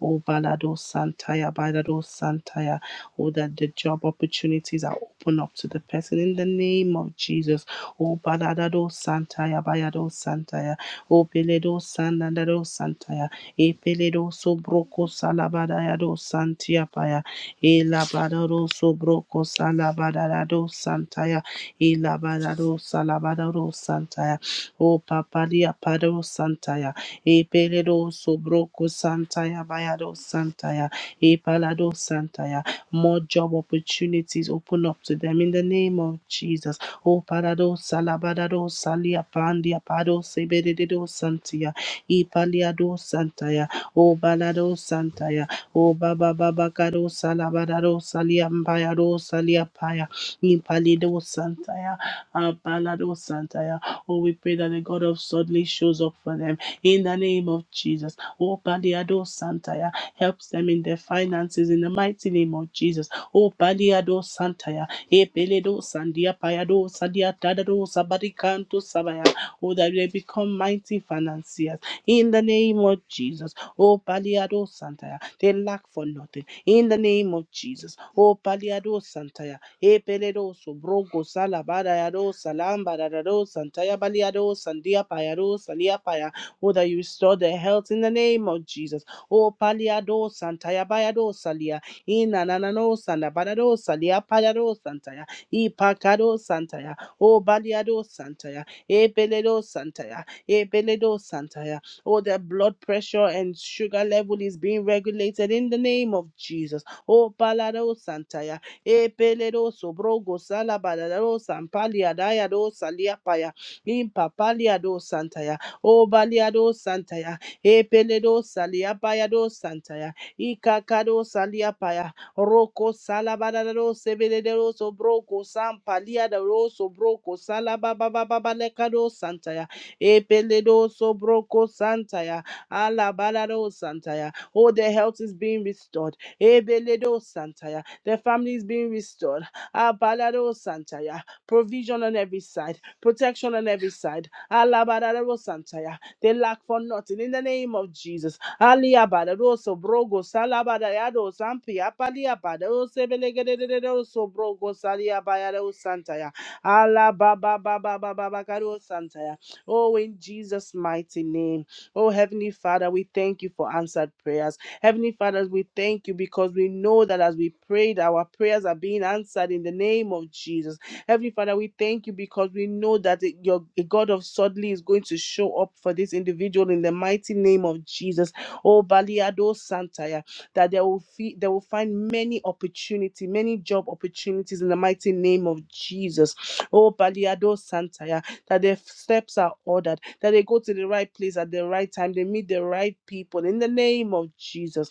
Speaker 2: Oh Balado Santaya, Balado Santaya or that the job opportunities are open up to the person in the name of Jesus. Oh, Baladado Santaya, Bayado Santaya, Oh, Peledo Sandado Santaya, E Peledo Sobroco Salabadayado Santia Paya, E Labadado Sobroco Salabadado Santaya, E Labadado Salabadado Santaya, Oh, Papadia Pado Santaya, E Peledo Sobroco Santaya, Bayado Santaya, E Palado Santaya. More job opportunities open up to them in the name of Jesus. Oh, parado salabadado salia pandia pado sebededo santia. Ipaliado santaya. Oh, balado santaya. Oh, baba babacado salabadado salia mpayado salia paya. Ipalido santaya. Ah, balado santaya. Oh, we pray that the God of suddenly shows up for them in the name of Jesus. Oh, Paliado Santa helps them in their finances in the mighty name of Jesus. Oh, Baliado Santaya, Ebeledo Sandia Payado Sadia Dadado Sabaricanto Sabaya. Oh, that they become mighty financiers in the name of Jesus. Oh, Baliado Santaya, they lack for nothing in the name of Jesus. Oh, Baliado Santaya, Ebeledo Sobrogo Salabarayado Salambarado Santaya Baliado Sandia Payado Salia Paya. Oh, that you restore their health in the name of Jesus. O paliado santaya bayado salia. Ina nanano sanda badado salia paliado santaya. I pakado santaya. O baliado santaya. E beledo santaya. E beledo santaya. Oh, the blood pressure and sugar level is being regulated in the name of Jesus. Oh, palado santaya. E peledo sobrogo sala badado sampalia dayado salia paya. In papaliado santaya. O baliado santaya. Epeledo saliapayado santaya. Ikakado saliapaya. Roko salabadado sebededo sobroko sampaliadaro sobroko salababababalekado santaya. Epeledo sobroko santaya. Alabadado santaya. Oh, their health is being restored. Ebeledo santaya. Their family is being restored. Abalado santaya. Provision on every side. Protection on every side. Alabadado santaya. They lack for nothing in the name of Jesus. Aliabada roso brogo salabada yado sampi apaliabada osebelegedede so brogo saliabaya santaya. Ala baba baba baba bakaro santaya. Oh, in Jesus' mighty name. Oh, Heavenly Father, we thank you for answered prayers. Heavenly Father, we thank you because we know that as we prayed, our prayers are being answered in the name of Jesus. Heavenly Father, we thank you because we know that it- your a God of suddenly is going to show up for this individual in the mighty name of Jesus. Oh, Baliado Santaya, that they will fee, they will find many opportunity, many job opportunities in the mighty name of Jesus. Oh, Baliado Santaya, that their steps are ordered, that they go to the right place at the right time, they meet the right people in the name of Jesus.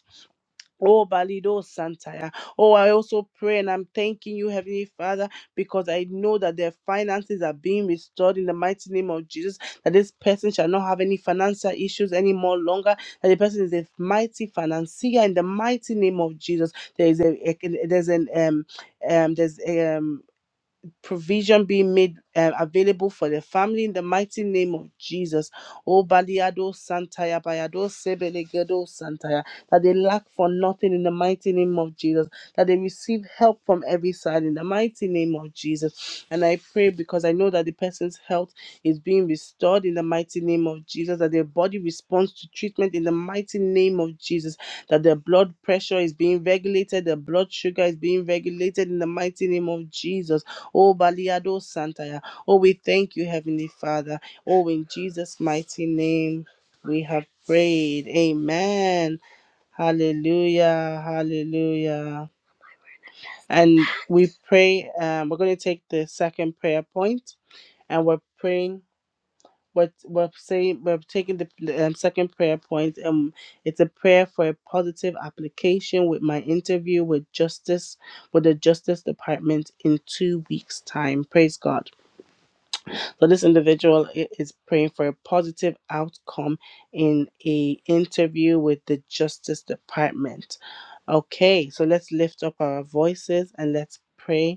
Speaker 2: Oh, Balido Santaya. Oh, I also pray and I'm thanking you, Heavenly Father, because I know that their finances are being restored in the mighty name of Jesus. That this person shall not have any financial issues anymore longer. That the person is a mighty financier in the mighty name of Jesus. There is a, a- there's an um um there's a, um provision being made uh, available for the family in the mighty name of Jesus. Oh, Baliado Santaya, Bayado Sebelegedo Santaya, that they lack for nothing in the mighty name of Jesus, that they receive help from every side in the mighty name of Jesus. And I pray because I know that the person's health is being restored in the mighty name of Jesus, that their body responds to treatment in the mighty name of Jesus, that their blood pressure is being regulated, their blood sugar is being regulated in the mighty name of Jesus Oh, Baliado Santaya. Oh, we thank you, Heavenly Father. Oh, in Jesus' mighty name we have prayed. Amen. Hallelujah. Hallelujah. And we pray, um, we're going to take the second prayer point and we're praying. What we're we're saying, we're taking the the, um, second prayer point. Um, it's a prayer for a positive application with my interview with justice, with the Justice Department in two weeks' time. Praise God. So this individual i- is praying for a positive outcome in a interview with the Justice Department. Okay, so let's lift up our voices and let's pray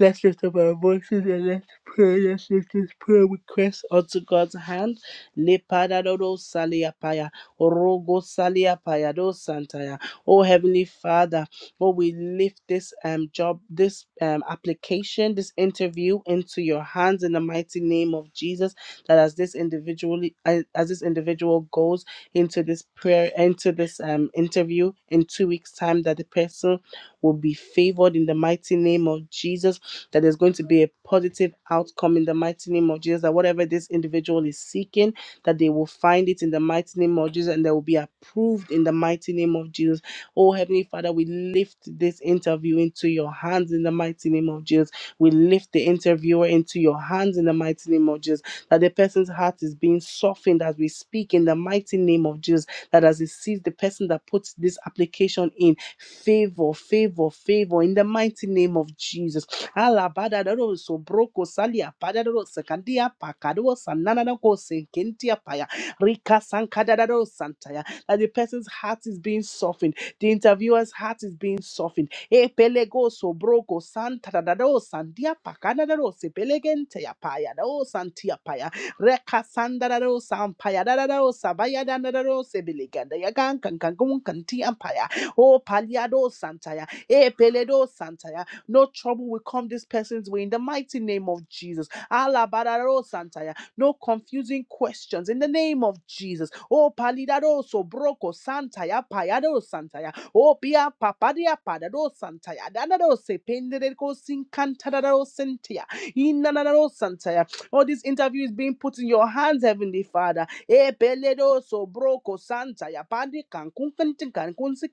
Speaker 2: Let's lift up our voices and let's pray. Let's lift this prayer request unto God's hand. Lepadadoro saliapaya, orogo saliapaya, do santaya. Oh Heavenly Father, oh we lift this um job, this um application, this interview into your hands in the mighty name of Jesus. That as this individually, as this individual goes into this prayer, into this um interview in two weeks' time, that the person will be favored in the mighty name of Jesus that there's going to be a positive outcome in the mighty name of Jesus, that whatever this individual is seeking, that they will find it in the mighty name of Jesus and they will be approved in the mighty name of Jesus. Oh, Heavenly Father, we lift this interview into your hands in the mighty name of Jesus. We lift the interviewer into your hands in the mighty name of Jesus. That the person's heart is being softened as we speak in the mighty name of Jesus. That as it sees the person that puts this application in, favor, favor, favor in the mighty name of Jesus Alabadaro so broko salia padaro sekandia pakado sanana na ko senkentia paya rika sankadaro santaya that the person's heart is being softened the interviewer's heart is being softened e pelego so broko santadaro sandia pakadaro se pelegente ya paya do santia paya reka sandaro sampaya dadaro sabaya dadaro se beleganda ya kan kan kantia paya o paliado santaya e peledo santaya no trouble will come this person's way in the mighty name of Jesus. Alabararo Santaya. No confusing questions in the name of Jesus. Oh, palidaro so broko Santaya, payado Santaya. Oh, pia papadia padado Santaya. Danado se pendereko sincantadaro Sentia. Inanaro Santaya. All this interview is being put in your hands, Heavenly Father. Eh, peledo so broko Santaya. Pandi kan kun kentin kan kun si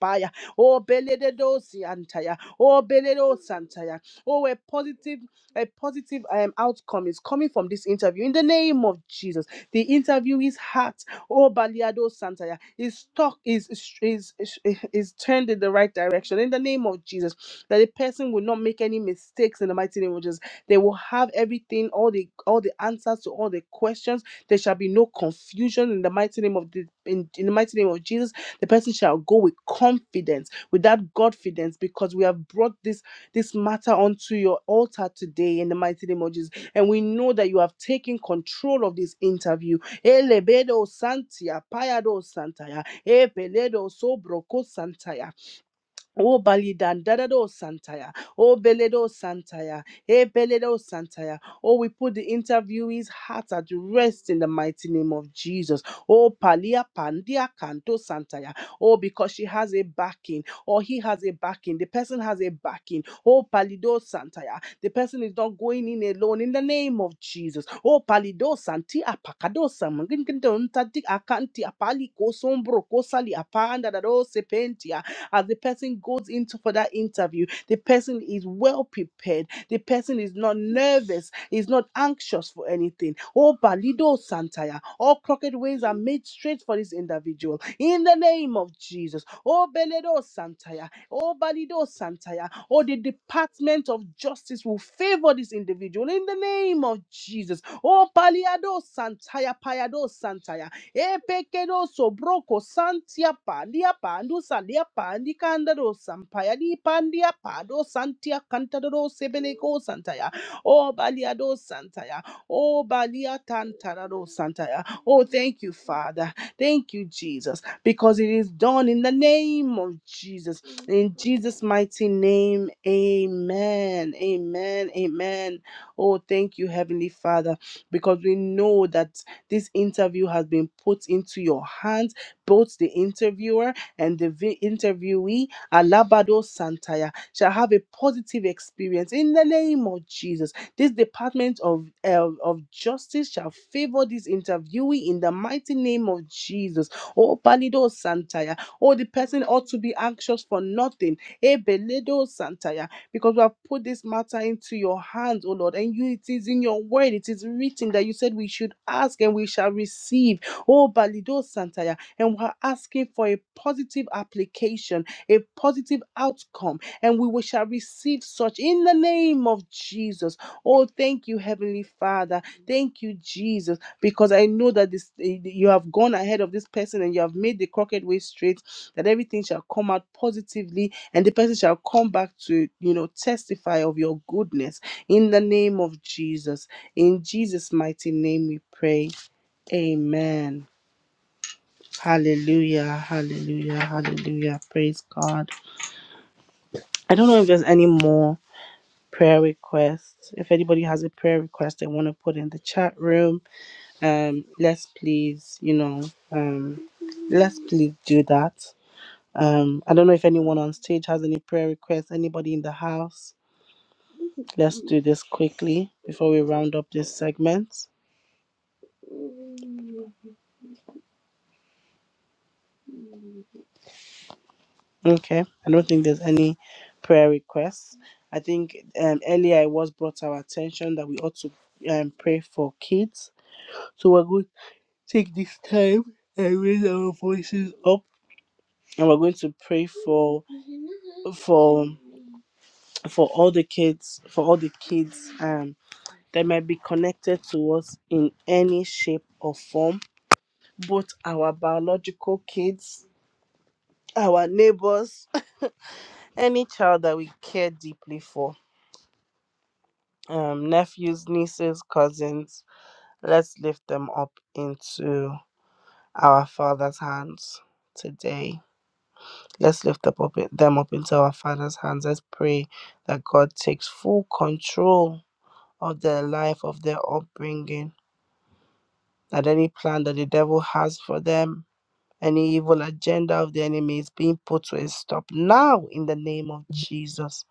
Speaker 2: paya. Oh, beledosi antaya. Oh, beledos antaya. Oh, a positive, a positive um, outcome is coming from this interview. In the name of Jesus, the interview is hot. Oh, baliado santaya. His stock is is is is turned in the right direction. In the name of Jesus, that the person will not make any mistakes in the mighty name of Jesus. They will have everything, all the all the answers to all the questions. There shall be no confusion in the mighty name of the in, in the mighty name of Jesus the person shall go with confidence, with that confidence, because we have brought this this matter onto your altar today in the mighty name of Jesus. And we know that you have taken control of this interview. Elebedo santia, payado santaya, epeledo sobro O Balidan, Dadado Santaya, O Beledo Santaya, E Beledo Santaya. Oh, we put the interviewee's heart at rest in the mighty name of Jesus. Oh, Palia Pandia Canto Santaya. Oh, because she has a backing, or he has a backing, the person has a backing. Oh, Palido Santaya, the person is not going in alone in the name of Jesus. Oh, Palido Santi Apacado Samangin Akanti Apali Kosombro Kosali Apanda Dado Sepentia. As the person goes into for that interview, the person is well prepared. The person is not nervous, is not anxious for anything. Oh, Balido Santaya, all crooked ways are made straight for this individual. In the name of Jesus. Oh, Beledo Santaya, oh, Balido Santaya, oh, the Department of Justice will favor this individual. In the name of Jesus. Oh, Paliado Santaya, Payado Santaya. Epekeroso broko santia pandia pandu salia pandi candado sampaya di pandia pado santia cantadoro sebeleco santaya. Oh baliado santaya. Oh balia tantarado santaya. Oh thank you, Father. Thank you, Jesus, because it is done in the name of Jesus. In Jesus' mighty name, amen. Amen. Amen. Oh, thank you, Heavenly Father, because we know that. This interview has been put into your hands, both the interviewer and the vi- interviewee, Alabado Santaya, shall have a positive experience in the name of Jesus. This Department of, uh, of Justice shall favor this interviewee in the mighty name of Jesus. Oh, Palido Santaya. Oh, the person ought to be anxious for nothing. Ebeledo Santaya because we have put this matter into your hands, O Lord. And you, it is in your word, it is written that you said we should ask and we shall receive. Oh, Balido Santaya. And we're asking for a positive application, a positive outcome, and we will- shall receive such in the name of Jesus. Oh, thank you, Heavenly Father. Thank you, Jesus, because I know that this you have gone ahead of this person and you have made the crooked way straight, that everything shall come out positively and the person shall come back to you know testify of your goodness in the name of jesus in jesus mighty name we pray amen hallelujah hallelujah hallelujah praise god i don't know if there's any more prayer requests if anybody has a prayer request they want to put in the chat room um let's please you know um let's please do that um i don't know if anyone on stage has any prayer requests anybody in the house Let's do this quickly before we round up this segment. Okay, I don't think there's any prayer requests. I think um, earlier it was brought to our attention that we ought to um, pray for kids. So we're going to take this time and raise our voices up, and we're going to pray for for for all the kids, for all the kids um, that might be connected to us in any shape or form both our biological kids, our neighbors, [laughs] any child that we care deeply for. Um, nephews, nieces, cousins, let's lift them up into our Father's hands today. Let's lift up, up them up into our Father's hands. Let's pray that God takes full control of their life, of their upbringing, that any plan that the devil has for them Any evil agenda of the enemy is being put to a stop now in the name of Jesus.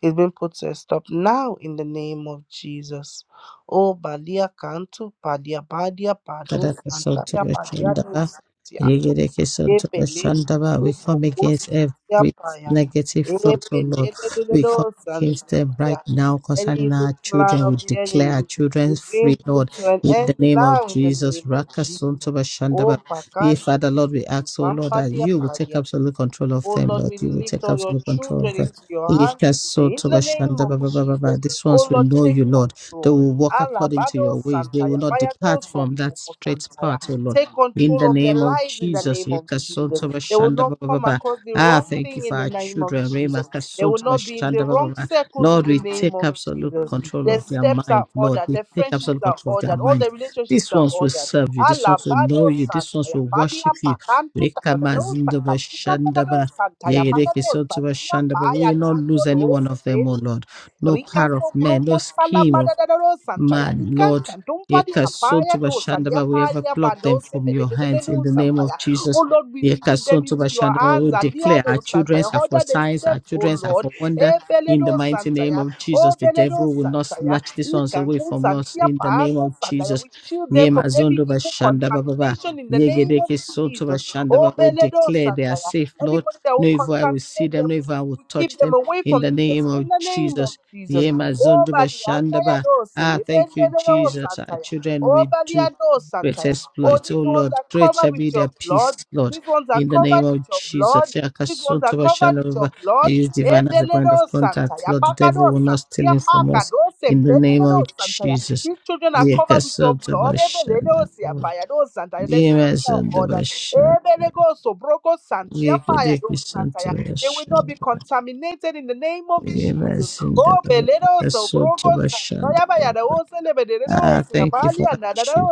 Speaker 2: It's being put to a stop now in the name of Jesus. Oh, Balia Cantu, Badia Badia Bado,
Speaker 4: Kadaka Santo
Speaker 2: Santaya
Speaker 4: Bashandaba,
Speaker 2: Badia
Speaker 4: Yegereke Santo
Speaker 2: Epelele
Speaker 4: Bashandaba.
Speaker 2: do
Speaker 4: We come
Speaker 2: Boko
Speaker 4: against
Speaker 2: Santia
Speaker 4: every
Speaker 2: Paya.
Speaker 4: negative thought, oh Lord.
Speaker 2: Epelele do do
Speaker 4: We come
Speaker 2: do
Speaker 4: against
Speaker 2: Santia
Speaker 4: them right
Speaker 2: Paya.
Speaker 4: now
Speaker 2: Any
Speaker 4: concerning
Speaker 2: evil
Speaker 4: our
Speaker 2: plan
Speaker 4: children. We
Speaker 2: of the
Speaker 4: declare
Speaker 2: enemy
Speaker 4: our children
Speaker 2: is being
Speaker 4: free,
Speaker 2: put
Speaker 4: Lord,
Speaker 2: to an
Speaker 4: in
Speaker 2: end
Speaker 4: the name of
Speaker 2: now in the
Speaker 4: Jesus.
Speaker 2: name of
Speaker 4: Raka
Speaker 2: Jesus.
Speaker 4: Santo
Speaker 2: Oh,
Speaker 4: Bashandaba. Ye
Speaker 2: Bacanto
Speaker 4: Father,
Speaker 2: to
Speaker 4: Lord, we ask, oh Lord,
Speaker 2: Bampa
Speaker 4: that you will take
Speaker 2: dia
Speaker 4: absolute control of
Speaker 2: Oh
Speaker 4: them,
Speaker 2: Lord,
Speaker 4: Lord.
Speaker 2: we
Speaker 4: You will
Speaker 2: lift
Speaker 4: take
Speaker 2: all your
Speaker 4: absolute control of
Speaker 2: children
Speaker 4: them.
Speaker 2: into your hands
Speaker 4: Yeka
Speaker 2: today in
Speaker 4: Santo
Speaker 2: the name of Jesus.
Speaker 4: Bashandaba. This
Speaker 2: Oh
Speaker 4: ones will
Speaker 2: Lord,
Speaker 4: know
Speaker 2: take
Speaker 4: you, Lord. They
Speaker 2: control.
Speaker 4: will walk according to
Speaker 2: Alabado
Speaker 4: your ways. They
Speaker 2: Santaya,
Speaker 4: will not
Speaker 2: Bayago
Speaker 4: depart from that
Speaker 2: Sobroko
Speaker 4: straight
Speaker 2: Santaya.
Speaker 4: path, O Lord.
Speaker 2: Take
Speaker 4: In the
Speaker 2: control of their
Speaker 4: name of
Speaker 2: lives in the
Speaker 4: Jesus.
Speaker 2: name of Jesus.
Speaker 4: Yekasonto
Speaker 2: They will
Speaker 4: bashanda ba
Speaker 2: not
Speaker 4: ba ba
Speaker 2: come
Speaker 4: ba.
Speaker 2: across the
Speaker 4: Ah,
Speaker 2: wrong
Speaker 4: thank you
Speaker 2: thing
Speaker 4: for
Speaker 2: in the
Speaker 4: our
Speaker 2: name of
Speaker 4: children. Rema
Speaker 2: Jesus. They will
Speaker 4: kasonto
Speaker 2: not be in the
Speaker 4: bashanda ba ba
Speaker 2: wrong
Speaker 4: ba.
Speaker 2: circles in
Speaker 4: Lord,
Speaker 2: the
Speaker 4: we
Speaker 2: name
Speaker 4: take
Speaker 2: of
Speaker 4: absolute
Speaker 2: Jesus.
Speaker 4: control
Speaker 2: Their
Speaker 4: of their
Speaker 2: steps are
Speaker 4: mind. Lord,
Speaker 2: ordered,
Speaker 4: we
Speaker 2: their
Speaker 4: take
Speaker 2: friendships
Speaker 4: absolute
Speaker 2: are
Speaker 4: control of their
Speaker 2: ordered, all
Speaker 4: mind.
Speaker 2: their relationships
Speaker 4: These
Speaker 2: are
Speaker 4: ones will
Speaker 2: ordered.
Speaker 4: serve you. These ones will know
Speaker 2: Alabado
Speaker 4: you. These ones
Speaker 2: Santaya
Speaker 4: will worship
Speaker 2: Balia
Speaker 4: you.
Speaker 2: Pacantu Tadado
Speaker 4: Rekamazindo
Speaker 2: Sancantica
Speaker 4: bashanda
Speaker 2: Tadado
Speaker 4: ba.
Speaker 2: Santaya
Speaker 4: Yegereke
Speaker 2: Payado
Speaker 4: sonto
Speaker 2: Santia
Speaker 4: bashanda ba. We
Speaker 2: Paya
Speaker 4: will not
Speaker 2: Dando
Speaker 4: lose any one
Speaker 2: dos
Speaker 4: of them, O Lord no
Speaker 2: Rika
Speaker 4: power of
Speaker 2: so
Speaker 4: men, no
Speaker 2: broko sala
Speaker 4: scheme of
Speaker 2: bada da da ro santa ya
Speaker 4: Man,
Speaker 2: dikan
Speaker 4: Lord,
Speaker 2: kantumpa di apaya do salia
Speaker 4: Yekasotobashandaba, we ever
Speaker 2: paya
Speaker 4: pluck them
Speaker 2: bado se
Speaker 4: from
Speaker 2: pe de
Speaker 4: your
Speaker 2: de de de
Speaker 4: hands in
Speaker 2: do
Speaker 4: the name
Speaker 2: santa
Speaker 4: of
Speaker 2: ya. Oh
Speaker 4: Jesus.
Speaker 2: Lord, we put them into your
Speaker 4: Yekasotobashandaba, we
Speaker 2: hands. Alia
Speaker 4: declare
Speaker 2: do
Speaker 4: our
Speaker 2: santa
Speaker 4: children
Speaker 2: ya.
Speaker 4: are for
Speaker 2: Order they
Speaker 4: signs, our
Speaker 2: step? oh
Speaker 4: children are
Speaker 2: Lord.
Speaker 4: for wonder.
Speaker 2: E bele
Speaker 4: In the
Speaker 2: do
Speaker 4: mighty
Speaker 2: santa
Speaker 4: name
Speaker 2: ya.
Speaker 4: of Jesus,
Speaker 2: Oh
Speaker 4: the
Speaker 2: bele do
Speaker 4: devil will not
Speaker 2: santa ya.
Speaker 4: snatch these ones
Speaker 2: Ikan
Speaker 4: away
Speaker 2: kun
Speaker 4: from us.
Speaker 2: santia
Speaker 4: In the name
Speaker 2: pando
Speaker 4: of
Speaker 2: santa ya.
Speaker 4: Jesus,
Speaker 2: We shield them from every evil
Speaker 4: Yemazondobashandaba, Baba,
Speaker 2: contamination in the name of Jesus. Oh
Speaker 4: Yegedekesotobashandaba, we
Speaker 2: bele do
Speaker 4: declare they are
Speaker 2: santa ya.
Speaker 4: safe, Lord.
Speaker 2: Anybody that will
Speaker 4: No evil I will see
Speaker 2: contaminate them
Speaker 4: them, no evil I will
Speaker 2: we
Speaker 4: touch
Speaker 2: keep them
Speaker 4: them.
Speaker 2: away
Speaker 4: In
Speaker 2: from
Speaker 4: the
Speaker 2: the
Speaker 4: name
Speaker 2: person
Speaker 4: of
Speaker 2: in the name of
Speaker 4: Jesus,
Speaker 2: Jesus. Oh, Bali,
Speaker 4: Yemazondobashandaba.
Speaker 2: Andaya Dose,
Speaker 4: Ah, thank you,
Speaker 2: Lebendero
Speaker 4: Jesus. Our
Speaker 2: Santaya.
Speaker 4: children
Speaker 2: Oh,
Speaker 4: will do
Speaker 2: Balia Dose,
Speaker 4: great
Speaker 2: Santaya. Oh,
Speaker 4: exploits.
Speaker 2: these
Speaker 4: Oh
Speaker 2: ones
Speaker 4: Lord,
Speaker 2: are
Speaker 4: great
Speaker 2: covered
Speaker 4: shall
Speaker 2: with
Speaker 4: be their
Speaker 2: your
Speaker 4: peace,
Speaker 2: blood.
Speaker 4: Lord.
Speaker 2: These ones are
Speaker 4: In the name
Speaker 2: covered with
Speaker 4: of
Speaker 2: your blood.
Speaker 4: Jesus.
Speaker 2: These ones are covered with your
Speaker 4: Yakasotobashanababa. I
Speaker 2: blood.
Speaker 4: use divine as a point of
Speaker 2: Ebeledo
Speaker 4: contact,
Speaker 2: Santaya.
Speaker 4: Lord. The
Speaker 2: Pakado
Speaker 4: devil will not steal
Speaker 2: Santia
Speaker 4: him from us.
Speaker 2: Pakado
Speaker 4: In the name
Speaker 2: Sempenedo
Speaker 4: of
Speaker 2: Santaya.
Speaker 4: Jesus.
Speaker 2: These children are covered with your blood. Ebeledo
Speaker 4: Yakasotobashanababa.
Speaker 2: Siabayado Santaya. The steps are ordered.
Speaker 4: Yemasondobashan-
Speaker 2: Ebelego Sobroko Santia Payado Santaya. They will not be
Speaker 4: Yekedekisantobashan-
Speaker 2: contaminated in the name of Jesus. Oh,
Speaker 4: Yemasindababa.
Speaker 2: beledo so brogo santaya baya da
Speaker 4: Yakasotobashanababa.
Speaker 2: ose lebedede
Speaker 4: Ah,
Speaker 2: ose ya
Speaker 4: thank you
Speaker 2: bali
Speaker 4: for our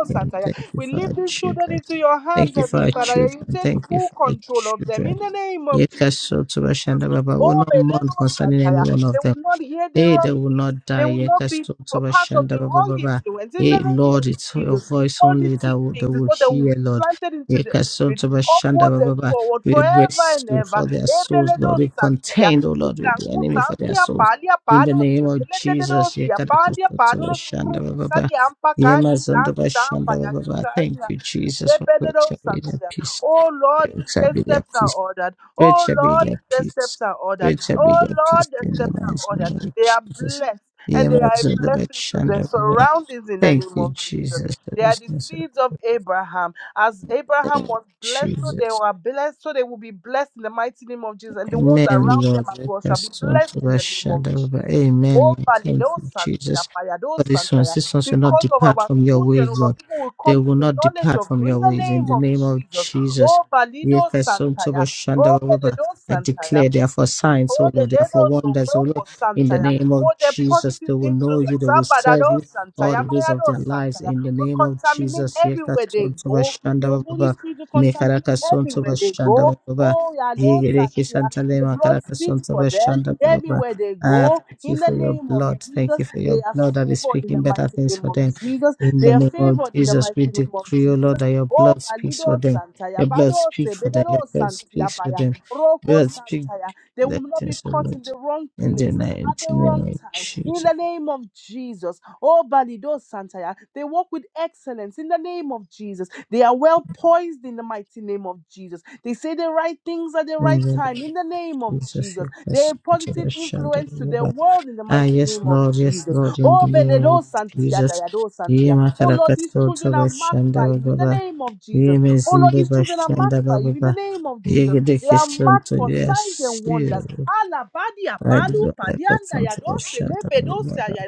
Speaker 2: ose santaya.
Speaker 4: Thank you
Speaker 2: We
Speaker 4: for
Speaker 2: leave
Speaker 4: our
Speaker 2: these children
Speaker 4: children.
Speaker 2: into your
Speaker 4: Thank
Speaker 2: hands,
Speaker 4: you for
Speaker 2: Heavenly
Speaker 4: our
Speaker 2: Father. You
Speaker 4: children.
Speaker 2: take
Speaker 4: Thank you
Speaker 2: full
Speaker 4: for our
Speaker 2: control of them in
Speaker 4: children.
Speaker 2: the name of Jesus.
Speaker 4: Yeka soto bashanda
Speaker 2: Jesus.
Speaker 4: baba. we will
Speaker 2: Oh,
Speaker 4: not mourn
Speaker 2: Belero
Speaker 4: concerning any
Speaker 2: Santaya.
Speaker 4: one
Speaker 2: They
Speaker 4: of them.
Speaker 2: will not hear the
Speaker 4: Hey, they
Speaker 2: wrong
Speaker 4: will
Speaker 2: things.
Speaker 4: not
Speaker 2: They
Speaker 4: die.
Speaker 2: will not be a
Speaker 4: Yekasotaba
Speaker 2: part of the
Speaker 4: ba ba
Speaker 2: wrong
Speaker 4: ba ba.
Speaker 2: influence. In
Speaker 4: Hey,
Speaker 2: the name
Speaker 4: Lord,
Speaker 2: of
Speaker 4: it's your
Speaker 2: Jesus,
Speaker 4: voice only
Speaker 2: positive
Speaker 4: that will, they
Speaker 2: things is
Speaker 4: will
Speaker 2: what they will
Speaker 4: hear,
Speaker 2: be
Speaker 4: Lord.
Speaker 2: planted into the spirit,
Speaker 4: Yekasotaba shanda
Speaker 2: upwards
Speaker 4: ba
Speaker 2: and
Speaker 4: ba ba.
Speaker 2: forward,
Speaker 4: We
Speaker 2: forever and
Speaker 4: wrestle
Speaker 2: ever.
Speaker 4: for their souls, Lord.
Speaker 2: Ebeledo
Speaker 4: We
Speaker 2: Santia.
Speaker 4: contend, oh Lord, with the
Speaker 2: Ikanku
Speaker 4: enemy for their
Speaker 2: Santia
Speaker 4: souls.
Speaker 2: Palia
Speaker 4: In the
Speaker 2: Pado
Speaker 4: name of
Speaker 2: Sepelededo
Speaker 4: Jesus,
Speaker 2: Sia Pandia Pado
Speaker 4: Yekasotaba
Speaker 2: Sudruku
Speaker 4: shanda ba ba ba.
Speaker 2: Sandia Ampa Kanti Tantu
Speaker 4: Yemazondaba shanda ba ba ba. Thank
Speaker 2: Tampa
Speaker 4: you, Jesus, for great shall be their
Speaker 2: Rebededosantia.
Speaker 4: peace.
Speaker 2: Oh Lord,
Speaker 4: Great shall
Speaker 2: the
Speaker 4: be their
Speaker 2: steps are
Speaker 4: peace.
Speaker 2: ordered.
Speaker 4: Great
Speaker 2: Oh
Speaker 4: shall be
Speaker 2: Lord,
Speaker 4: their
Speaker 2: the
Speaker 4: peace.
Speaker 2: steps are ordered.
Speaker 4: Great shall be
Speaker 2: Oh
Speaker 4: their
Speaker 2: Lord,
Speaker 4: peace
Speaker 2: the
Speaker 4: in the
Speaker 2: steps are
Speaker 4: mighty
Speaker 2: ordered.
Speaker 4: name of
Speaker 2: They are
Speaker 4: Jesus.
Speaker 2: blessed
Speaker 4: The
Speaker 2: and they are
Speaker 4: Amazon,
Speaker 2: a
Speaker 4: the
Speaker 2: blessing to their
Speaker 4: Bachanda,
Speaker 2: surroundings in the
Speaker 4: Thank
Speaker 2: name
Speaker 4: you,
Speaker 2: of Jesus.
Speaker 4: Jesus, for
Speaker 2: They are
Speaker 4: this
Speaker 2: the
Speaker 4: message.
Speaker 2: seeds of Abraham. As Abraham
Speaker 4: Thank you,
Speaker 2: was blessed, so
Speaker 4: Jesus.
Speaker 2: they were blessed, so they will be blessed in the mighty name of Jesus. And the ones
Speaker 4: Amen,
Speaker 2: around them
Speaker 4: Lord.
Speaker 2: as well
Speaker 4: Let
Speaker 2: shall
Speaker 4: us
Speaker 2: be
Speaker 4: turn
Speaker 2: blessed
Speaker 4: to
Speaker 2: in
Speaker 4: thy
Speaker 2: the name of
Speaker 4: shadow of
Speaker 2: Jesus.
Speaker 4: Amen.
Speaker 2: Oh,
Speaker 4: Thank
Speaker 2: Palido
Speaker 4: you, Jesus. For these
Speaker 2: Santia,
Speaker 4: ones, these ones will not
Speaker 2: because of
Speaker 4: depart
Speaker 2: our
Speaker 4: from your
Speaker 2: children, oh
Speaker 4: ways, Lord.
Speaker 2: Lord, people will
Speaker 4: They
Speaker 2: come to
Speaker 4: will
Speaker 2: the
Speaker 4: not
Speaker 2: knowledge
Speaker 4: depart
Speaker 2: of
Speaker 4: from
Speaker 2: you in
Speaker 4: your
Speaker 2: the
Speaker 4: ways. In
Speaker 2: name
Speaker 4: the
Speaker 2: of
Speaker 4: name of
Speaker 2: Jesus.
Speaker 4: Jesus.
Speaker 2: Oh, Balido
Speaker 4: Let us turn to thy
Speaker 2: Santaya.
Speaker 4: shadow
Speaker 2: Oh,
Speaker 4: of thy-
Speaker 2: Beledo
Speaker 4: I
Speaker 2: Santaya.
Speaker 4: declare they are for signs, O Lord. They are for
Speaker 2: Obeledo
Speaker 4: wonders, O Lord.
Speaker 2: Sobroko
Speaker 4: In the
Speaker 2: Santaya.
Speaker 4: name
Speaker 2: Oh,
Speaker 4: of
Speaker 2: the
Speaker 4: Jesus, they
Speaker 2: positive
Speaker 4: will know you. They
Speaker 2: influence.
Speaker 4: will serve
Speaker 2: Abadado
Speaker 4: you all the
Speaker 2: Santaya.
Speaker 4: days of
Speaker 2: Bayado
Speaker 4: their lives.
Speaker 2: Santaya.
Speaker 4: In the
Speaker 2: Will
Speaker 4: name of
Speaker 2: contaminate
Speaker 4: Jesus. Let us
Speaker 2: everywhere they
Speaker 4: turn to thy
Speaker 2: go. Your
Speaker 4: shadow of
Speaker 2: Holy
Speaker 4: thy-
Speaker 2: Spirit will
Speaker 4: Make
Speaker 2: contaminate
Speaker 4: us unto
Speaker 2: everywhere
Speaker 4: thy
Speaker 2: they go. Oh, Yado
Speaker 4: Yigereke
Speaker 2: santia.
Speaker 4: shantale
Speaker 2: The blood
Speaker 4: makaraka
Speaker 2: speaks for
Speaker 4: sontaba
Speaker 2: them
Speaker 4: shanda ba ba ba.
Speaker 2: everywhere they
Speaker 4: Ah,
Speaker 2: go.
Speaker 4: thank you
Speaker 2: In the
Speaker 4: for your
Speaker 2: name of
Speaker 4: blood. Thank
Speaker 2: Jesus,
Speaker 4: you for
Speaker 2: they
Speaker 4: your
Speaker 2: are
Speaker 4: blood that is
Speaker 2: favored in the
Speaker 4: speaking better
Speaker 2: mighty
Speaker 4: things
Speaker 2: name
Speaker 4: for
Speaker 2: of
Speaker 4: them.
Speaker 2: Jesus.
Speaker 4: In
Speaker 2: They
Speaker 4: the
Speaker 2: are
Speaker 4: name of
Speaker 2: favored in the
Speaker 4: Jesus, we
Speaker 2: mighty name of
Speaker 4: decree, O Lord,
Speaker 2: Jesus.
Speaker 4: that your
Speaker 2: Oh,
Speaker 4: blood speaks for
Speaker 2: Balido
Speaker 4: them.
Speaker 2: Santaya.
Speaker 4: Your blood
Speaker 2: Bado
Speaker 4: speaks for them. Your
Speaker 2: Sebedero
Speaker 4: blood
Speaker 2: santia,
Speaker 4: speaks for
Speaker 2: Baya.
Speaker 4: them.
Speaker 2: Roko
Speaker 4: Blood speak
Speaker 2: Santaya. They will not be
Speaker 4: blessings, O
Speaker 2: caught in
Speaker 4: Lord.
Speaker 2: the wrong
Speaker 4: In the
Speaker 2: place at the
Speaker 4: mighty
Speaker 2: wrong
Speaker 4: name of
Speaker 2: time. In
Speaker 4: Jesus.
Speaker 2: the name of Jesus. Oh, Balido Santaya. They walk with excellence in the name of Jesus. They are well poised in the mighty name of Jesus. They say the right things at the
Speaker 4: In
Speaker 2: right
Speaker 4: the name
Speaker 2: time in the name of
Speaker 4: of Jesus,
Speaker 2: Jesus.
Speaker 4: your
Speaker 2: They're a positive
Speaker 4: blessing to
Speaker 2: influence to the
Speaker 4: the
Speaker 2: world in the
Speaker 4: Ah,
Speaker 2: mighty
Speaker 4: yes,
Speaker 2: name of
Speaker 4: Lord, yes,
Speaker 2: Jesus.
Speaker 4: Lord, in the
Speaker 2: Oh,
Speaker 4: name of
Speaker 2: Beledo Santia,
Speaker 4: Jesus.
Speaker 2: Dayado
Speaker 4: Ye
Speaker 2: Santia. Oh, Lord, these
Speaker 4: makarakato to
Speaker 2: children are marked
Speaker 4: bashanda
Speaker 2: by you in the
Speaker 4: bababa.
Speaker 2: name of
Speaker 4: Ye
Speaker 2: Jesus. Oh, Lord,
Speaker 4: mezinde
Speaker 2: these children are
Speaker 4: bashanda
Speaker 2: marked by you in the
Speaker 4: bababa.
Speaker 2: name of
Speaker 4: Ye
Speaker 2: Jesus. They are
Speaker 4: gedekeson
Speaker 2: marked
Speaker 4: to
Speaker 2: for signs
Speaker 4: yes,
Speaker 2: and wonders.
Speaker 4: you.
Speaker 2: Alabadi
Speaker 4: I do
Speaker 2: apalu
Speaker 4: not like that
Speaker 2: palianda
Speaker 4: from to
Speaker 2: yadose
Speaker 4: bashanda
Speaker 2: lebedosa
Speaker 4: bababa.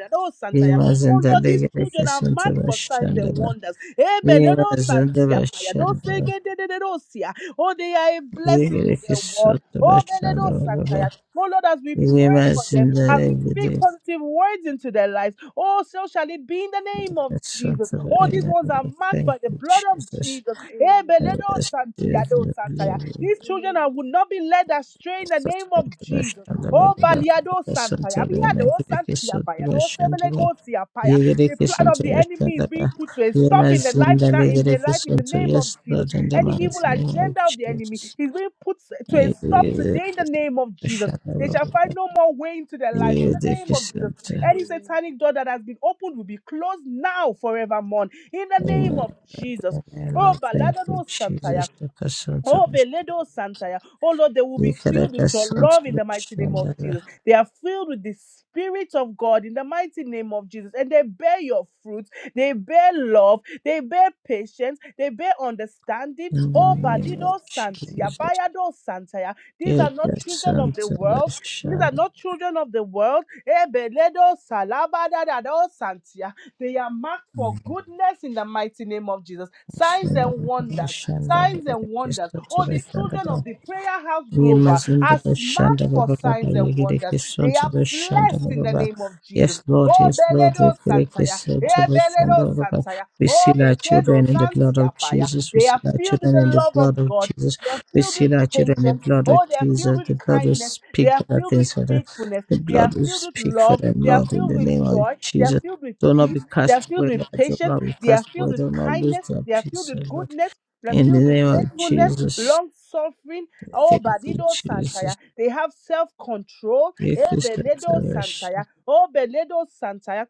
Speaker 4: Ye
Speaker 2: Oh
Speaker 4: mazinde
Speaker 2: Lord, these children are
Speaker 4: legedekeson to
Speaker 2: marked for signs and
Speaker 4: bashanda bababa.
Speaker 2: wonders.
Speaker 4: Ye mazinde
Speaker 2: Ebeledosantia
Speaker 4: bashanda
Speaker 2: payadose
Speaker 4: bababa.
Speaker 2: gedededosia. Oh, they are a
Speaker 4: Ye
Speaker 2: blessing to their world.
Speaker 4: gedekeson to
Speaker 2: Oh,
Speaker 4: bashanda
Speaker 2: Beledo Santaya.
Speaker 4: bababa.
Speaker 2: Oh, Lord, as we
Speaker 4: Ye
Speaker 2: pray for them,
Speaker 4: mazinde
Speaker 2: as we
Speaker 4: legedekeson
Speaker 2: speak positive words into their lives, oh, so shall it be in the name of Jesus.
Speaker 4: to
Speaker 2: Oh, these
Speaker 4: bashanda
Speaker 2: ones are
Speaker 4: bababa.
Speaker 2: marked
Speaker 4: Thank
Speaker 2: by the
Speaker 4: you,
Speaker 2: blood of
Speaker 4: Jesus.
Speaker 2: Jesus. Eh, Beledo
Speaker 4: Yes, yes,
Speaker 2: Santaya, Do
Speaker 4: the
Speaker 2: Santaya.
Speaker 4: glory.
Speaker 2: These children are, will not be led astray in the name
Speaker 4: First
Speaker 2: of
Speaker 4: the best
Speaker 2: Jesus.
Speaker 4: and the very
Speaker 2: Oh,
Speaker 4: best of the
Speaker 2: Baliado
Speaker 4: present
Speaker 2: Santaya.
Speaker 4: of the
Speaker 2: Biado
Speaker 4: Megrickis
Speaker 2: Santia
Speaker 4: of the
Speaker 2: Paya. Do
Speaker 4: best and the
Speaker 2: Sebelego Siapaya. The
Speaker 4: Yegrikis
Speaker 2: plan
Speaker 4: and
Speaker 2: of
Speaker 4: the
Speaker 2: the
Speaker 4: best and
Speaker 2: enemy is being
Speaker 4: the
Speaker 2: put to a stop in the life now, in the life, in the name of
Speaker 4: yes,
Speaker 2: Jesus.
Speaker 4: Lord, in the
Speaker 2: Any evil
Speaker 4: man's name of
Speaker 2: agenda of the enemy
Speaker 4: Jesus.
Speaker 2: is being put to a stop
Speaker 4: Yegrikis
Speaker 2: today in the name of Jesus. They
Speaker 4: and
Speaker 2: shall find no more way into their lives in the
Speaker 4: the
Speaker 2: name of Jesus.
Speaker 4: Christian.
Speaker 2: Any satanic door that has been opened will be closed now forevermore in the name of
Speaker 4: Amen.
Speaker 2: Jesus.
Speaker 4: Amen,
Speaker 2: Oh,
Speaker 4: Lord, thank you,
Speaker 2: Baladado Santaya.
Speaker 4: Jesus, the person to the
Speaker 2: Oh, Beledo Santaya. Oh, Lord, they will
Speaker 4: Yegrikis
Speaker 2: be filled with your
Speaker 4: and
Speaker 2: love in
Speaker 4: the
Speaker 2: the mighty
Speaker 4: best
Speaker 2: name
Speaker 4: and
Speaker 2: of
Speaker 4: the
Speaker 2: Jesus. They are filled with the Spirit of God in the mighty name of Jesus. And they bear your fruits. They bear love. They bear patience. They bear understanding.
Speaker 4: in the
Speaker 2: Oh,
Speaker 4: name of
Speaker 2: Balido Santia.
Speaker 4: Jesus.
Speaker 2: Bayado Santaya. These are not children of the world. These
Speaker 4: Yekesantebeshan,
Speaker 2: are not children of the world. Eh, Beledo Salabadadado Santia. They are marked for goodness in the mighty name of Jesus. Signs and wonders,
Speaker 4: Shandabalashandali,
Speaker 2: signs and wonders. Oh, the children
Speaker 4: Yestotobestandabe,
Speaker 2: of the prayer house global
Speaker 4: Yemazindo
Speaker 2: are marked
Speaker 4: Bashanda
Speaker 2: for
Speaker 4: Baba Baba
Speaker 2: signs and wonders.
Speaker 4: Yegerekeson
Speaker 2: They
Speaker 4: to
Speaker 2: are
Speaker 4: Bashanda
Speaker 2: blessed in
Speaker 4: Baba
Speaker 2: the
Speaker 4: Baba.
Speaker 2: name of Jesus.
Speaker 4: Yes, Lord,
Speaker 2: Oh,
Speaker 4: yes, Lord,
Speaker 2: Beledo Santaya,
Speaker 4: Yegerekeson to
Speaker 2: eh,
Speaker 4: Bashanda
Speaker 2: Beledo
Speaker 4: Baba Baba.
Speaker 2: Santaya,
Speaker 4: We
Speaker 2: oh,
Speaker 4: seal our
Speaker 2: Bekedo
Speaker 4: children in the blood
Speaker 2: Santia
Speaker 4: of
Speaker 2: Paya.
Speaker 4: Jesus. We
Speaker 2: They
Speaker 4: seal
Speaker 2: are
Speaker 4: our
Speaker 2: filled with
Speaker 4: children in
Speaker 2: the
Speaker 4: the
Speaker 2: love of
Speaker 4: blood of
Speaker 2: God.
Speaker 4: Jesus.
Speaker 2: They are
Speaker 4: We
Speaker 2: filled with
Speaker 4: seal our children in the
Speaker 2: patience.
Speaker 4: blood of
Speaker 2: Oh, they are filled
Speaker 4: Jesus.
Speaker 2: with
Speaker 4: The blood will
Speaker 2: kindness. They
Speaker 4: speak
Speaker 2: are
Speaker 4: better
Speaker 2: filled with
Speaker 4: things for them.
Speaker 2: faithfulness.
Speaker 4: The
Speaker 2: They are
Speaker 4: blood will
Speaker 2: filled with
Speaker 4: speak for
Speaker 2: love.
Speaker 4: them,
Speaker 2: They are
Speaker 4: Lord, in
Speaker 2: filled
Speaker 4: the
Speaker 2: with
Speaker 4: name of
Speaker 2: joy. They are
Speaker 4: Jesus.
Speaker 2: filled with
Speaker 4: Do not
Speaker 2: peace.
Speaker 4: be
Speaker 2: They are
Speaker 4: cast
Speaker 2: filled
Speaker 4: away,
Speaker 2: with
Speaker 4: Lord. Do
Speaker 2: patience.
Speaker 4: not be
Speaker 2: They are
Speaker 4: cast
Speaker 2: filled
Speaker 4: away.
Speaker 2: with
Speaker 4: Do not lose
Speaker 2: kindness.
Speaker 4: their
Speaker 2: They are filled
Speaker 4: peace, O
Speaker 2: with
Speaker 4: Lord.
Speaker 2: goodness. They are
Speaker 4: In the
Speaker 2: filled with
Speaker 4: name of
Speaker 2: faithfulness,
Speaker 4: Jesus.
Speaker 2: long suffering. Oh,
Speaker 4: Thank you,
Speaker 2: Badido
Speaker 4: Jesus.
Speaker 2: Santaya. They have self control. Eh, Beledo
Speaker 4: Yekishantarash,
Speaker 2: Santaya. Oh, Beledo Santaya.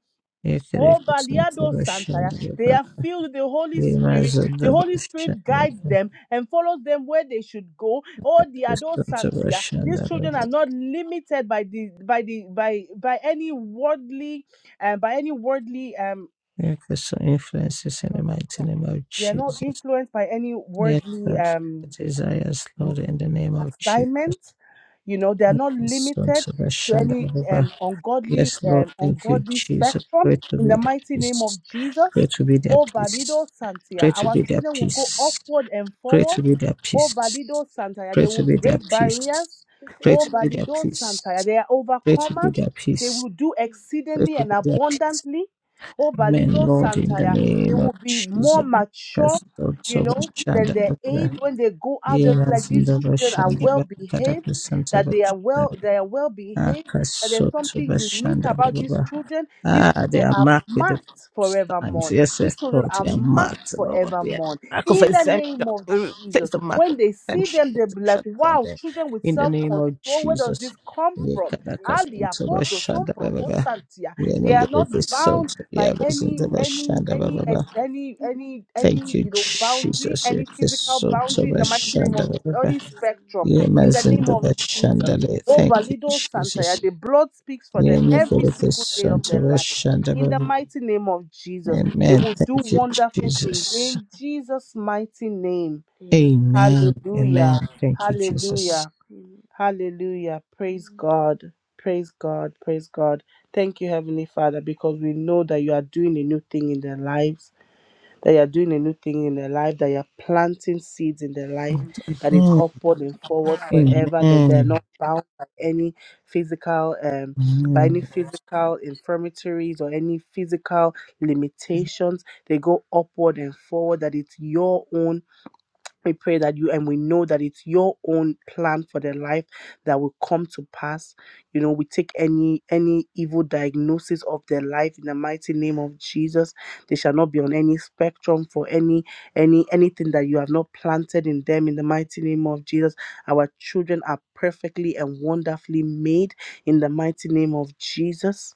Speaker 2: Oh, Valiado Santaya. They
Speaker 4: Yekerekishantarashandarabha,
Speaker 2: are filled with the Holy Spirit. The Holy Spirit guides
Speaker 4: Yemazadabashandarabha,
Speaker 2: them and follows them where they should go. Oh, the adult Santia. These children are
Speaker 4: Yekishantarasandarabha.
Speaker 2: not limited by the by the by by any worldly um, by any worldly um
Speaker 4: Yekis influences in the mighty name of
Speaker 2: they are not
Speaker 4: Jesus.
Speaker 2: influenced by any
Speaker 4: Yet
Speaker 2: worldly
Speaker 4: Yekad
Speaker 2: um
Speaker 4: desires, Lord, in the name of Jesus.
Speaker 2: assignment. You know, they are not limited to any
Speaker 4: Yekishantarasandarabha.
Speaker 2: um, ungodly
Speaker 4: Yes, Lord,
Speaker 2: um,
Speaker 4: thank you,
Speaker 2: ungodly
Speaker 4: Jesus.
Speaker 2: spectrum.
Speaker 4: Pray to
Speaker 2: In
Speaker 4: be
Speaker 2: the
Speaker 4: their
Speaker 2: mighty name of
Speaker 4: peace. Pray
Speaker 2: Jesus,
Speaker 4: to be their
Speaker 2: oh
Speaker 4: peace.
Speaker 2: Valido Santia,
Speaker 4: Pray to
Speaker 2: our
Speaker 4: be their
Speaker 2: children will go
Speaker 4: peace.
Speaker 2: upward and
Speaker 4: Great
Speaker 2: forward.
Speaker 4: to be their
Speaker 2: Oh
Speaker 4: peace.
Speaker 2: Valido Santia, they
Speaker 4: Great to
Speaker 2: will
Speaker 4: be their
Speaker 2: break
Speaker 4: peace.
Speaker 2: barriers.
Speaker 4: Great
Speaker 2: Oh
Speaker 4: to be their
Speaker 2: Valido
Speaker 4: peace.
Speaker 2: Santia, they are
Speaker 4: Great to be
Speaker 2: overcomers.
Speaker 4: their
Speaker 2: They
Speaker 4: peace.
Speaker 2: will do
Speaker 4: Great
Speaker 2: exceedingly
Speaker 4: to
Speaker 2: and
Speaker 4: be their peace.
Speaker 2: abundantly. Oh
Speaker 4: Amen,
Speaker 2: Valido
Speaker 4: Lord, in the
Speaker 2: Santia, they
Speaker 4: name of
Speaker 2: will be
Speaker 4: Jesus.
Speaker 2: more mature.
Speaker 4: Pastor of
Speaker 2: You know. Then
Speaker 4: Shanda,
Speaker 2: their aid [laughs] when they go out, they'll be like
Speaker 4: Yenas in
Speaker 2: these
Speaker 4: the
Speaker 2: children are
Speaker 4: Bashanda,
Speaker 2: well
Speaker 4: Kadaka
Speaker 2: behaved,
Speaker 4: Santa
Speaker 2: that they are well,
Speaker 4: Bashanda,
Speaker 2: they are well behaved, that there's
Speaker 4: Akasoto
Speaker 2: something unique
Speaker 4: Bashanda blah,
Speaker 2: about
Speaker 4: blah,
Speaker 2: these
Speaker 4: blah.
Speaker 2: children. These
Speaker 4: Ah, they
Speaker 2: children
Speaker 4: are
Speaker 2: are
Speaker 4: marked with the
Speaker 2: marked
Speaker 4: signs.
Speaker 2: forevermore.
Speaker 4: Yes, I
Speaker 2: These children
Speaker 4: thought
Speaker 2: are
Speaker 4: they are
Speaker 2: marked
Speaker 4: marked, Lord. Yeah.
Speaker 2: forevermore.
Speaker 4: Mark of
Speaker 2: In the name
Speaker 4: exemption.
Speaker 2: of
Speaker 4: We Place
Speaker 2: Jesus.
Speaker 4: the mark of
Speaker 2: When they see
Speaker 4: exemption
Speaker 2: them, they'll be like,
Speaker 4: exemption upon
Speaker 2: wow,
Speaker 4: them.
Speaker 2: children with
Speaker 4: In the name
Speaker 2: self-control,
Speaker 4: of
Speaker 2: where does
Speaker 4: Jesus.
Speaker 2: this come from? Ali
Speaker 4: Yekadakasoto
Speaker 2: apodo son
Speaker 4: Bashanda blah, blah,
Speaker 2: proco
Speaker 4: blah.
Speaker 2: santia.
Speaker 4: Let
Speaker 2: They
Speaker 4: me
Speaker 2: are
Speaker 4: get
Speaker 2: not
Speaker 4: this
Speaker 2: bound
Speaker 4: salt.
Speaker 2: by
Speaker 4: Yeah,
Speaker 2: any
Speaker 4: Basinda
Speaker 2: any
Speaker 4: Bashanda blah,
Speaker 2: any
Speaker 4: blah, blah.
Speaker 2: any any any
Speaker 4: Thank you,
Speaker 2: you know boundary,
Speaker 4: Jesus.
Speaker 2: any physical
Speaker 4: Yekasoto
Speaker 2: boundary in the mighty name
Speaker 4: Bashanda
Speaker 2: of
Speaker 4: blah,
Speaker 2: Jesus,
Speaker 4: blah, blah.
Speaker 2: any spectrum
Speaker 4: Yeah,
Speaker 2: in the name
Speaker 4: Mazinda
Speaker 2: of Jesus.
Speaker 4: Bashandale.
Speaker 2: Oh
Speaker 4: Thank you,
Speaker 2: Balido
Speaker 4: Jesus.
Speaker 2: Santaya, the blood speaks for them
Speaker 4: Amen. Thank
Speaker 2: every single day of their life. In the mighty name of Jesus, they will do
Speaker 4: you,
Speaker 2: wonderful things
Speaker 4: Jesus.
Speaker 2: in Jesus' mighty name.
Speaker 4: Amen. Amen.
Speaker 2: Hallelujah.
Speaker 4: Thank you, Jesus.
Speaker 2: Hallelujah. Hallelujah. Praise God. Praise God. Praise God. Thank you, Heavenly Father, because we know that you are doing a new thing in their lives, that you are doing a new thing in their life, that you are planting seeds in their life,
Speaker 4: Amen.
Speaker 2: that it's upward and forward forever, that they're
Speaker 4: Amen.
Speaker 2: not bound by any physical, um, by any
Speaker 4: Amen.
Speaker 2: physical infirmities or any physical limitations. They go upward and forward, that it's your own we pray that you and we know that it's your own plan for their life that will come to pass. You know, we take any any evil diagnosis of their life in the mighty name of Jesus. They shall not be on any spectrum for any any anything that you have not planted in them in the mighty name of Jesus. Our children are perfectly and wonderfully made in the mighty name of Jesus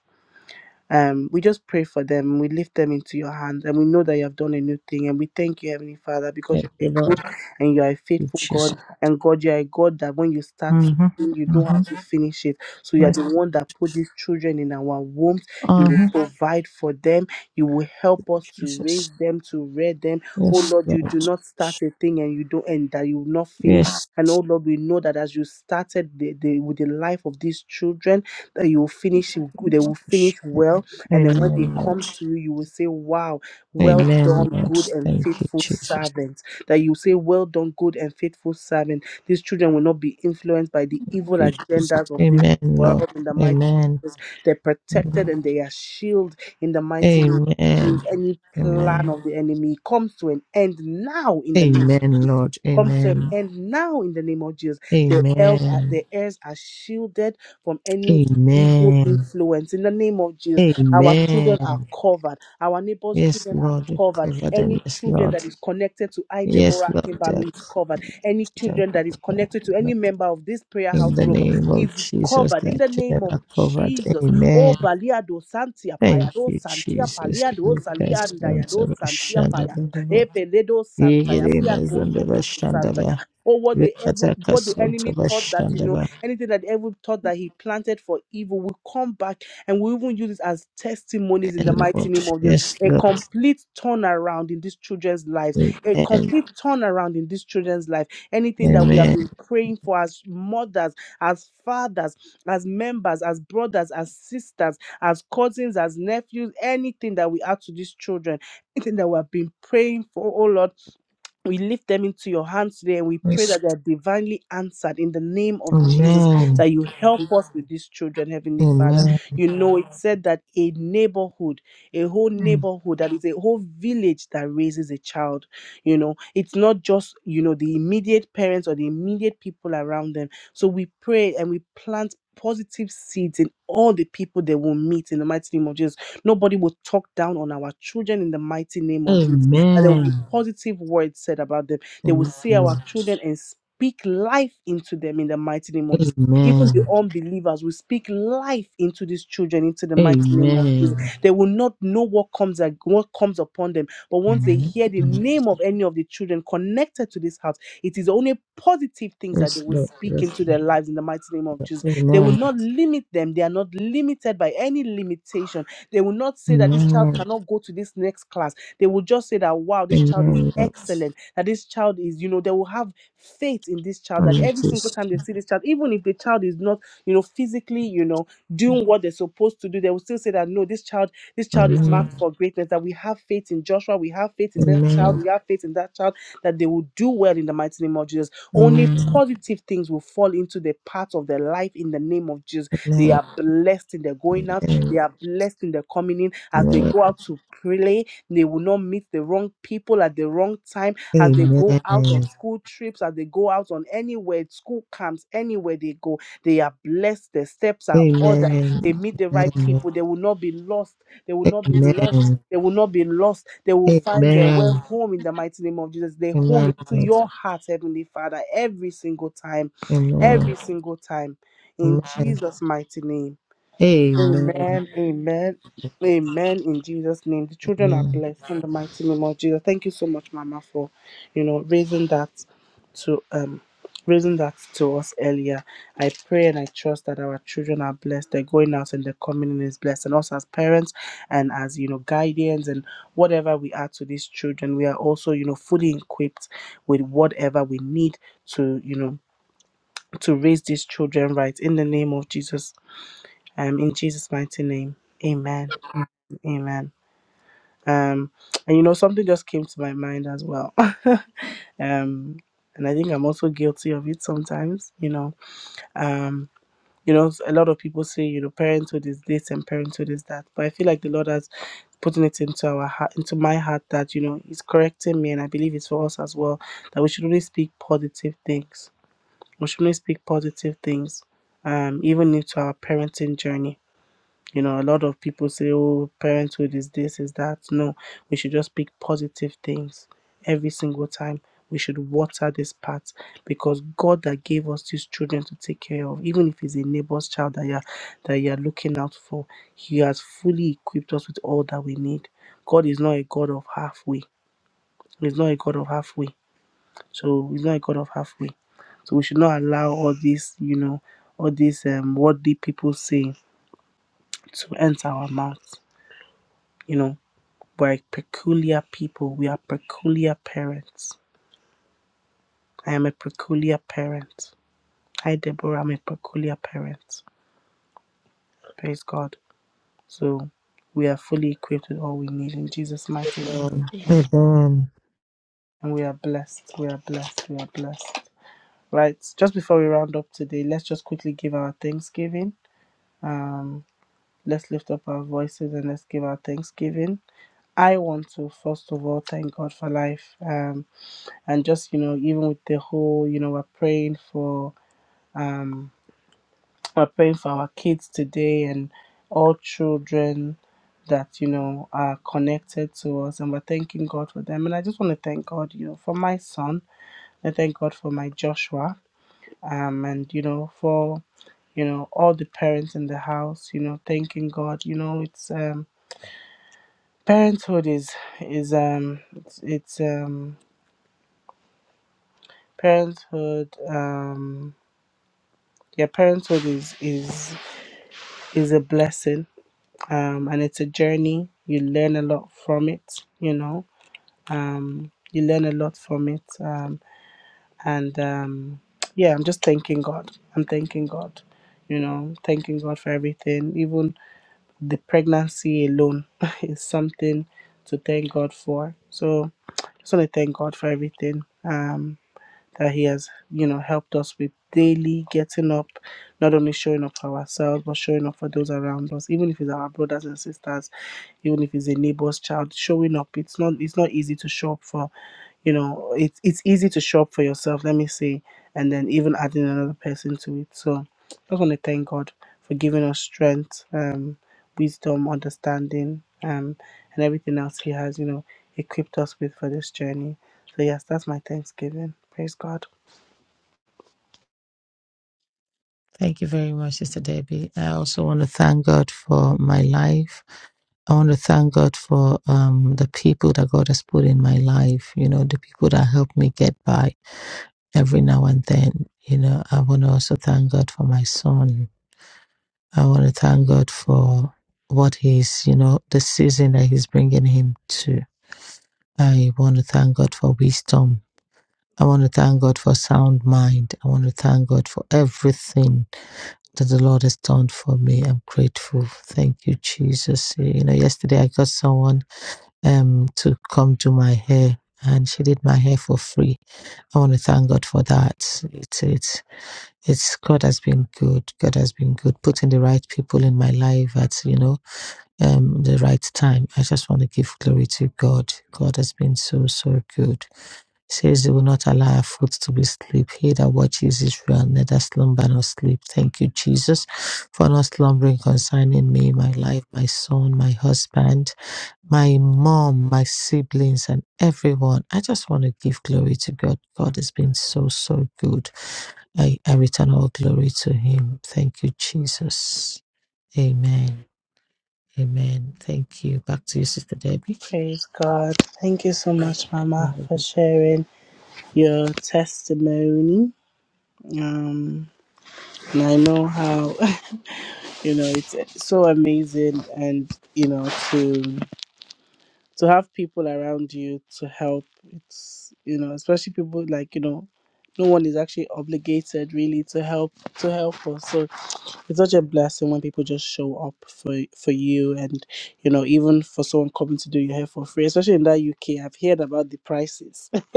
Speaker 2: um, we just pray for them. We lift them into your hands, and we know that you have done a new thing. And we thank you, Heavenly Father, because
Speaker 4: Thank
Speaker 2: you're
Speaker 4: you,
Speaker 2: a
Speaker 4: Lord.
Speaker 2: good and you are a
Speaker 4: Thank you,
Speaker 2: faithful
Speaker 4: Jesus.
Speaker 2: God. And God, you are a God that when you start, something,
Speaker 4: Mm-hmm.
Speaker 2: you don't
Speaker 4: Mm-hmm.
Speaker 2: have to finish it. So you are
Speaker 4: Yes.
Speaker 2: the one that put these children in our wombs. You will
Speaker 4: Uh-huh.
Speaker 2: provide for them. You will help us to raise
Speaker 4: Jesus.
Speaker 2: them, to rear them. Oh
Speaker 4: Yes,
Speaker 2: Lord, you do
Speaker 4: Lord.
Speaker 2: not start a thing and you don't end that you will not finish.
Speaker 4: Yes.
Speaker 2: And oh Lord, we know that as you started the, the with the life of these children, that you will finish it good. They will finish well and then when they
Speaker 4: Amen, Lord.
Speaker 2: come to you, you will say, Wow, well
Speaker 4: Amen,
Speaker 2: done,
Speaker 4: Lord.
Speaker 2: good and
Speaker 4: Thank you,
Speaker 2: faithful
Speaker 4: Jesus.
Speaker 2: servant. That you say, Well done, good and faithful servant. These children will not be influenced by the evil
Speaker 4: Thank you, Jesus.
Speaker 2: agendas of this
Speaker 4: Amen, Lord.
Speaker 2: world in the mighty name of
Speaker 4: Amen.
Speaker 2: Jesus. They're protected and they are shielded in the mighty name of
Speaker 4: Amen.
Speaker 2: Jesus. Any plan
Speaker 4: Amen.
Speaker 2: of the enemy comes to an end now in the name
Speaker 4: Amen, Lord.
Speaker 2: comes to an
Speaker 4: Amen.
Speaker 2: end now in the name of Jesus. Their heirs are, their
Speaker 4: Amen.
Speaker 2: heirs are shielded from any evil
Speaker 4: Amen.
Speaker 2: influence in the name of Jesus. Our children are
Speaker 4: Amen.
Speaker 2: covered. Our neighbors'
Speaker 4: Yes,
Speaker 2: children are
Speaker 4: Lord, you
Speaker 2: covered.
Speaker 4: cover
Speaker 2: Any
Speaker 4: them. Yes,
Speaker 2: children
Speaker 4: Lord.
Speaker 2: that is connected to I,
Speaker 4: Yes,
Speaker 2: Deborah
Speaker 4: Lord, they are
Speaker 2: Kimbami, is covered.
Speaker 4: covered.
Speaker 2: Any
Speaker 4: Children
Speaker 2: children that is
Speaker 4: covered
Speaker 2: connected to
Speaker 4: them.
Speaker 2: any member of this prayer
Speaker 4: In
Speaker 2: house
Speaker 4: the
Speaker 2: global
Speaker 4: name
Speaker 2: is
Speaker 4: of Jesus,
Speaker 2: covered in
Speaker 4: that
Speaker 2: the
Speaker 4: children
Speaker 2: name of
Speaker 4: are covered.
Speaker 2: Jesus. Oh,
Speaker 4: Amen.
Speaker 2: Baliado Santia
Speaker 4: Thank
Speaker 2: Payado
Speaker 4: you,
Speaker 2: Santia
Speaker 4: Jesus.
Speaker 2: Paliado
Speaker 4: You
Speaker 2: Salia
Speaker 4: cast them to
Speaker 2: Dayado
Speaker 4: the
Speaker 2: Santia Paya.
Speaker 4: Shandaba.
Speaker 2: Epeledo
Speaker 4: You get
Speaker 2: Santaya,
Speaker 4: in as
Speaker 2: Piako
Speaker 4: on the
Speaker 2: Sobroku Santaya.
Speaker 4: Shandaba.
Speaker 2: Oh, what the evil,
Speaker 4: Rekata
Speaker 2: what the
Speaker 4: kasum to
Speaker 2: enemy thought that you
Speaker 4: the
Speaker 2: know, anything that the evil thought that he planted for evil will come back, and we even use it as testimonies in the
Speaker 4: And
Speaker 2: mighty
Speaker 4: Lord,
Speaker 2: name of Jesus.
Speaker 4: yes,
Speaker 2: A
Speaker 4: Lord,
Speaker 2: complete turnaround in these children's lives, a
Speaker 4: amen,
Speaker 2: complete turnaround in these children's life. Anything that we have
Speaker 4: amen,
Speaker 2: been praying for as mothers, as fathers, as members, as brothers, as sisters, as cousins, as nephews, anything that we add to these children anything that we have been praying for, oh Lord we lift them into your hands today and we pray
Speaker 4: yes,
Speaker 2: that they're divinely answered in the name of Jesus,
Speaker 4: amen,
Speaker 2: that you help us with these children, Heavenly Father.
Speaker 4: amen,
Speaker 2: You know, it said that a neighborhood, a whole neighborhood, that is a whole village that raises a child. You know, it's not just, you know, the immediate parents or the immediate people around them. So we pray and we plant positive seeds in all the people they will meet in the mighty name of Jesus. Nobody will talk down on our children in the mighty name of Jesus that there will be
Speaker 4: amen,
Speaker 2: positive words said about them. They will
Speaker 4: amen,
Speaker 2: see our
Speaker 4: Lord,
Speaker 2: children and speak life into them in the mighty name of Jesus. Even the
Speaker 4: amen,
Speaker 2: unbelievers will speak life into these children, into the mighty name of Jesus.
Speaker 4: amen,
Speaker 2: They will not know what comes ag- what comes upon them, but once they
Speaker 4: amen,
Speaker 2: hear the name of any of the children connected to this house, it is only positive things that they
Speaker 4: yes,
Speaker 2: will
Speaker 4: Lord,
Speaker 2: speak
Speaker 4: yes,
Speaker 2: into their
Speaker 4: Lord,
Speaker 2: lives in the mighty name of Jesus. They will
Speaker 4: amen,
Speaker 2: not limit them. They are not limited by any limitation they will not say that this child
Speaker 4: amen,
Speaker 2: cannot go to this next class. They will just say that, wow, this child is
Speaker 4: amen, Lord, amen,
Speaker 2: excellent, that this child is, you know, they will have faith in this child that every single
Speaker 4: Jesus,
Speaker 2: time they see this child, even if the child is not, you know, physically, you know,
Speaker 4: amen,
Speaker 2: doing what they're supposed to do, they will still say that, no, this child, this child is marked
Speaker 4: amen,
Speaker 2: for greatness, that we have faith in Joshua, we have faith in that child,
Speaker 4: amen,
Speaker 2: we have faith in that child, that they will do well in the mighty name of Jesus. Only
Speaker 4: amen,
Speaker 2: positive things will fall into the path of their life in the name of Jesus. They
Speaker 4: amen,
Speaker 2: are blessed in their going out they are blessed in their coming in as they
Speaker 4: amen,
Speaker 2: go out to pray. They will not meet the wrong people at the wrong time as they go out
Speaker 4: amen,
Speaker 2: on school trips, as they go out on anywhere, school camps, anywhere they go. They are blessed. Their steps are ordered.
Speaker 4: amen,
Speaker 2: They meet the right people. They will not be lost. They will
Speaker 4: amen,
Speaker 2: not be
Speaker 4: amen,
Speaker 2: lost. They will not be lost. They will find their way
Speaker 4: Amen.
Speaker 2: home in the mighty name of Jesus. They home
Speaker 4: Amen.
Speaker 2: into
Speaker 4: Lord.
Speaker 2: your heart, Heavenly Father, every single time. Every
Speaker 4: Amen.
Speaker 2: single time. In
Speaker 4: Amen. Amen.
Speaker 2: Jesus' mighty name.
Speaker 4: Amen.
Speaker 2: Amen. Amen. Amen. In Jesus' name, the children are blessed in the mighty name of Jesus. Thank you so much, Mama, for you know raising that to um raising that to us earlier. I pray and I trust that our children are blessed. They're going out and they're coming in is blessed. And us as parents and as you know guardians and whatever we are to these children, we are also you know fully equipped with whatever we need to you know to raise these children right in the name of Jesus. Um, in Jesus' mighty name, amen. Amen. Um, and you know, something just came to my mind as well. [laughs] um, and I think I'm also guilty of it sometimes, you know. Um, you know, a lot of people say, you know, parenthood is this and parenthood is that. But I feel like the Lord has putting it into our heart, into my heart that, you know, He's correcting me. And I believe it's for us as well that we should only speak positive things. We should only speak positive things, um, even into our parenting journey you know, a lot of people say, oh, parenthood is this, is that. No, we should just pick positive things every single time. We should water this part because God that gave us these children to take care of, even if it's a neighbor's child that you're that you're looking out for, He has fully equipped us with all that we need. God is not a God of halfway. He's not a God of halfway. So he's not a God of halfway. So we should not allow all this, you know, all these um worldly people say to enter our mouths. You know, We're a peculiar people. We are peculiar parents. I am a peculiar parent. Hi, Deborah. I'm a peculiar parent. Praise God. So we are fully equipped with all we need in Jesus' mighty name.
Speaker 4: Amen.
Speaker 2: Amen.
Speaker 4: Amen.
Speaker 2: And we are blessed. We are blessed. We are blessed. Right. Just before we round up today, let's just quickly give our thanksgiving. Um, let's lift up our voices and let's give our thanksgiving. I want to first of all thank God for life. Um, and just you know even with the whole you know we're praying for um we're praying for our kids today and all children that you know are connected to us and we're thanking god for them and i just want to thank god you know for my son i thank god for my joshua um and you know for you know all the parents in the house you know thanking god you know it's um parenthood is is um it's, it's um parenthood um. yeah, parenthood is is is a blessing, um, and it's a journey. You learn a lot from it, you know. Um, you learn a lot from it, um, and um, yeah, I'm just thanking God. I'm thanking God, you know, thanking God for everything. Even the pregnancy alone [laughs] is something to thank God for. So, just want to thank God for everything. Um, that he has you know helped us with daily getting up not only showing up for ourselves but showing up for those around us even if it's our brothers and sisters even if it's a neighbor's child showing up it's not it's not easy to show up for you know it's it's easy to show up for yourself let me say and then even adding another person to it so i just want to thank god for giving us strength um wisdom understanding um and everything else he has you know equipped us with for this journey so yes that's my thanksgiving praise god
Speaker 4: Thank you very much, Sister Debbie. I also want to thank God for my life. I want to thank God for um, the people that God has put in my life, you know, the people that help me get by every now and then. You know, I want to also thank God for my son. I want to thank God for what he's, you know, the season that he's bringing him to. I want to thank God for wisdom. I want to thank God for sound mind. I want to thank God for everything that the Lord has done for me. I'm grateful. Thank you, Jesus. You know, yesterday I got someone um to come do my hair and she did my hair for free. I want to thank God for that. It's it's it's God has been good. God has been good, putting the right people in my life at you know um the right time. I just want to give glory to God. God has been so so good says they will not allow our foot to be sleep. He that watches Israel neither slumber nor sleep. Thank you, Jesus, for not slumbering concerning me, my life, my son, my husband, my mom, my siblings, and everyone. I just want to give glory to God. God has been so, so good. I, I return all glory to Him. Thank you, Jesus. Amen. Amen. Thank you. Back to you, Sister Debbie.
Speaker 2: Praise God. Thank you so much, Mama, for sharing your testimony. Um, and I know how [laughs] you know it's so amazing, and you know to to have people around you to help. It's you know especially people like you know no one is actually obligated really to help to help us. So it's such a blessing when people just show up for for you and you know even for someone coming to do your hair for free, especially in that UK. I've heard about the prices. [laughs]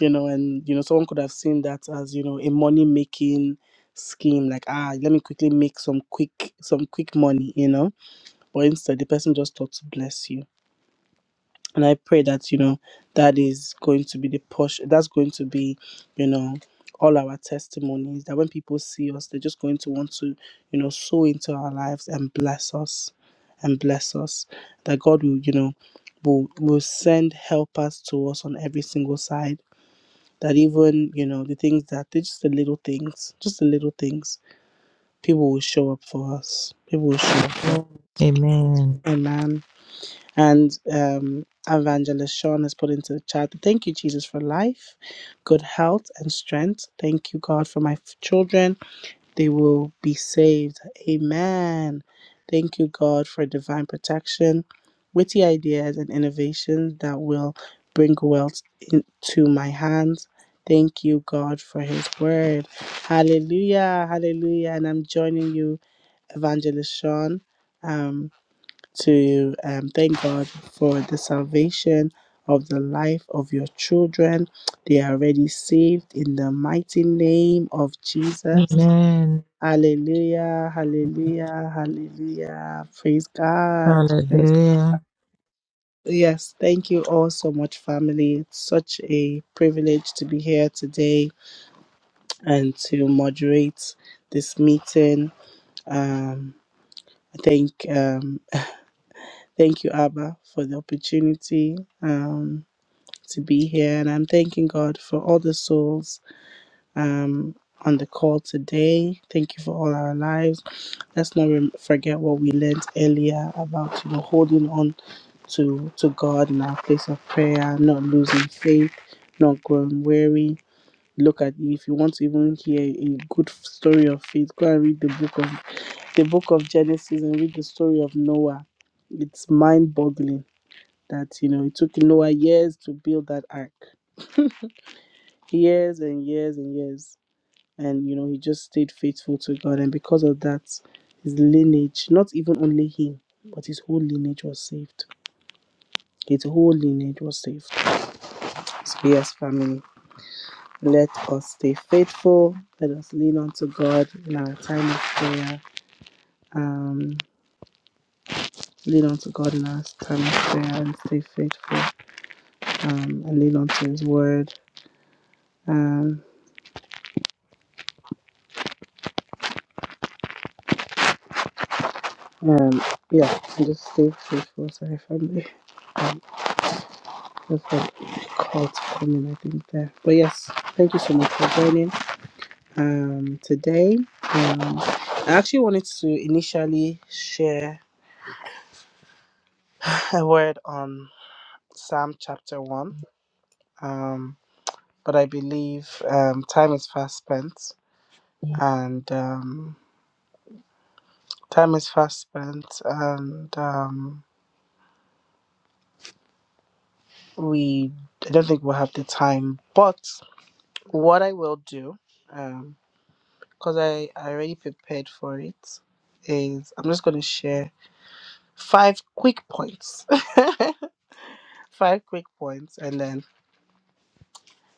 Speaker 2: you know, and you know, someone could have seen that as you know a money making scheme, like ah, let me quickly make some quick some quick money, you know. But instead, the person just thought to bless you, and I pray that you know that is going to be the push. That's going to be, you know, all our testimonies. That when people see us, they're just going to want to, you know, sow into our lives and bless us, and bless us. That God will, you know, will will send helpers to us on every single side that even you know the things that they're just the little things just the little things people will show up for us people will show up for us.
Speaker 4: Amen.
Speaker 2: amen and um evangelist sean has put into the chat thank you jesus for life good health and strength thank you god for my f- children they will be saved. Amen. Thank you, God, for divine protection, witty ideas, and innovations that will bring wealth into my hands. Thank you, God, for His word. Hallelujah. Hallelujah. And I'm joining you, Evangelist Sean, um, to um, thank God for the salvation of the life of your children. They are already saved in the mighty name of Jesus.
Speaker 4: Amen.
Speaker 2: Hallelujah, hallelujah, hallelujah. Praise God. Praise
Speaker 4: Hallelujah.
Speaker 2: Yes, thank you all so much, family. It's such a privilege to be here today and to moderate this meeting. Um, I thank um, [laughs] [sighs] thank you, Abba, for the opportunity um, to be here, and I'm thanking God for all the souls um, on the call today. Thank you for all our lives. Let's not rem- forget what we learned earlier about you know holding on to to God in our place of prayer, not losing faith, not growing weary. Look at if you want to even hear a good story of faith, go and read the book of the book of Genesis and read the story of Noah. It's mind-boggling that you know it took Noah years to build that ark, years and years and years and you know he just stayed faithful to God and because of that his lineage not even only him but his whole lineage was saved his whole lineage was saved so yes family let us stay faithful let us lean on to God in our time of prayer um lean on to God in our time of prayer and stay faithful um and lean on to his word um um yeah and just stay faithful to our family [laughs] um, just like Oh, It's coming, I think. There. But yes, thank you so much for joining um, today. Um, I actually wanted to initially share a word on Psalm chapter 1, um, but I believe um, time is fast spent, and um, time is fast spent, and um, we I don't think we'll have the time. But what I will do, because I, I already prepared for it, is I'm just going to share. five quick points. [laughs] five quick points, and then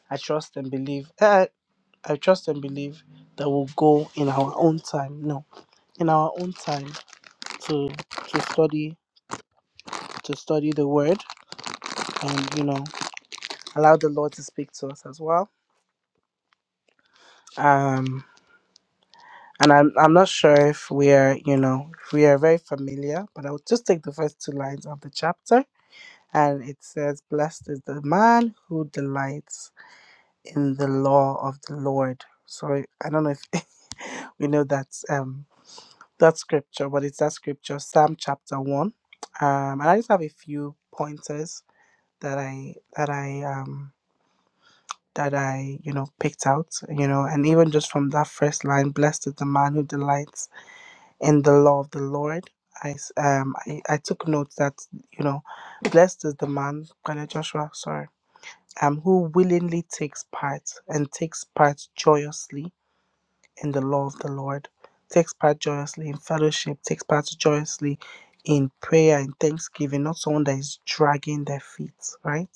Speaker 2: I trust and believe. Uh, I trust and believe that we'll go in our own time. No, in our own time to to study to study the word, and you know, allow the Lord to speak to us as well. Um, and I'm I'm not sure if we are you know if we are very familiar, but I'll just take the first two lines of the chapter, and it says, "Blessed is the man who delights." in the law of the Lord. So I I don't know if [laughs] we know that um that scripture, but it's that scripture, Psalm chapter one. Um, and I just have a few pointers that I that I um that I you know picked out, you know, and even just from that first line, blessed is the man who delights in the law of the Lord. I s- um I, I took note that you know, blessed is the man, Brother Joshua, sorry, um, who willingly takes part and takes part joyously in the law of the Lord, takes part joyously in fellowship, takes part joyously in prayer and thanksgiving, not someone that is dragging their feet, right?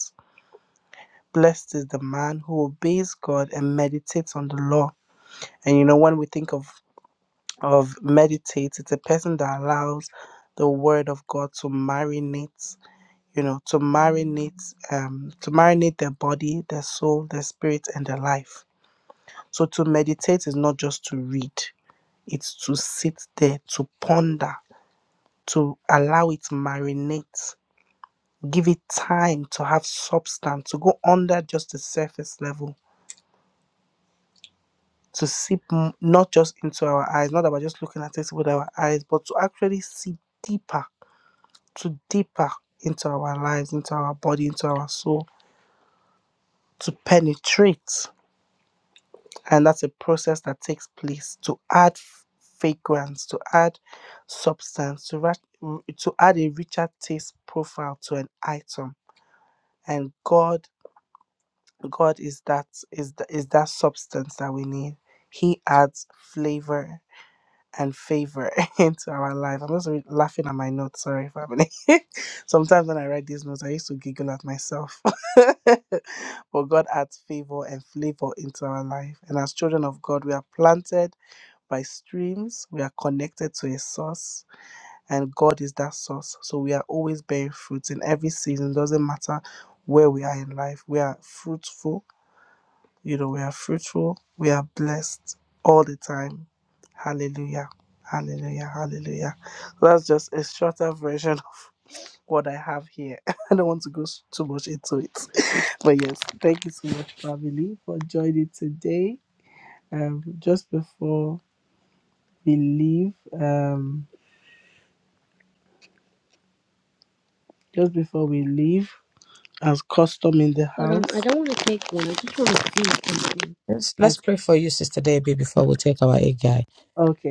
Speaker 2: Blessed is the man who obeys God and meditates on the law. And you know, when we think of of meditate, it's a person that allows the word of God to marinate, you know, to marinate, um, to marinate their body, their soul, their spirit, and their life. So to meditate is not just to read. It's to sit there, to ponder, to allow it marinate, give it time to have substance, to go under just the surface level, to sip m- not just into our eyes, not about just looking at it with our eyes, but to actually see deeper, to deeper into our lives, into our body, into our soul, to penetrate. and that's a process that takes place to add f- fragrance to add substance to, ra- to add a richer taste profile to an item and god god is that is, th- is that substance that we need he adds flavor and favor [laughs] into our life. I'm just re- laughing at my notes. Sorry, family. [laughs] Sometimes when I write these notes, I used to giggle at myself. [laughs] but God adds favor and flavor into our life. And as children of God, we are planted by streams. We are connected to a source, and God is that source. So we are always bearing fruit in every season. Doesn't matter where we are in life. We are fruitful. You know, we are fruitful. We are blessed all the time. Hallelujah. Hallelujah. Hallelujah. So that's just a shorter version of what I have here. [laughs] I don't want to go s- too much into it. [laughs] But yes, thank you so much, family, for joining today. Um, just before we leave, um, just before we leave, as custom in the Hold on, I house. don't want to take one. I just want to see something.
Speaker 4: Let's
Speaker 2: As,
Speaker 4: let's pray for you, Sister Debbie, before we take our A guy.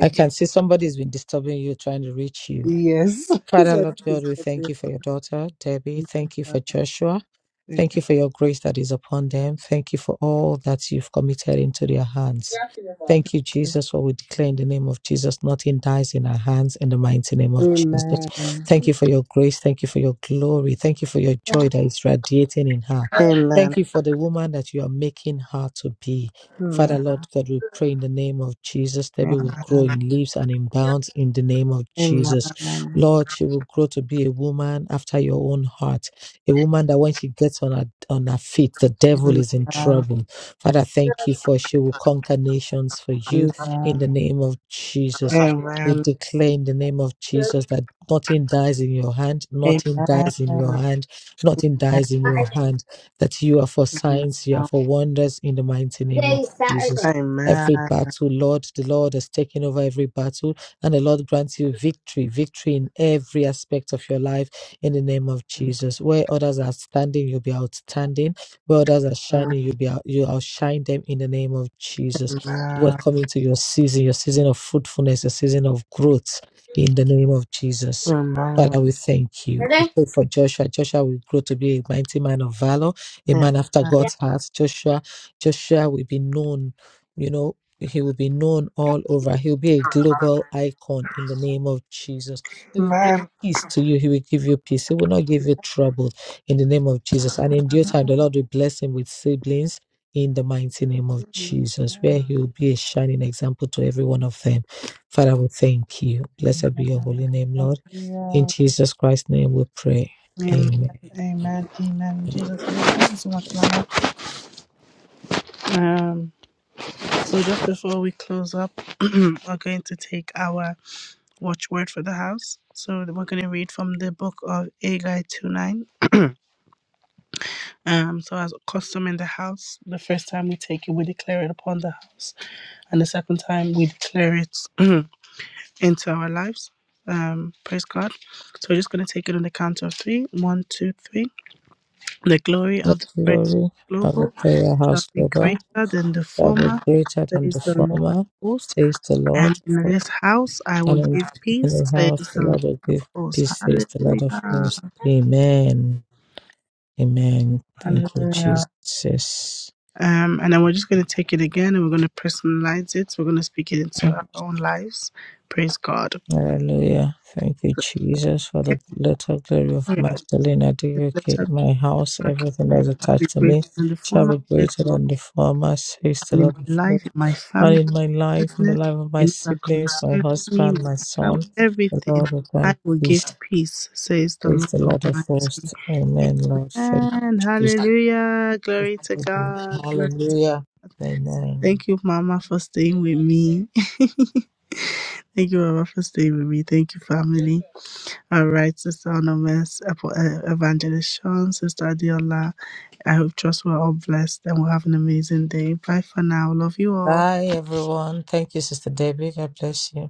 Speaker 4: I can see somebody's been disturbing you, trying to reach you.
Speaker 2: Yes. [laughs] So this-
Speaker 4: Father, Lord God,
Speaker 2: is-
Speaker 4: we thank you for your daughter, Debbie. Thank you for Joshua.
Speaker 2: Thank
Speaker 4: Thank
Speaker 2: you.
Speaker 4: you for your grace that is upon them. Thank you for all that you've committed into their hands. Thank you, Jesus, for we declare in the name of Jesus, nothing dies in our hands in the mighty name of Jesus.
Speaker 2: Amen.
Speaker 4: Thank you for your grace. Thank you for your glory. Thank you for your joy that is radiating in her. Thank
Speaker 2: Amen.
Speaker 4: you for the woman that you are making her to be. Father,
Speaker 2: Amen.
Speaker 4: Lord God, we pray in the name of Jesus. Debbie
Speaker 2: Amen.
Speaker 4: will grow in leaves and in bounds in the name of
Speaker 2: Amen. Amen. Amen.
Speaker 4: Jesus. Lord, she will grow to be a woman after your own heart, a woman that when she gets on her on her feet, the devil is in trouble. Father, thank you for she will conquer nations for
Speaker 2: Amen.
Speaker 4: you in the name of Jesus. We declare in the name of Jesus that nothing dies in your hand,
Speaker 2: Amen.
Speaker 4: nothing dies in your hand, nothing dies in your
Speaker 2: Amen.
Speaker 4: hand, that you are for
Speaker 2: Amen.
Speaker 4: signs, you are for wonders in the mighty name of
Speaker 2: Today's Saturday.
Speaker 4: Jesus. Every
Speaker 2: Amen.
Speaker 4: battle, Lord, the Lord has taken over every battle. And the Lord grants you victory, victory in every aspect of your life in the name of Jesus. Where others are standing, you'll be outstanding. Where others are
Speaker 2: Amen.
Speaker 4: shining, you'll be out, you outshine them in the name of Jesus. We're
Speaker 2: Amen.
Speaker 4: coming to your season, your season of fruitfulness, your season of growth in the name of Jesus. Father, we thank you. We pray for Joshua. Joshua will grow to be a mighty man of valor, a man after God's heart. Joshua, Joshua will be known. You know, he will be known all over. He will be a global icon in the name of Jesus. He will bring
Speaker 2: Amen.
Speaker 4: peace to you. He will give you peace. He will not give you trouble in the name of Jesus. And in due time, the Lord will bless him with siblings in the mighty name of Jesus,
Speaker 2: Amen.
Speaker 4: where he will be a shining example to every one of them. Father, we thank you.
Speaker 2: Amen.
Speaker 4: Blessed be your holy name, Lord. In Jesus Christ's name we pray. Amen.
Speaker 2: Amen. Amen.
Speaker 4: The
Speaker 2: Jesus, thank you so much, Mama. Um, so just before we close up, [clears throat] we're going to take our watchword for the house. So we're going to read from the book of Agai 2.9. [clears throat] Um, so as custom in the house, the first time we take it, we declare it upon the house, and the second time we declare it [clears throat] into our lives. Um, praise God. So we're just going to take it on the count of three. One, two, three. The glory of the praise
Speaker 4: glory of the
Speaker 2: global
Speaker 4: prayer
Speaker 2: shall
Speaker 4: house
Speaker 2: be
Speaker 4: global
Speaker 2: greater than the
Speaker 4: shall be
Speaker 2: former,
Speaker 4: greater than the
Speaker 2: says the Lord of
Speaker 4: former,
Speaker 2: hosts.
Speaker 4: says the
Speaker 2: And
Speaker 4: Lord.
Speaker 2: in
Speaker 4: For,
Speaker 2: this house I
Speaker 4: and
Speaker 2: will
Speaker 4: in the,
Speaker 2: give
Speaker 4: in
Speaker 2: peace,
Speaker 4: the
Speaker 2: says
Speaker 4: house, the
Speaker 2: the Lord
Speaker 4: Lord will
Speaker 2: of
Speaker 4: give
Speaker 2: hosts.
Speaker 4: peace, says the Lord of
Speaker 2: Hallelujah.
Speaker 4: hosts. Amen. Amen. Thank you,
Speaker 2: Hallelujah.
Speaker 4: Jesus.
Speaker 2: Um, and then we're just going to take it again and we're going to personalize it. We're going to speak it into our own lives. Praise God.
Speaker 4: Hallelujah. Thank you, Jesus, for the
Speaker 2: Okay.
Speaker 4: latter glory of
Speaker 2: Yeah.
Speaker 4: Magdalene
Speaker 2: The
Speaker 4: Adegoke. My house, everything that is
Speaker 2: shall be
Speaker 4: attached to
Speaker 2: greater
Speaker 4: me,
Speaker 2: than the
Speaker 4: shall
Speaker 2: former,
Speaker 4: be
Speaker 2: says
Speaker 4: greater
Speaker 2: the Lord,
Speaker 4: than the former, says the
Speaker 2: and in
Speaker 4: Lord of
Speaker 2: my life,
Speaker 4: hosts.
Speaker 2: in my
Speaker 4: And
Speaker 2: family.
Speaker 4: in my life, in the
Speaker 2: business,
Speaker 4: life of my
Speaker 2: in all that
Speaker 4: siblings, my
Speaker 2: concerns me, will
Speaker 4: husband, my
Speaker 2: work out
Speaker 4: son, the
Speaker 2: everything.
Speaker 4: Lord will
Speaker 2: I
Speaker 4: grant
Speaker 2: will give
Speaker 4: peace,
Speaker 2: peace, says the
Speaker 4: says
Speaker 2: Lord
Speaker 4: the Lord of
Speaker 2: Almighty.
Speaker 4: hosts. Amen, Lord. Thank
Speaker 2: Amen.
Speaker 4: you,
Speaker 2: Hallelujah. Glory to
Speaker 4: Jesus.
Speaker 2: God. Glory to
Speaker 4: Hallelujah. Amen.
Speaker 2: Thank you, Mama, for staying with me. [laughs] Thank you, Mama, for staying with me. Thank you, family. All right, Sister Anonymous, Epo- uh, Evangelist Sean, Sister Adiola. I hope trust we're all blessed and we'll have an amazing day. Bye for now. Love you all.
Speaker 4: Bye, everyone. Thank you, Sister Debbie. God bless you.